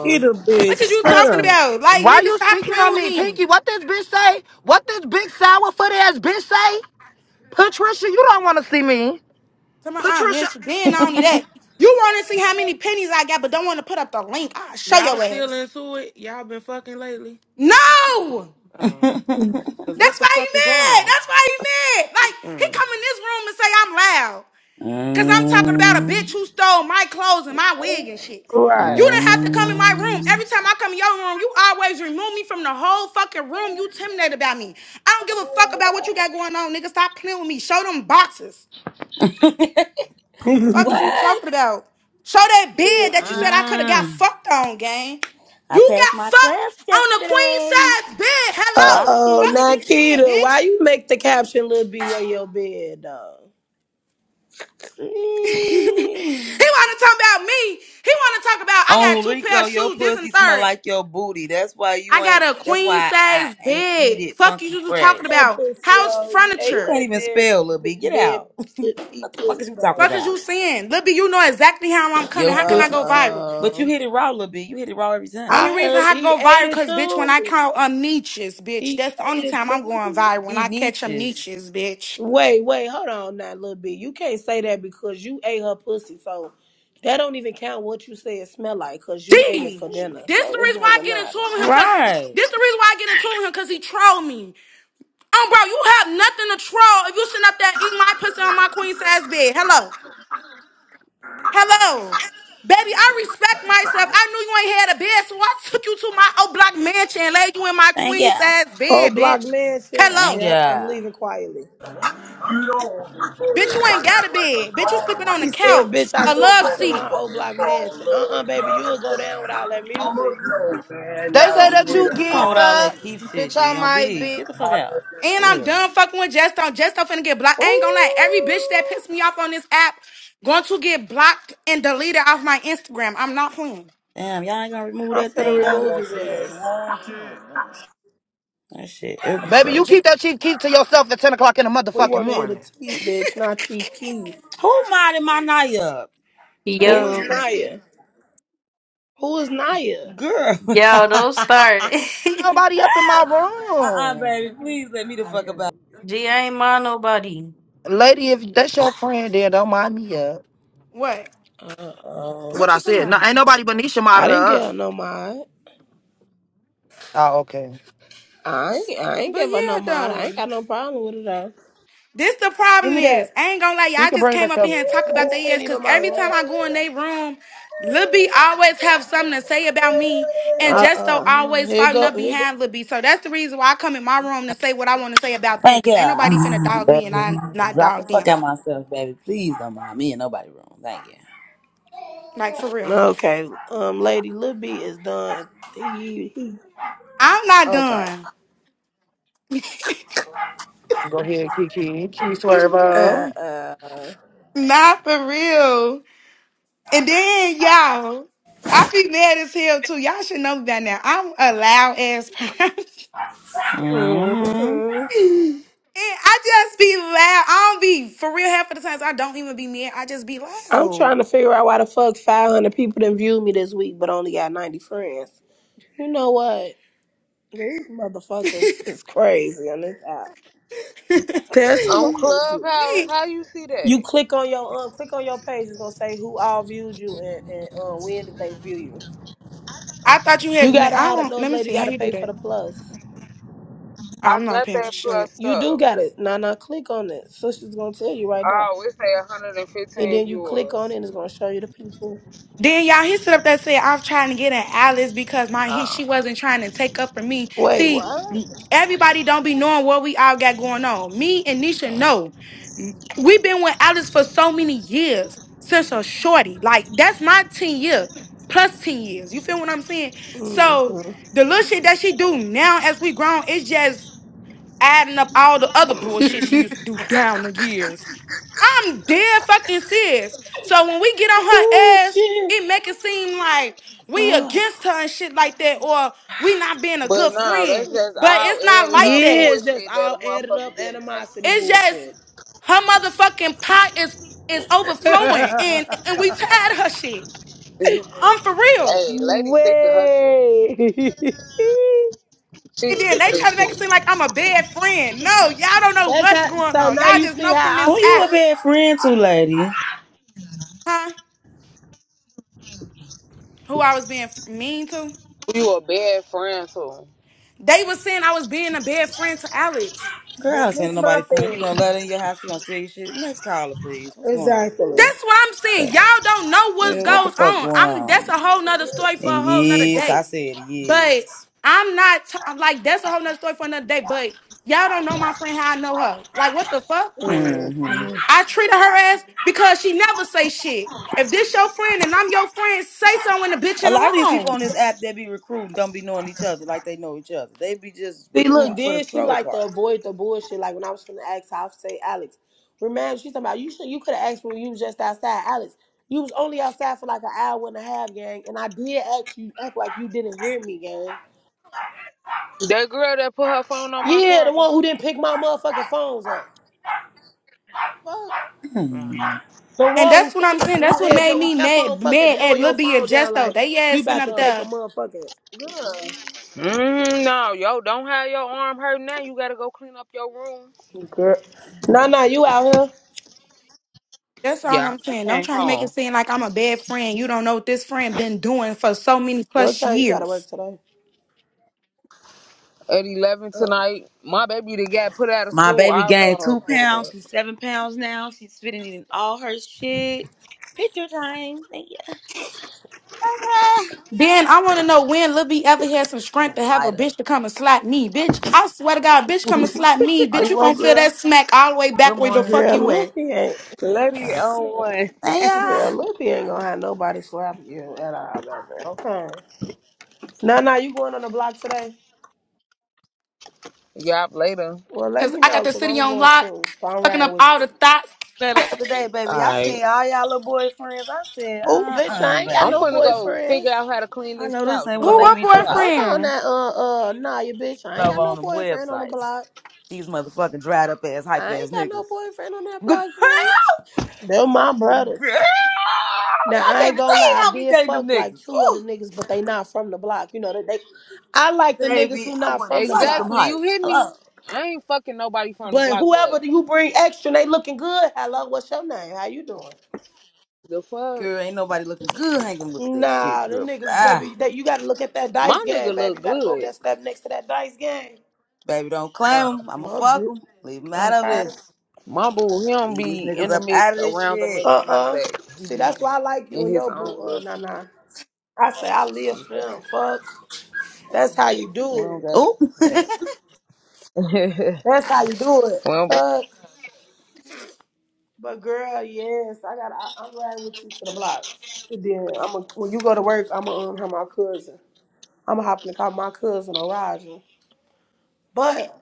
[SPEAKER 14] here. Get a
[SPEAKER 1] What
[SPEAKER 14] bitch.
[SPEAKER 1] is you
[SPEAKER 14] Shut
[SPEAKER 1] talking
[SPEAKER 14] up.
[SPEAKER 1] about? Like,
[SPEAKER 2] Why
[SPEAKER 1] nigga,
[SPEAKER 2] you
[SPEAKER 1] stop
[SPEAKER 2] speaking
[SPEAKER 1] playing
[SPEAKER 2] on
[SPEAKER 1] with
[SPEAKER 2] me?
[SPEAKER 1] me.
[SPEAKER 2] Pinky, what this bitch say? What this big sour foot ass bitch say? Patricia, you don't want to see me.
[SPEAKER 1] Tell my aunt, man,
[SPEAKER 2] Patricia.
[SPEAKER 1] she been not only that. You want to see how many pennies I got, but don't want to put up the link. I'll show
[SPEAKER 13] Y'all
[SPEAKER 1] your
[SPEAKER 13] still
[SPEAKER 1] ass.
[SPEAKER 13] into it? Y'all been fucking lately?
[SPEAKER 1] No!
[SPEAKER 13] Um,
[SPEAKER 15] mm.
[SPEAKER 13] cause what
[SPEAKER 1] That's
[SPEAKER 13] the
[SPEAKER 1] why he
[SPEAKER 13] fuck is
[SPEAKER 1] mad.
[SPEAKER 13] wrong?
[SPEAKER 1] That's why he mad. Like, he
[SPEAKER 13] Mm.
[SPEAKER 1] come in this room and say I'm loud. Cause I'm talking about a bitch who stole my clothes and my wig and shit.
[SPEAKER 3] Right.
[SPEAKER 1] You didn't have to come in my room.
[SPEAKER 15] Mm.
[SPEAKER 1] Every time I come in your room, you always remove me from the whole fucking room. You intimidated about me. I don't give a fuck about what you got going on, nigga. Stop playing with me. Show them boxes. Fuck is you
[SPEAKER 15] What?
[SPEAKER 1] talking about? Show that bed that you said I could have got
[SPEAKER 15] Mm.
[SPEAKER 1] fucked on, gang.
[SPEAKER 15] I
[SPEAKER 1] You
[SPEAKER 15] passed
[SPEAKER 1] got
[SPEAKER 15] my class
[SPEAKER 1] fucked on the queen
[SPEAKER 15] yesterday.
[SPEAKER 1] size bed.
[SPEAKER 3] Uh
[SPEAKER 1] Hello.
[SPEAKER 15] Clock
[SPEAKER 3] oh,
[SPEAKER 1] Fuck
[SPEAKER 15] it.
[SPEAKER 1] is you saying,
[SPEAKER 3] Nikita, why
[SPEAKER 1] bitch?
[SPEAKER 3] you make the caption Lil B on your bed though?
[SPEAKER 1] he
[SPEAKER 15] Gee.
[SPEAKER 1] wanna talk about me. He wanna talk about I got
[SPEAKER 15] On
[SPEAKER 1] two pair
[SPEAKER 15] Rico,
[SPEAKER 1] of
[SPEAKER 15] your
[SPEAKER 1] shoes, this and
[SPEAKER 15] pussy smell
[SPEAKER 1] third.
[SPEAKER 15] like your booty. That's why
[SPEAKER 1] I
[SPEAKER 15] you
[SPEAKER 1] got
[SPEAKER 15] ain't.
[SPEAKER 1] a
[SPEAKER 15] That's
[SPEAKER 1] queen
[SPEAKER 15] why I
[SPEAKER 1] size
[SPEAKER 15] ain't eat
[SPEAKER 1] bed.
[SPEAKER 15] it
[SPEAKER 1] Fuck you,
[SPEAKER 15] funky
[SPEAKER 1] you talking
[SPEAKER 15] fresh.
[SPEAKER 3] That
[SPEAKER 1] about
[SPEAKER 3] pussy
[SPEAKER 1] house
[SPEAKER 3] though. You
[SPEAKER 15] You
[SPEAKER 3] ate
[SPEAKER 1] furniture.
[SPEAKER 15] can't
[SPEAKER 3] that
[SPEAKER 15] even
[SPEAKER 3] bed
[SPEAKER 15] spell, little B. Get
[SPEAKER 3] bed
[SPEAKER 15] out.
[SPEAKER 3] foot feet
[SPEAKER 15] What the fuck is
[SPEAKER 3] pussy
[SPEAKER 15] you talking
[SPEAKER 3] though.
[SPEAKER 1] Fuck is
[SPEAKER 15] about?
[SPEAKER 1] you saying? Libby, you know exactly how I'm coming.
[SPEAKER 15] Your
[SPEAKER 1] How can
[SPEAKER 3] Uh
[SPEAKER 1] I
[SPEAKER 15] pussy.
[SPEAKER 1] go viral?
[SPEAKER 15] But you
[SPEAKER 3] oh.
[SPEAKER 15] hit it raw, little B. You hit it raw every time.
[SPEAKER 1] Only
[SPEAKER 3] I
[SPEAKER 1] reason
[SPEAKER 3] heard
[SPEAKER 1] I
[SPEAKER 3] he
[SPEAKER 1] go
[SPEAKER 3] ate
[SPEAKER 1] viral,
[SPEAKER 3] it
[SPEAKER 1] cause bitch, when I
[SPEAKER 3] too.
[SPEAKER 1] call um niches, bitch,
[SPEAKER 3] He
[SPEAKER 1] that's the
[SPEAKER 3] ate
[SPEAKER 1] only
[SPEAKER 3] it
[SPEAKER 1] time I'm going
[SPEAKER 3] too.
[SPEAKER 1] viral when
[SPEAKER 15] Eat
[SPEAKER 1] I catch them
[SPEAKER 15] niches.
[SPEAKER 1] niches, bitch.
[SPEAKER 3] Wait, wait, hold on now, little bit. You can't say that because you ate her pussy, so that don't even count what you say it smell like because you ate it
[SPEAKER 1] Damn,
[SPEAKER 3] for dinner,
[SPEAKER 1] this the
[SPEAKER 3] so it
[SPEAKER 1] reason why I
[SPEAKER 3] doesn't
[SPEAKER 1] get into
[SPEAKER 3] matter.
[SPEAKER 1] it with him, cause
[SPEAKER 15] Right.
[SPEAKER 1] this the reason why I get into it with him, cause he troll me. Um, bro, you have nothing to troll if you sitting up there eating my pussy on my queen size bed. Hello. Hello. Baby, I respect myself. I knew you ain't had a bed, so I took you to my old block mansion and laid you in my
[SPEAKER 15] Thank
[SPEAKER 1] queen
[SPEAKER 15] ya.
[SPEAKER 1] size
[SPEAKER 3] Old
[SPEAKER 1] bed,
[SPEAKER 3] Block
[SPEAKER 1] bitch.
[SPEAKER 3] Mansion.
[SPEAKER 1] Hello.
[SPEAKER 15] Thank
[SPEAKER 3] Yep, I'm
[SPEAKER 15] ya.
[SPEAKER 3] leaving quietly.
[SPEAKER 16] You don't want me for
[SPEAKER 1] Bitch,
[SPEAKER 16] this
[SPEAKER 1] you ain't
[SPEAKER 16] right now
[SPEAKER 1] got a
[SPEAKER 16] like a
[SPEAKER 1] bed. Bitch, you sleeping on the
[SPEAKER 3] She
[SPEAKER 16] baller.
[SPEAKER 3] said,
[SPEAKER 1] couch,
[SPEAKER 3] "Bitch,
[SPEAKER 16] You
[SPEAKER 3] I
[SPEAKER 1] a
[SPEAKER 16] a
[SPEAKER 3] took
[SPEAKER 1] love
[SPEAKER 3] you to
[SPEAKER 1] seat.
[SPEAKER 3] my old
[SPEAKER 16] motherfucking
[SPEAKER 3] Block Mansion. Uh-uh, baby, you'll
[SPEAKER 16] baller,
[SPEAKER 3] go
[SPEAKER 16] cuz.
[SPEAKER 3] down with all that
[SPEAKER 16] I'm
[SPEAKER 3] music.
[SPEAKER 16] a grown man,
[SPEAKER 2] They
[SPEAKER 16] I
[SPEAKER 2] say
[SPEAKER 16] don't
[SPEAKER 2] that
[SPEAKER 16] need
[SPEAKER 2] you
[SPEAKER 16] a
[SPEAKER 15] Come on
[SPEAKER 2] geeked
[SPEAKER 15] with all
[SPEAKER 2] up.
[SPEAKER 16] garment.
[SPEAKER 15] that keep shit,
[SPEAKER 2] Bitch, I
[SPEAKER 15] G. On
[SPEAKER 2] might
[SPEAKER 15] BD.
[SPEAKER 2] be.
[SPEAKER 15] Get the fuck
[SPEAKER 16] Hotter
[SPEAKER 15] out.
[SPEAKER 1] And
[SPEAKER 15] For
[SPEAKER 16] than
[SPEAKER 1] I'm
[SPEAKER 15] real.
[SPEAKER 1] done fucking with Jesto. Jesto finna get blocked. I ain't gonna lie. Every bitch that
[SPEAKER 3] Ooh,
[SPEAKER 1] pissed me off on this app going to get blocked and deleted off my Instagram. I'm not playing.
[SPEAKER 15] Damn, y'all ain't gonna remove
[SPEAKER 3] I'm
[SPEAKER 15] that
[SPEAKER 16] a
[SPEAKER 3] finna
[SPEAKER 15] thing though.
[SPEAKER 3] remove his
[SPEAKER 16] motherfucker, she ain't
[SPEAKER 3] ass.
[SPEAKER 16] wanted.
[SPEAKER 15] That shit
[SPEAKER 2] Baby, you
[SPEAKER 15] episode.
[SPEAKER 1] J-
[SPEAKER 2] keep that chief key to yourself at 10 o'clock in the
[SPEAKER 3] We
[SPEAKER 2] motherfucking
[SPEAKER 3] want to hit a
[SPEAKER 2] morning.
[SPEAKER 3] T, bitch, not Chief Keef.
[SPEAKER 15] Who modded my night up?
[SPEAKER 3] Who is
[SPEAKER 17] Yo,
[SPEAKER 1] Uh,
[SPEAKER 3] Naya? Who is Naya?
[SPEAKER 15] Girl.
[SPEAKER 17] yo, don't start.
[SPEAKER 2] Nobody up in my
[SPEAKER 15] Uh-uh,
[SPEAKER 2] room.
[SPEAKER 15] baby. Please let me the fuck about.
[SPEAKER 17] G, I ain't mind nobody.
[SPEAKER 2] Lady, if that's your friend, then don't mind me up.
[SPEAKER 1] what?
[SPEAKER 3] Uh-oh.
[SPEAKER 2] What
[SPEAKER 1] What
[SPEAKER 2] I
[SPEAKER 1] you talking
[SPEAKER 2] said. No,
[SPEAKER 1] about?
[SPEAKER 2] ain't nobody but Nisha
[SPEAKER 3] I
[SPEAKER 2] modded
[SPEAKER 3] didn't
[SPEAKER 2] her
[SPEAKER 3] give
[SPEAKER 2] up.
[SPEAKER 3] her no mod.
[SPEAKER 2] Oh, okay.
[SPEAKER 3] I ain't, I ain't
[SPEAKER 1] But
[SPEAKER 3] give her no
[SPEAKER 1] yeah,
[SPEAKER 3] mod. I ain't
[SPEAKER 1] though.
[SPEAKER 3] got no problem with it though.
[SPEAKER 1] This the
[SPEAKER 3] Give
[SPEAKER 1] problem
[SPEAKER 3] me
[SPEAKER 1] is,
[SPEAKER 3] that.
[SPEAKER 1] I ain't gonna lie, y'all
[SPEAKER 2] You
[SPEAKER 1] I
[SPEAKER 2] can
[SPEAKER 1] just
[SPEAKER 2] bring
[SPEAKER 1] came up in
[SPEAKER 2] herself.
[SPEAKER 1] here and talk about
[SPEAKER 3] This
[SPEAKER 1] their
[SPEAKER 3] isn't
[SPEAKER 1] ass because
[SPEAKER 3] even my
[SPEAKER 1] every time
[SPEAKER 3] lamp.
[SPEAKER 1] I go in their room, Lil B always have something to say about me, and
[SPEAKER 3] Uh
[SPEAKER 1] Justo
[SPEAKER 3] uh
[SPEAKER 1] always
[SPEAKER 3] Here
[SPEAKER 1] fighting
[SPEAKER 3] go.
[SPEAKER 1] up
[SPEAKER 3] Here go.
[SPEAKER 1] behind Lil B. So that's the reason why I come in my room to say what I want to say about them,
[SPEAKER 15] Thank you,
[SPEAKER 1] because ain't nobody finna
[SPEAKER 15] uh,
[SPEAKER 1] dog me and
[SPEAKER 15] baby.
[SPEAKER 1] I not
[SPEAKER 15] Drop the
[SPEAKER 1] dog
[SPEAKER 15] fuck
[SPEAKER 1] them.
[SPEAKER 15] out myself, baby. Please don't mind me in nobody room. Thank you.
[SPEAKER 1] Like for real.
[SPEAKER 3] Okay. Um, lady, Lil B is done. He, he.
[SPEAKER 1] I'm not
[SPEAKER 3] Okay.
[SPEAKER 1] done.
[SPEAKER 2] Go ahead, Kiki. Kiki
[SPEAKER 3] Uh
[SPEAKER 2] Swervo.
[SPEAKER 3] uh.
[SPEAKER 1] Not for real. And then y'all, I be mad as hell too. Y'all should know me by now. I'm a loud ass person.
[SPEAKER 15] hmm
[SPEAKER 3] hmm
[SPEAKER 1] And I just be loud. I don't be for real half of the times I don't even be mad. I just be
[SPEAKER 3] I'm
[SPEAKER 1] loud.
[SPEAKER 3] trying to figure out why the fuck 500 people didn't view me this week, but only got 90 friends. You know what? These motherfuckers is crazy on this app. That's
[SPEAKER 6] On
[SPEAKER 1] Gee,
[SPEAKER 3] crazy.
[SPEAKER 6] Clubhouse, how you see
[SPEAKER 3] You
[SPEAKER 6] that?
[SPEAKER 3] click on your um, click on your page. It's gonna say who all viewed you and, and uh, when did they view you.
[SPEAKER 1] I thought you had.
[SPEAKER 3] You gotta
[SPEAKER 1] I
[SPEAKER 3] have it,
[SPEAKER 1] don't.
[SPEAKER 3] little
[SPEAKER 1] Let me
[SPEAKER 3] lady. You
[SPEAKER 1] see how
[SPEAKER 3] gotta
[SPEAKER 1] you do
[SPEAKER 3] pay for
[SPEAKER 1] that.
[SPEAKER 3] the plus.
[SPEAKER 6] I
[SPEAKER 1] I'm not
[SPEAKER 6] got
[SPEAKER 1] paying for
[SPEAKER 6] that
[SPEAKER 1] shit.
[SPEAKER 6] plus
[SPEAKER 3] You do
[SPEAKER 6] stuff.
[SPEAKER 3] got it. Now, now click on it. Sister's gonna tell you right now.
[SPEAKER 6] I always say
[SPEAKER 3] And
[SPEAKER 6] 115
[SPEAKER 3] then you click on it,
[SPEAKER 6] viewers.
[SPEAKER 3] and it's gonna show you the people.
[SPEAKER 1] Then y'all, he stood up there and said, "I'm trying to get an Alice because my he
[SPEAKER 6] Oh.
[SPEAKER 1] she wasn't trying to take up for me."
[SPEAKER 3] Wait,
[SPEAKER 1] See,
[SPEAKER 3] what?
[SPEAKER 1] everybody don't be knowing what we all got going on. Me and Nisha know we've been with Alice for so many years since a shorty. Like that's my ten years plus ten years. You feel what I'm saying? So
[SPEAKER 3] Mm-hmm.
[SPEAKER 1] the little shit that she do now as we grown, it's just adding up all the other bullshit she used to do down the years. I'm dead fucking serious. So when we get on her
[SPEAKER 3] Oh
[SPEAKER 1] ass,
[SPEAKER 3] shit.
[SPEAKER 1] it make it seem like we against
[SPEAKER 3] Ah.
[SPEAKER 1] her and shit like that, or we not being a
[SPEAKER 6] But
[SPEAKER 1] good
[SPEAKER 6] nah,
[SPEAKER 1] friend.
[SPEAKER 6] that's just
[SPEAKER 1] But
[SPEAKER 6] all
[SPEAKER 1] it's not
[SPEAKER 6] added
[SPEAKER 1] like
[SPEAKER 6] up
[SPEAKER 3] yeah,
[SPEAKER 1] that.
[SPEAKER 3] it's just
[SPEAKER 6] bullshit that a
[SPEAKER 3] all added up
[SPEAKER 6] motherfucker been
[SPEAKER 3] animosity
[SPEAKER 1] It's
[SPEAKER 6] taking.
[SPEAKER 1] just
[SPEAKER 3] bullshit.
[SPEAKER 1] her motherfucking pot is is overflowing, and and we tired of her shit. I'm for real.
[SPEAKER 6] hey, lady sick of her shit.
[SPEAKER 3] Wait.
[SPEAKER 6] She's
[SPEAKER 1] And then
[SPEAKER 6] sick
[SPEAKER 1] they
[SPEAKER 6] of
[SPEAKER 1] try to
[SPEAKER 6] this
[SPEAKER 1] make it seem
[SPEAKER 6] shit.
[SPEAKER 1] like I'm a bad friend. No, y'all don't know
[SPEAKER 3] That's
[SPEAKER 1] what's
[SPEAKER 3] how.
[SPEAKER 1] going
[SPEAKER 3] So
[SPEAKER 1] on.
[SPEAKER 3] now
[SPEAKER 1] Y'all
[SPEAKER 3] you
[SPEAKER 1] just
[SPEAKER 3] see
[SPEAKER 1] know from
[SPEAKER 3] how
[SPEAKER 1] this
[SPEAKER 15] Who
[SPEAKER 3] I
[SPEAKER 15] you a
[SPEAKER 1] app,
[SPEAKER 3] feel.
[SPEAKER 15] bad friend to, lady?
[SPEAKER 1] huh? Who I was being mean to?
[SPEAKER 6] You a bad friends too.
[SPEAKER 1] They was saying I was being a bad friend to Alex.
[SPEAKER 15] Girl,
[SPEAKER 3] But
[SPEAKER 15] this ain't
[SPEAKER 3] this my
[SPEAKER 15] nobody friend. You gonna
[SPEAKER 3] thing.
[SPEAKER 15] let her in your house? You gonna steal your shit? Next caller, please. What's going on?
[SPEAKER 3] Exactly.
[SPEAKER 1] That's what I'm saying. Y'all don't know what
[SPEAKER 15] Yeah, what the
[SPEAKER 1] goes
[SPEAKER 15] fuck
[SPEAKER 1] on.
[SPEAKER 15] going
[SPEAKER 1] I'm that's a
[SPEAKER 15] on?
[SPEAKER 1] whole nother story for a
[SPEAKER 15] And
[SPEAKER 1] whole nother
[SPEAKER 15] yes, I
[SPEAKER 1] day.
[SPEAKER 15] said
[SPEAKER 1] But
[SPEAKER 15] yes.
[SPEAKER 1] I'm not t- I'm like that's a whole nother story for another day. But y'all don't know my friend how I know her. Like what the fuck?
[SPEAKER 15] hmm
[SPEAKER 3] Mhm.
[SPEAKER 1] I treated her ass because she never say shit. If this your friend and I'm your friend, say something when the bitch in
[SPEAKER 15] A lot
[SPEAKER 1] the
[SPEAKER 15] of these people
[SPEAKER 1] wrong.
[SPEAKER 15] on this app, they be recruiting, don't be knowing each other like they know each other. They be just
[SPEAKER 3] See, look,
[SPEAKER 15] recruiting for the
[SPEAKER 3] then she
[SPEAKER 15] troll
[SPEAKER 3] like to
[SPEAKER 15] part.
[SPEAKER 3] avoid the bullshit. Like when I was gonna ask, I would say Alex. Remember, she's talking about you. Should you could have asked me when you was just outside, Alex. You was only outside for like an hour and a half, gang. And I did ask you, act like you didn't hear me, gang.
[SPEAKER 6] That girl that put her phone on my
[SPEAKER 3] Yeah, the
[SPEAKER 6] charger.
[SPEAKER 3] one who didn't pick my motherfucking phones up. Fuck.
[SPEAKER 6] mm
[SPEAKER 3] The
[SPEAKER 1] And
[SPEAKER 3] one who
[SPEAKER 1] that's what
[SPEAKER 3] fu-
[SPEAKER 1] I'm saying.
[SPEAKER 3] who
[SPEAKER 1] That's what
[SPEAKER 3] had
[SPEAKER 1] made
[SPEAKER 3] your who
[SPEAKER 1] me
[SPEAKER 3] kept on
[SPEAKER 1] mad.
[SPEAKER 3] fucking
[SPEAKER 1] Mad at
[SPEAKER 3] blowing your
[SPEAKER 1] Libby and
[SPEAKER 3] phone down
[SPEAKER 1] Jesto.
[SPEAKER 3] like
[SPEAKER 1] They
[SPEAKER 3] you
[SPEAKER 1] ass sitting
[SPEAKER 3] about to
[SPEAKER 1] up
[SPEAKER 3] take a
[SPEAKER 1] there.
[SPEAKER 3] motherfucking girl.
[SPEAKER 6] Mm, no, yo, don't have your arm hurt now. You gotta go clean up your room.
[SPEAKER 3] Girl. Nah, nah, you out here.
[SPEAKER 1] That's all
[SPEAKER 6] Yeah,
[SPEAKER 1] I'm
[SPEAKER 6] I
[SPEAKER 1] saying. Don't
[SPEAKER 6] came
[SPEAKER 1] try to make it
[SPEAKER 6] home
[SPEAKER 1] seem like I'm a bad friend. You don't know what this friend been doing for so many
[SPEAKER 3] What
[SPEAKER 1] plus
[SPEAKER 3] time you gotta work
[SPEAKER 1] years.
[SPEAKER 3] today?
[SPEAKER 6] at eleven
[SPEAKER 3] Uh,
[SPEAKER 6] tonight. My baby that got put out of
[SPEAKER 15] My
[SPEAKER 6] school
[SPEAKER 15] baby gained
[SPEAKER 6] already.
[SPEAKER 3] oh,
[SPEAKER 15] two pounds.
[SPEAKER 3] Lord.
[SPEAKER 15] She's seven pounds now. She's fitting in all her shit. Picture time. Thank you.
[SPEAKER 1] Then I want to know when Lil B ever had some strength to have a
[SPEAKER 15] Lighter.
[SPEAKER 1] bitch to come and slap me, bitch. I swear to God, bitch, come and slap me,
[SPEAKER 15] Are
[SPEAKER 1] bitch.
[SPEAKER 15] you
[SPEAKER 1] You
[SPEAKER 15] woke,
[SPEAKER 1] gonna feel
[SPEAKER 15] girl?
[SPEAKER 1] that smack all the way
[SPEAKER 15] Good
[SPEAKER 1] back where the
[SPEAKER 15] morning.
[SPEAKER 1] fuck
[SPEAKER 3] Girl,
[SPEAKER 1] you at?
[SPEAKER 3] Lippy ain't.
[SPEAKER 6] Lady on one.
[SPEAKER 15] Thank ya.
[SPEAKER 3] Girl, Lippy ain't gonna have nobody slap you at all, baby. Okay. Nah, nah, you going on the block today?
[SPEAKER 6] Yup, later.
[SPEAKER 3] Well, let
[SPEAKER 1] Cause
[SPEAKER 3] me
[SPEAKER 1] I got
[SPEAKER 3] know,
[SPEAKER 1] the
[SPEAKER 3] cause
[SPEAKER 1] city
[SPEAKER 3] I'm
[SPEAKER 1] on
[SPEAKER 3] going too.
[SPEAKER 1] lock,
[SPEAKER 3] So I'm
[SPEAKER 1] fucking
[SPEAKER 3] riding
[SPEAKER 1] up
[SPEAKER 3] with
[SPEAKER 1] all
[SPEAKER 3] you.
[SPEAKER 1] the thoughts.
[SPEAKER 15] Better The other day, baby, I
[SPEAKER 6] Alright.
[SPEAKER 15] seen all y'all little boyfriends. I said,
[SPEAKER 3] Oh, bitch,
[SPEAKER 15] uh-uh,
[SPEAKER 3] I ain't got
[SPEAKER 6] I'm
[SPEAKER 3] no
[SPEAKER 6] finna
[SPEAKER 15] baby.
[SPEAKER 6] go
[SPEAKER 3] boyfriends.
[SPEAKER 6] figure out how to clean
[SPEAKER 15] I
[SPEAKER 6] this
[SPEAKER 15] know this
[SPEAKER 6] couch.
[SPEAKER 15] ain't what
[SPEAKER 1] Who
[SPEAKER 6] Go on
[SPEAKER 15] they
[SPEAKER 1] my
[SPEAKER 15] be
[SPEAKER 6] TikTok.
[SPEAKER 15] tripping
[SPEAKER 3] Hold on,
[SPEAKER 1] boyfriend?
[SPEAKER 3] that uh uh, nah, you bitch, I ain't
[SPEAKER 15] over
[SPEAKER 3] got no
[SPEAKER 15] on them
[SPEAKER 3] boyfriend on the
[SPEAKER 15] websites.
[SPEAKER 3] block.
[SPEAKER 15] These motherfucking dried up ass, hype
[SPEAKER 3] I
[SPEAKER 15] ass
[SPEAKER 3] ain't got no
[SPEAKER 15] niggas.
[SPEAKER 3] boyfriend on that
[SPEAKER 15] girl, I
[SPEAKER 3] block, bitch. They're my brothers. Now I
[SPEAKER 15] can't
[SPEAKER 3] ain't gonna
[SPEAKER 15] believe
[SPEAKER 3] lie, I
[SPEAKER 15] how we
[SPEAKER 3] did
[SPEAKER 15] dating them
[SPEAKER 3] fuck like
[SPEAKER 15] niggas.
[SPEAKER 3] two other
[SPEAKER 15] Ooh.
[SPEAKER 3] niggas, but they not from the block. You know that they, I like the niggas
[SPEAKER 15] Baby,
[SPEAKER 3] who
[SPEAKER 15] I
[SPEAKER 3] not
[SPEAKER 15] wouldn't
[SPEAKER 3] from the
[SPEAKER 15] touch
[SPEAKER 3] block.
[SPEAKER 15] them
[SPEAKER 6] Exactly, you
[SPEAKER 15] heights.
[SPEAKER 6] hit
[SPEAKER 15] Hello.
[SPEAKER 6] me. I ain't fucking nobody from the
[SPEAKER 3] But
[SPEAKER 6] block, but
[SPEAKER 3] whoever do you bring extra, and they looking good. Hello, what's your name? How you doing?
[SPEAKER 6] the fuck?
[SPEAKER 15] Girl, ain't nobody looking good hanging with that shit,
[SPEAKER 3] Nah, them
[SPEAKER 15] girl.
[SPEAKER 3] niggas,
[SPEAKER 15] Ah,
[SPEAKER 3] baby. That you gotta look at that
[SPEAKER 6] My
[SPEAKER 3] dice game,
[SPEAKER 6] nigga
[SPEAKER 3] baby.
[SPEAKER 6] look
[SPEAKER 3] You gotta go over
[SPEAKER 6] good.
[SPEAKER 3] that step next to that dice game.
[SPEAKER 15] baby, don't claim
[SPEAKER 6] Nah.
[SPEAKER 15] them. I'ma
[SPEAKER 3] Well,
[SPEAKER 15] fuck
[SPEAKER 3] good.
[SPEAKER 15] them. Leave them out of
[SPEAKER 3] Okay.
[SPEAKER 15] this.
[SPEAKER 6] My boo, he don't
[SPEAKER 15] Leave these
[SPEAKER 6] be in
[SPEAKER 15] niggas
[SPEAKER 6] the
[SPEAKER 15] up out
[SPEAKER 6] mix,
[SPEAKER 15] of this
[SPEAKER 6] around the
[SPEAKER 15] shit.
[SPEAKER 3] Uh
[SPEAKER 6] mix, none of
[SPEAKER 3] uh
[SPEAKER 6] that. He
[SPEAKER 3] See,
[SPEAKER 6] be
[SPEAKER 3] that's why I like you
[SPEAKER 6] in
[SPEAKER 3] and
[SPEAKER 6] his
[SPEAKER 3] your boo.
[SPEAKER 6] own
[SPEAKER 3] Uh,
[SPEAKER 6] little.
[SPEAKER 3] nah nah. I say I live for
[SPEAKER 6] Yeah.
[SPEAKER 3] them. Fuck. That's how you
[SPEAKER 6] We
[SPEAKER 3] do
[SPEAKER 6] don't
[SPEAKER 3] it.
[SPEAKER 6] got
[SPEAKER 15] Oop.
[SPEAKER 6] that.
[SPEAKER 3] That's how you do
[SPEAKER 6] we
[SPEAKER 3] it.
[SPEAKER 6] don't be.
[SPEAKER 3] Fuck. But girl, yes, I got. I, I'm riding with you to the block. And then I'm a, when you go to work, I'm gonna um, have my cousin. I'm gonna hop in the car with my cousin or Roger. But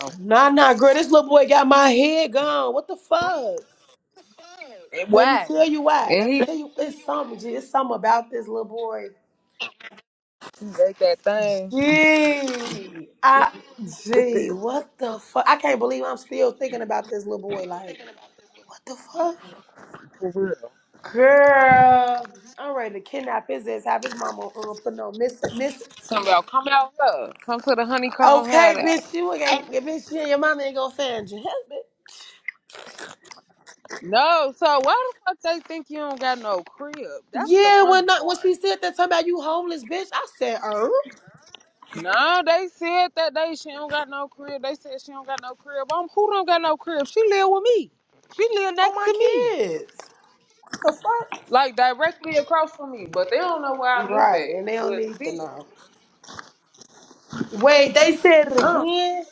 [SPEAKER 6] oh.
[SPEAKER 3] nah, nah, girl, this little boy got my head gone. What the fuck?
[SPEAKER 6] And
[SPEAKER 3] Let me
[SPEAKER 6] Why?
[SPEAKER 3] tell you why.
[SPEAKER 6] And
[SPEAKER 3] Let me
[SPEAKER 6] he,
[SPEAKER 3] tell you, it's something. G. It's something about this little boy.
[SPEAKER 6] he make that thing.
[SPEAKER 3] Gee, I, gee, what the fuck? I can't believe I'm still thinking about this little boy. Like, what the fuck? Girl, I'm ready to kidnap his ass. Have his mama um, put no miss miss.
[SPEAKER 6] Somebody about come out here. Come to the honeycomb hat
[SPEAKER 3] Okay,
[SPEAKER 6] out.
[SPEAKER 3] bitch, you ain't bitch. Yeah, your mama ain't gonna find you. Hell, bitch.
[SPEAKER 6] No, so why the fuck they think you don't got no crib? That's the
[SPEAKER 3] Yeah, when
[SPEAKER 6] funny
[SPEAKER 3] not when
[SPEAKER 6] part.
[SPEAKER 3] she said that somebody you homeless bitch, I said, er,
[SPEAKER 6] No, they said that day she don't got no crib. They said she don't got no crib. i who don't got no crib? She live with me. She live
[SPEAKER 3] on
[SPEAKER 6] next
[SPEAKER 3] my
[SPEAKER 6] to me,
[SPEAKER 3] kids. The fuck?
[SPEAKER 6] like directly across from me. But they don't know where I live
[SPEAKER 3] Right,
[SPEAKER 6] at.
[SPEAKER 3] and they don't
[SPEAKER 6] But
[SPEAKER 3] need to
[SPEAKER 6] still,
[SPEAKER 3] know. Wait, they said it
[SPEAKER 6] um,
[SPEAKER 3] again.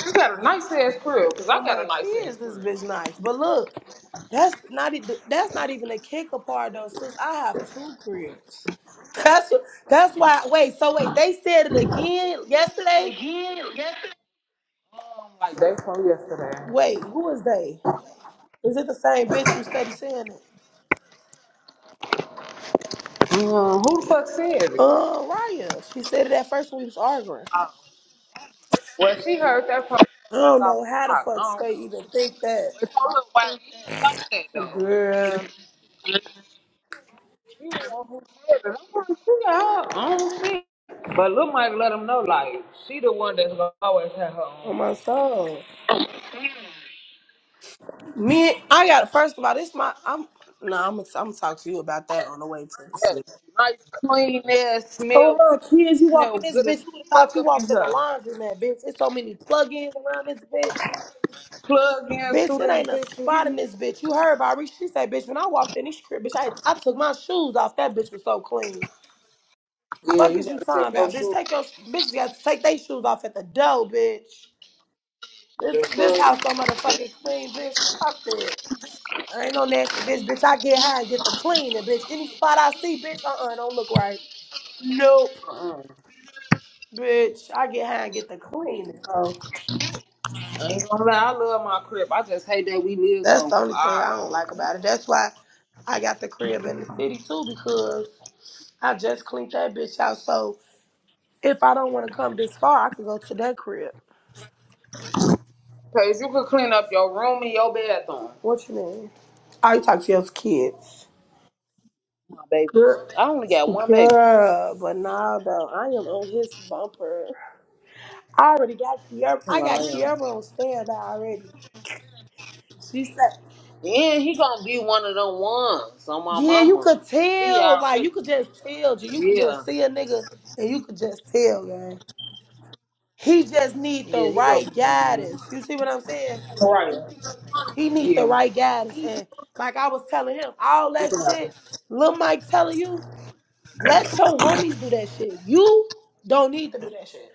[SPEAKER 6] she got a nice ass crib because I
[SPEAKER 3] Oh
[SPEAKER 6] got
[SPEAKER 3] my
[SPEAKER 6] a nice
[SPEAKER 3] kids,
[SPEAKER 6] ass
[SPEAKER 3] this
[SPEAKER 6] crib.
[SPEAKER 3] bitch nice. But look. That's not e- that's not even a kicker part though, sis. I have two cribs. That's that's why. Wait, so wait, they said it again yesterday.
[SPEAKER 6] Again, yes. Um, Like they from yesterday.
[SPEAKER 3] Wait, who is they? Is it the same bitch who steady saying it?
[SPEAKER 6] Um, who the fuck said it?
[SPEAKER 3] Uh, Raya. She said it at first when we was arguing.
[SPEAKER 6] Uh, well, she heard that from
[SPEAKER 3] I don't
[SPEAKER 6] off
[SPEAKER 3] know
[SPEAKER 6] the
[SPEAKER 3] how the
[SPEAKER 6] block.
[SPEAKER 3] fuck
[SPEAKER 6] I don't
[SPEAKER 3] they
[SPEAKER 6] know.
[SPEAKER 3] even think that,
[SPEAKER 6] It's all about white. like that
[SPEAKER 3] girl.
[SPEAKER 6] though. He the one who said it. I'm trying to figure out. I don't see. it. But Lil Mike let him know, like, she the one that's gonna always have her own
[SPEAKER 3] On my
[SPEAKER 6] shit.
[SPEAKER 3] soul. Me, I got. First of all, this my. I'm. No, I'm. gonna I'm gonna talk to you about that on the way to the city.
[SPEAKER 6] Yes, nice, clean air,
[SPEAKER 3] Oh
[SPEAKER 6] smell,
[SPEAKER 3] my kids, you walk
[SPEAKER 6] smell
[SPEAKER 3] in this
[SPEAKER 6] good as
[SPEAKER 3] bitch. You would have thought
[SPEAKER 6] fuck
[SPEAKER 3] you
[SPEAKER 6] up in
[SPEAKER 3] walked in the
[SPEAKER 6] here.
[SPEAKER 3] laundry, man, bitch. It's so many plugins around this bitch.
[SPEAKER 6] Plug in
[SPEAKER 3] Bitch,
[SPEAKER 6] through
[SPEAKER 3] it
[SPEAKER 6] this
[SPEAKER 3] ain't a
[SPEAKER 6] bitch, you hear
[SPEAKER 3] spot in
[SPEAKER 6] me?
[SPEAKER 3] this bitch. You heard Bobby. She said, bitch, when I walked in this crib, bitch, I, I took my shoes off. That bitch was so clean.
[SPEAKER 6] Yeah,
[SPEAKER 3] Fuck
[SPEAKER 6] you
[SPEAKER 3] is you
[SPEAKER 6] gotta take
[SPEAKER 3] talking
[SPEAKER 6] your
[SPEAKER 3] about, bitch?
[SPEAKER 6] shoes.
[SPEAKER 3] Take your bitches got to take their shoes off at the door, bitch. This
[SPEAKER 6] The
[SPEAKER 3] this
[SPEAKER 6] plug,
[SPEAKER 3] house so motherfucking clean, bitch. Fuck that. I ain't no nasty bitch, bitch. I get high and get the cleaning, bitch. Any spot I see, bitch, uh uh-uh, uh, do not look right. Nope,
[SPEAKER 6] uh-uh.
[SPEAKER 3] bitch. I get high and get the cleaning. bro.
[SPEAKER 6] I ain't gonna lie, I love my crib. I just hate that we live
[SPEAKER 3] That's
[SPEAKER 6] so
[SPEAKER 3] the only thing I
[SPEAKER 6] far.
[SPEAKER 3] don't like about it. That's why I got the crib in the city too because I just cleaned that bitch out. So if I don't want to come this far, I could go to that crib.
[SPEAKER 6] Cause you could clean up your room and your bathroom.
[SPEAKER 3] What you mean? Oh, you talk to your kids.
[SPEAKER 6] My baby.
[SPEAKER 3] Girl,
[SPEAKER 6] I only got one baby.
[SPEAKER 3] girl, but now though, I am on his bumper. I already got Kiara. I got Kiara on standby already. She said,
[SPEAKER 6] Yeah, he gonna be one of them ones on my
[SPEAKER 3] "Yeah, you
[SPEAKER 6] mama.
[SPEAKER 3] could
[SPEAKER 6] He
[SPEAKER 3] tell. Like
[SPEAKER 6] already.
[SPEAKER 3] you could just tell. G. You could
[SPEAKER 6] Yeah,
[SPEAKER 3] just see a nigga, and you could just tell, gang." He just need the
[SPEAKER 6] yeah, he gonna
[SPEAKER 3] right
[SPEAKER 6] be one of them
[SPEAKER 3] guidance.
[SPEAKER 6] ones.
[SPEAKER 3] You see what I'm saying?
[SPEAKER 6] Right.
[SPEAKER 3] He need the
[SPEAKER 6] Yeah,
[SPEAKER 3] right guidance. And like I was telling him, all that shit, Lil Mike telling you, let your homies do that shit. You don't need to do that shit.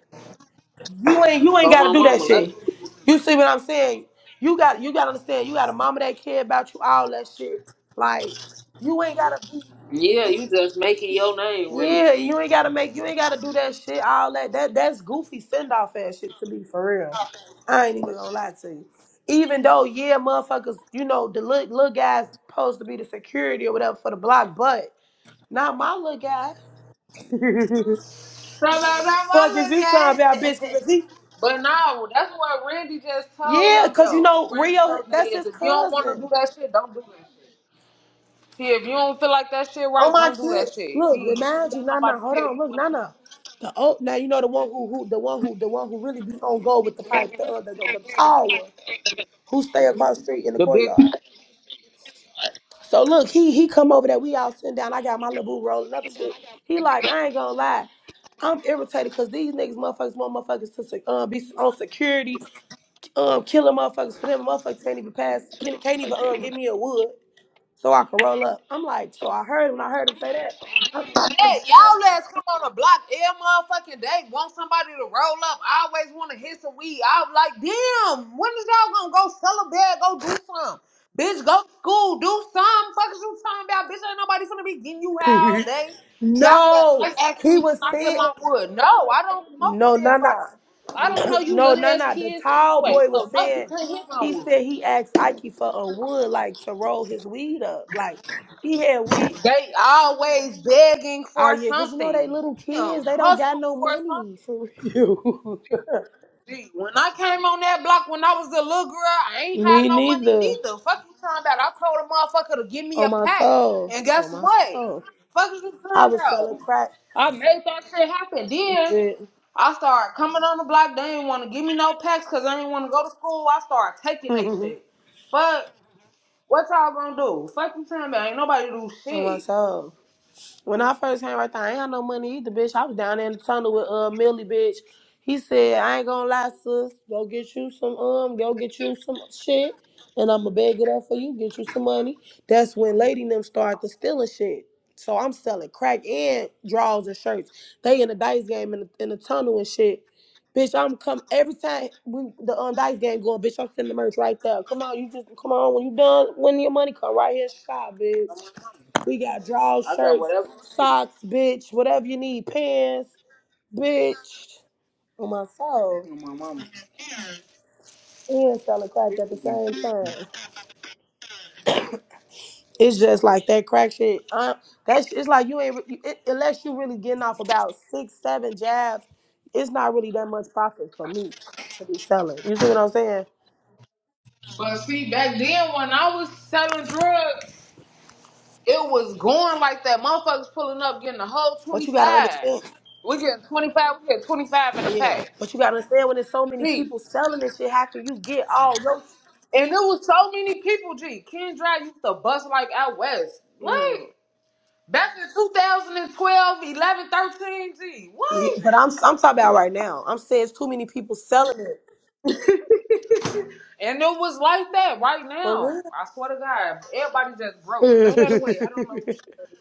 [SPEAKER 3] You ain't you ain't
[SPEAKER 6] on
[SPEAKER 3] gotta
[SPEAKER 6] my
[SPEAKER 3] do that
[SPEAKER 6] mama. Let,
[SPEAKER 3] shit. You see what I'm saying? You got you gotta understand, you gotta mama that care about you, all that shit. Like, you ain't gotta be
[SPEAKER 6] yeah, you just making your name really.
[SPEAKER 3] Yeah, you ain't gotta make you ain't gotta do that shit, all that. That that's goofy send off ass shit to be for real. I ain't even gonna lie to you. Even though, yeah, motherfuckers, you know, the little, little guy's supposed to be the security or whatever for the block, but not my little guy.
[SPEAKER 6] So now that
[SPEAKER 3] Fuck is you talking
[SPEAKER 6] I
[SPEAKER 3] about,
[SPEAKER 6] look
[SPEAKER 3] bitch?
[SPEAKER 6] at
[SPEAKER 3] Cause if
[SPEAKER 6] it.
[SPEAKER 3] he,
[SPEAKER 6] But no, that's what Randy just told
[SPEAKER 3] yeah,
[SPEAKER 6] him
[SPEAKER 3] cause you
[SPEAKER 6] though.
[SPEAKER 3] know
[SPEAKER 6] Randy
[SPEAKER 3] Rio,
[SPEAKER 6] told they
[SPEAKER 3] that's
[SPEAKER 6] is
[SPEAKER 3] his
[SPEAKER 6] if you don't want to do
[SPEAKER 3] cousin.
[SPEAKER 6] that shit, don't do that shit. See, if you don't feel like that shit
[SPEAKER 3] Oh
[SPEAKER 6] right,
[SPEAKER 3] my
[SPEAKER 6] don't do that
[SPEAKER 3] kids,
[SPEAKER 6] shit.
[SPEAKER 3] look,
[SPEAKER 6] He don't
[SPEAKER 3] remind you,
[SPEAKER 6] let
[SPEAKER 3] nah,
[SPEAKER 6] nobody
[SPEAKER 3] nah, hold
[SPEAKER 6] tell
[SPEAKER 3] on,
[SPEAKER 6] you
[SPEAKER 3] look,
[SPEAKER 6] what
[SPEAKER 3] nah,
[SPEAKER 6] to,
[SPEAKER 3] nah. The old, now you know the one who, who, the one who, the one who really be on go with the pipe, the, uh, the, the, the tall one. who stay across the street in the
[SPEAKER 6] the big.
[SPEAKER 3] courtyard. So look, he he come over there. We all sitting down. I got my little boo rolling up shit. He like, I ain't gonna lie. I'm irritated because these niggas motherfuckers want motherfuckers to se- um, be on security, um, killing motherfuckers for them. Motherfuckers can't even pass, can't, can't even um, give me a wood so I can roll up. I'm like, so I heard him. I heard him say that.
[SPEAKER 6] Hey, y'all let's come on the block every motherfucking day. Want somebody to roll up. I always want to hit some weed. I'm like, damn, when is y'all gonna go sell a bag, go do something? Bitch, go to school, do something. Fuck is you talking about? Bitch, ain't nobody finna be getting you high all
[SPEAKER 3] I'm-
[SPEAKER 6] day. Y'all just
[SPEAKER 3] no,
[SPEAKER 6] like asking
[SPEAKER 3] he
[SPEAKER 6] me, can
[SPEAKER 3] was
[SPEAKER 6] I hit
[SPEAKER 3] saying,
[SPEAKER 6] my wood? No, I don't smoke with
[SPEAKER 3] no, no,
[SPEAKER 6] everybody.
[SPEAKER 3] no.
[SPEAKER 6] I don't know you
[SPEAKER 3] No,
[SPEAKER 6] little
[SPEAKER 3] no,
[SPEAKER 6] ass
[SPEAKER 3] no. The
[SPEAKER 6] kids
[SPEAKER 3] tall
[SPEAKER 6] anyway.
[SPEAKER 3] boy was
[SPEAKER 6] So no, you
[SPEAKER 3] saying,
[SPEAKER 6] can't hit my
[SPEAKER 3] he
[SPEAKER 6] wood.
[SPEAKER 3] said he asked Ike for a wood, like to roll his weed up. Like he had weed.
[SPEAKER 6] They always begging
[SPEAKER 3] Oh
[SPEAKER 6] for
[SPEAKER 3] yeah, cause you know they
[SPEAKER 6] something.
[SPEAKER 3] little kids,
[SPEAKER 6] Damn,
[SPEAKER 3] they don't got
[SPEAKER 6] hustle
[SPEAKER 3] no
[SPEAKER 6] for something.
[SPEAKER 3] money for real.
[SPEAKER 6] When I came on that block when I was a little girl, I ain't had
[SPEAKER 3] Me
[SPEAKER 6] no money
[SPEAKER 3] neither.
[SPEAKER 6] neither. Fuck you talking about? I told a motherfucker to give me
[SPEAKER 3] On
[SPEAKER 6] a
[SPEAKER 3] my
[SPEAKER 6] pack,
[SPEAKER 3] soul.
[SPEAKER 6] and
[SPEAKER 3] On
[SPEAKER 6] guess
[SPEAKER 3] my
[SPEAKER 6] what?
[SPEAKER 3] soul.
[SPEAKER 6] Fuck is you
[SPEAKER 3] I
[SPEAKER 6] talking
[SPEAKER 3] was selling
[SPEAKER 6] about?
[SPEAKER 3] crack.
[SPEAKER 6] I made that shit happen. Then I started coming on the block. They didn't want to give me no packs because I didn't want to go to school. I started taking they shit. Fuck, what y'all gonna do? Fuck you talking about? Ain't nobody do
[SPEAKER 3] On my
[SPEAKER 6] shit.
[SPEAKER 3] soul. When I first came right there, I ain't had no money either, bitch. I was down there in the tunnel with uh Millie, bitch. He said, I ain't gonna lie, sis. Go get you some um, go get you some shit, and I'ma beg it up for you, get you some money. That's when Lady and them started stealing shit. So I'm selling crack and drawers and shirts. They in the dice game in the, in the tunnel and shit. Bitch, I'm come every time we, the um, dice game going, bitch, I'm sending the merch right there. Come on, you just come on when you done, when your money come right here, shop, bitch. We got draw
[SPEAKER 6] I got
[SPEAKER 3] shirts,
[SPEAKER 6] whatever. I
[SPEAKER 3] socks, bitch, whatever you need, pants, bitch. On my soul, and selling crack at the
[SPEAKER 6] need.
[SPEAKER 3] same time. It's just like that crack shit. Uh, that's it's like you ain't re- you, it, unless you really getting off about six, seven jabs. It's not really that much profit for me to be selling. You see what I'm saying?
[SPEAKER 6] But see, back then when I was selling drugs. It was going like that. Motherfuckers pulling up, getting a whole
[SPEAKER 3] But you gotta
[SPEAKER 6] 25.
[SPEAKER 3] understand,
[SPEAKER 6] We getting 25, we getting 25 in a
[SPEAKER 3] yeah.
[SPEAKER 6] pack.
[SPEAKER 3] But you gotta understand when there's so many
[SPEAKER 6] G.
[SPEAKER 3] people selling this shit. How can you get all your?
[SPEAKER 6] And there was so many people, G. Kendra used to bust like out west. What?
[SPEAKER 3] Mm.
[SPEAKER 6] Back in 2012, 11, 13, G.
[SPEAKER 3] Yeah,
[SPEAKER 6] What?
[SPEAKER 3] but I'm I'm talking about right now. I'm saying it's too many people selling it
[SPEAKER 6] and it was like that right
[SPEAKER 3] for real.
[SPEAKER 6] now. I swear to God. Everybody just broke. Throw that
[SPEAKER 3] Unless,
[SPEAKER 6] away. I don't know who shit. that is.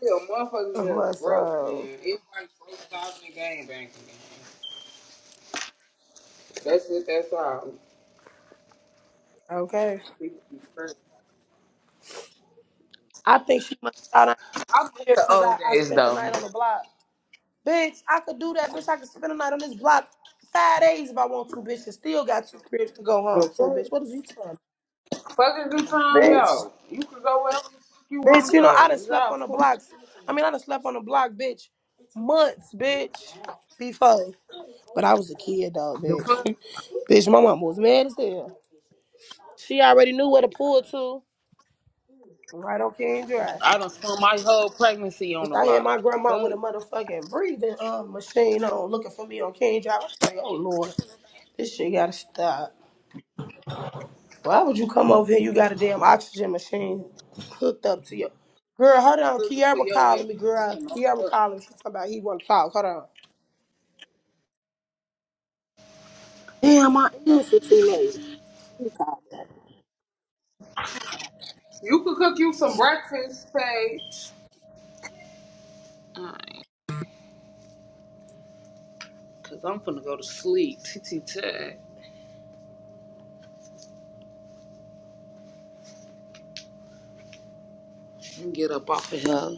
[SPEAKER 6] Yeah, motherfuckers just broke, man.
[SPEAKER 3] um,
[SPEAKER 6] Everybody broke out in the game, banking game. That's it. That's all.
[SPEAKER 3] okay.
[SPEAKER 6] People be crazy.
[SPEAKER 3] I think she must have out
[SPEAKER 6] I miss
[SPEAKER 3] here
[SPEAKER 6] the
[SPEAKER 3] because I,
[SPEAKER 6] old
[SPEAKER 3] I
[SPEAKER 6] days
[SPEAKER 3] spent the
[SPEAKER 6] though.
[SPEAKER 3] night on the block. Bitch, I could do that, bitch. I could spend the night on this block five days if I want to, bitch, and still got two cribs to go
[SPEAKER 6] The
[SPEAKER 3] home. So, bitch, what
[SPEAKER 6] fuck,
[SPEAKER 3] is you trying?
[SPEAKER 6] fuck is you talking
[SPEAKER 3] Bitch,
[SPEAKER 6] about? You can go wherever the fuck you
[SPEAKER 3] bitch,
[SPEAKER 6] want to
[SPEAKER 3] you know, I done
[SPEAKER 6] go. Is
[SPEAKER 3] slept
[SPEAKER 6] y'all
[SPEAKER 3] on the
[SPEAKER 6] cool?
[SPEAKER 3] blocks. I mean, I done slept on the block, bitch, months, bitch, before. But I was a kid, though,
[SPEAKER 6] The
[SPEAKER 3] bitch.
[SPEAKER 6] fuck?
[SPEAKER 3] bitch, my mom was mad as hell. She already knew where to pull to. Right on King Drive.
[SPEAKER 6] I done spent my whole pregnancy
[SPEAKER 3] Bitch,
[SPEAKER 6] on the
[SPEAKER 3] I had
[SPEAKER 6] block.
[SPEAKER 3] my grandma with
[SPEAKER 6] Fuck.
[SPEAKER 3] a motherfucking breathing uh, machine on, looking for me on King Drive. I was like, oh Lord, this shit gotta stop. Why would you come over here? You got a damn oxygen machine hooked up to you. Girl, hold on.
[SPEAKER 6] Looking for
[SPEAKER 3] Kiara
[SPEAKER 6] your ass.
[SPEAKER 3] calling me,
[SPEAKER 6] You
[SPEAKER 3] girl.
[SPEAKER 6] know,
[SPEAKER 3] Kiara
[SPEAKER 6] fuck.
[SPEAKER 3] calling me. She talking about he want to talk. Hold on. Damn, my answer too late. She called back.
[SPEAKER 6] You could cook you some breakfast, Paige. Alright, cause I'm finna go to sleep. T T T. and get up off of here.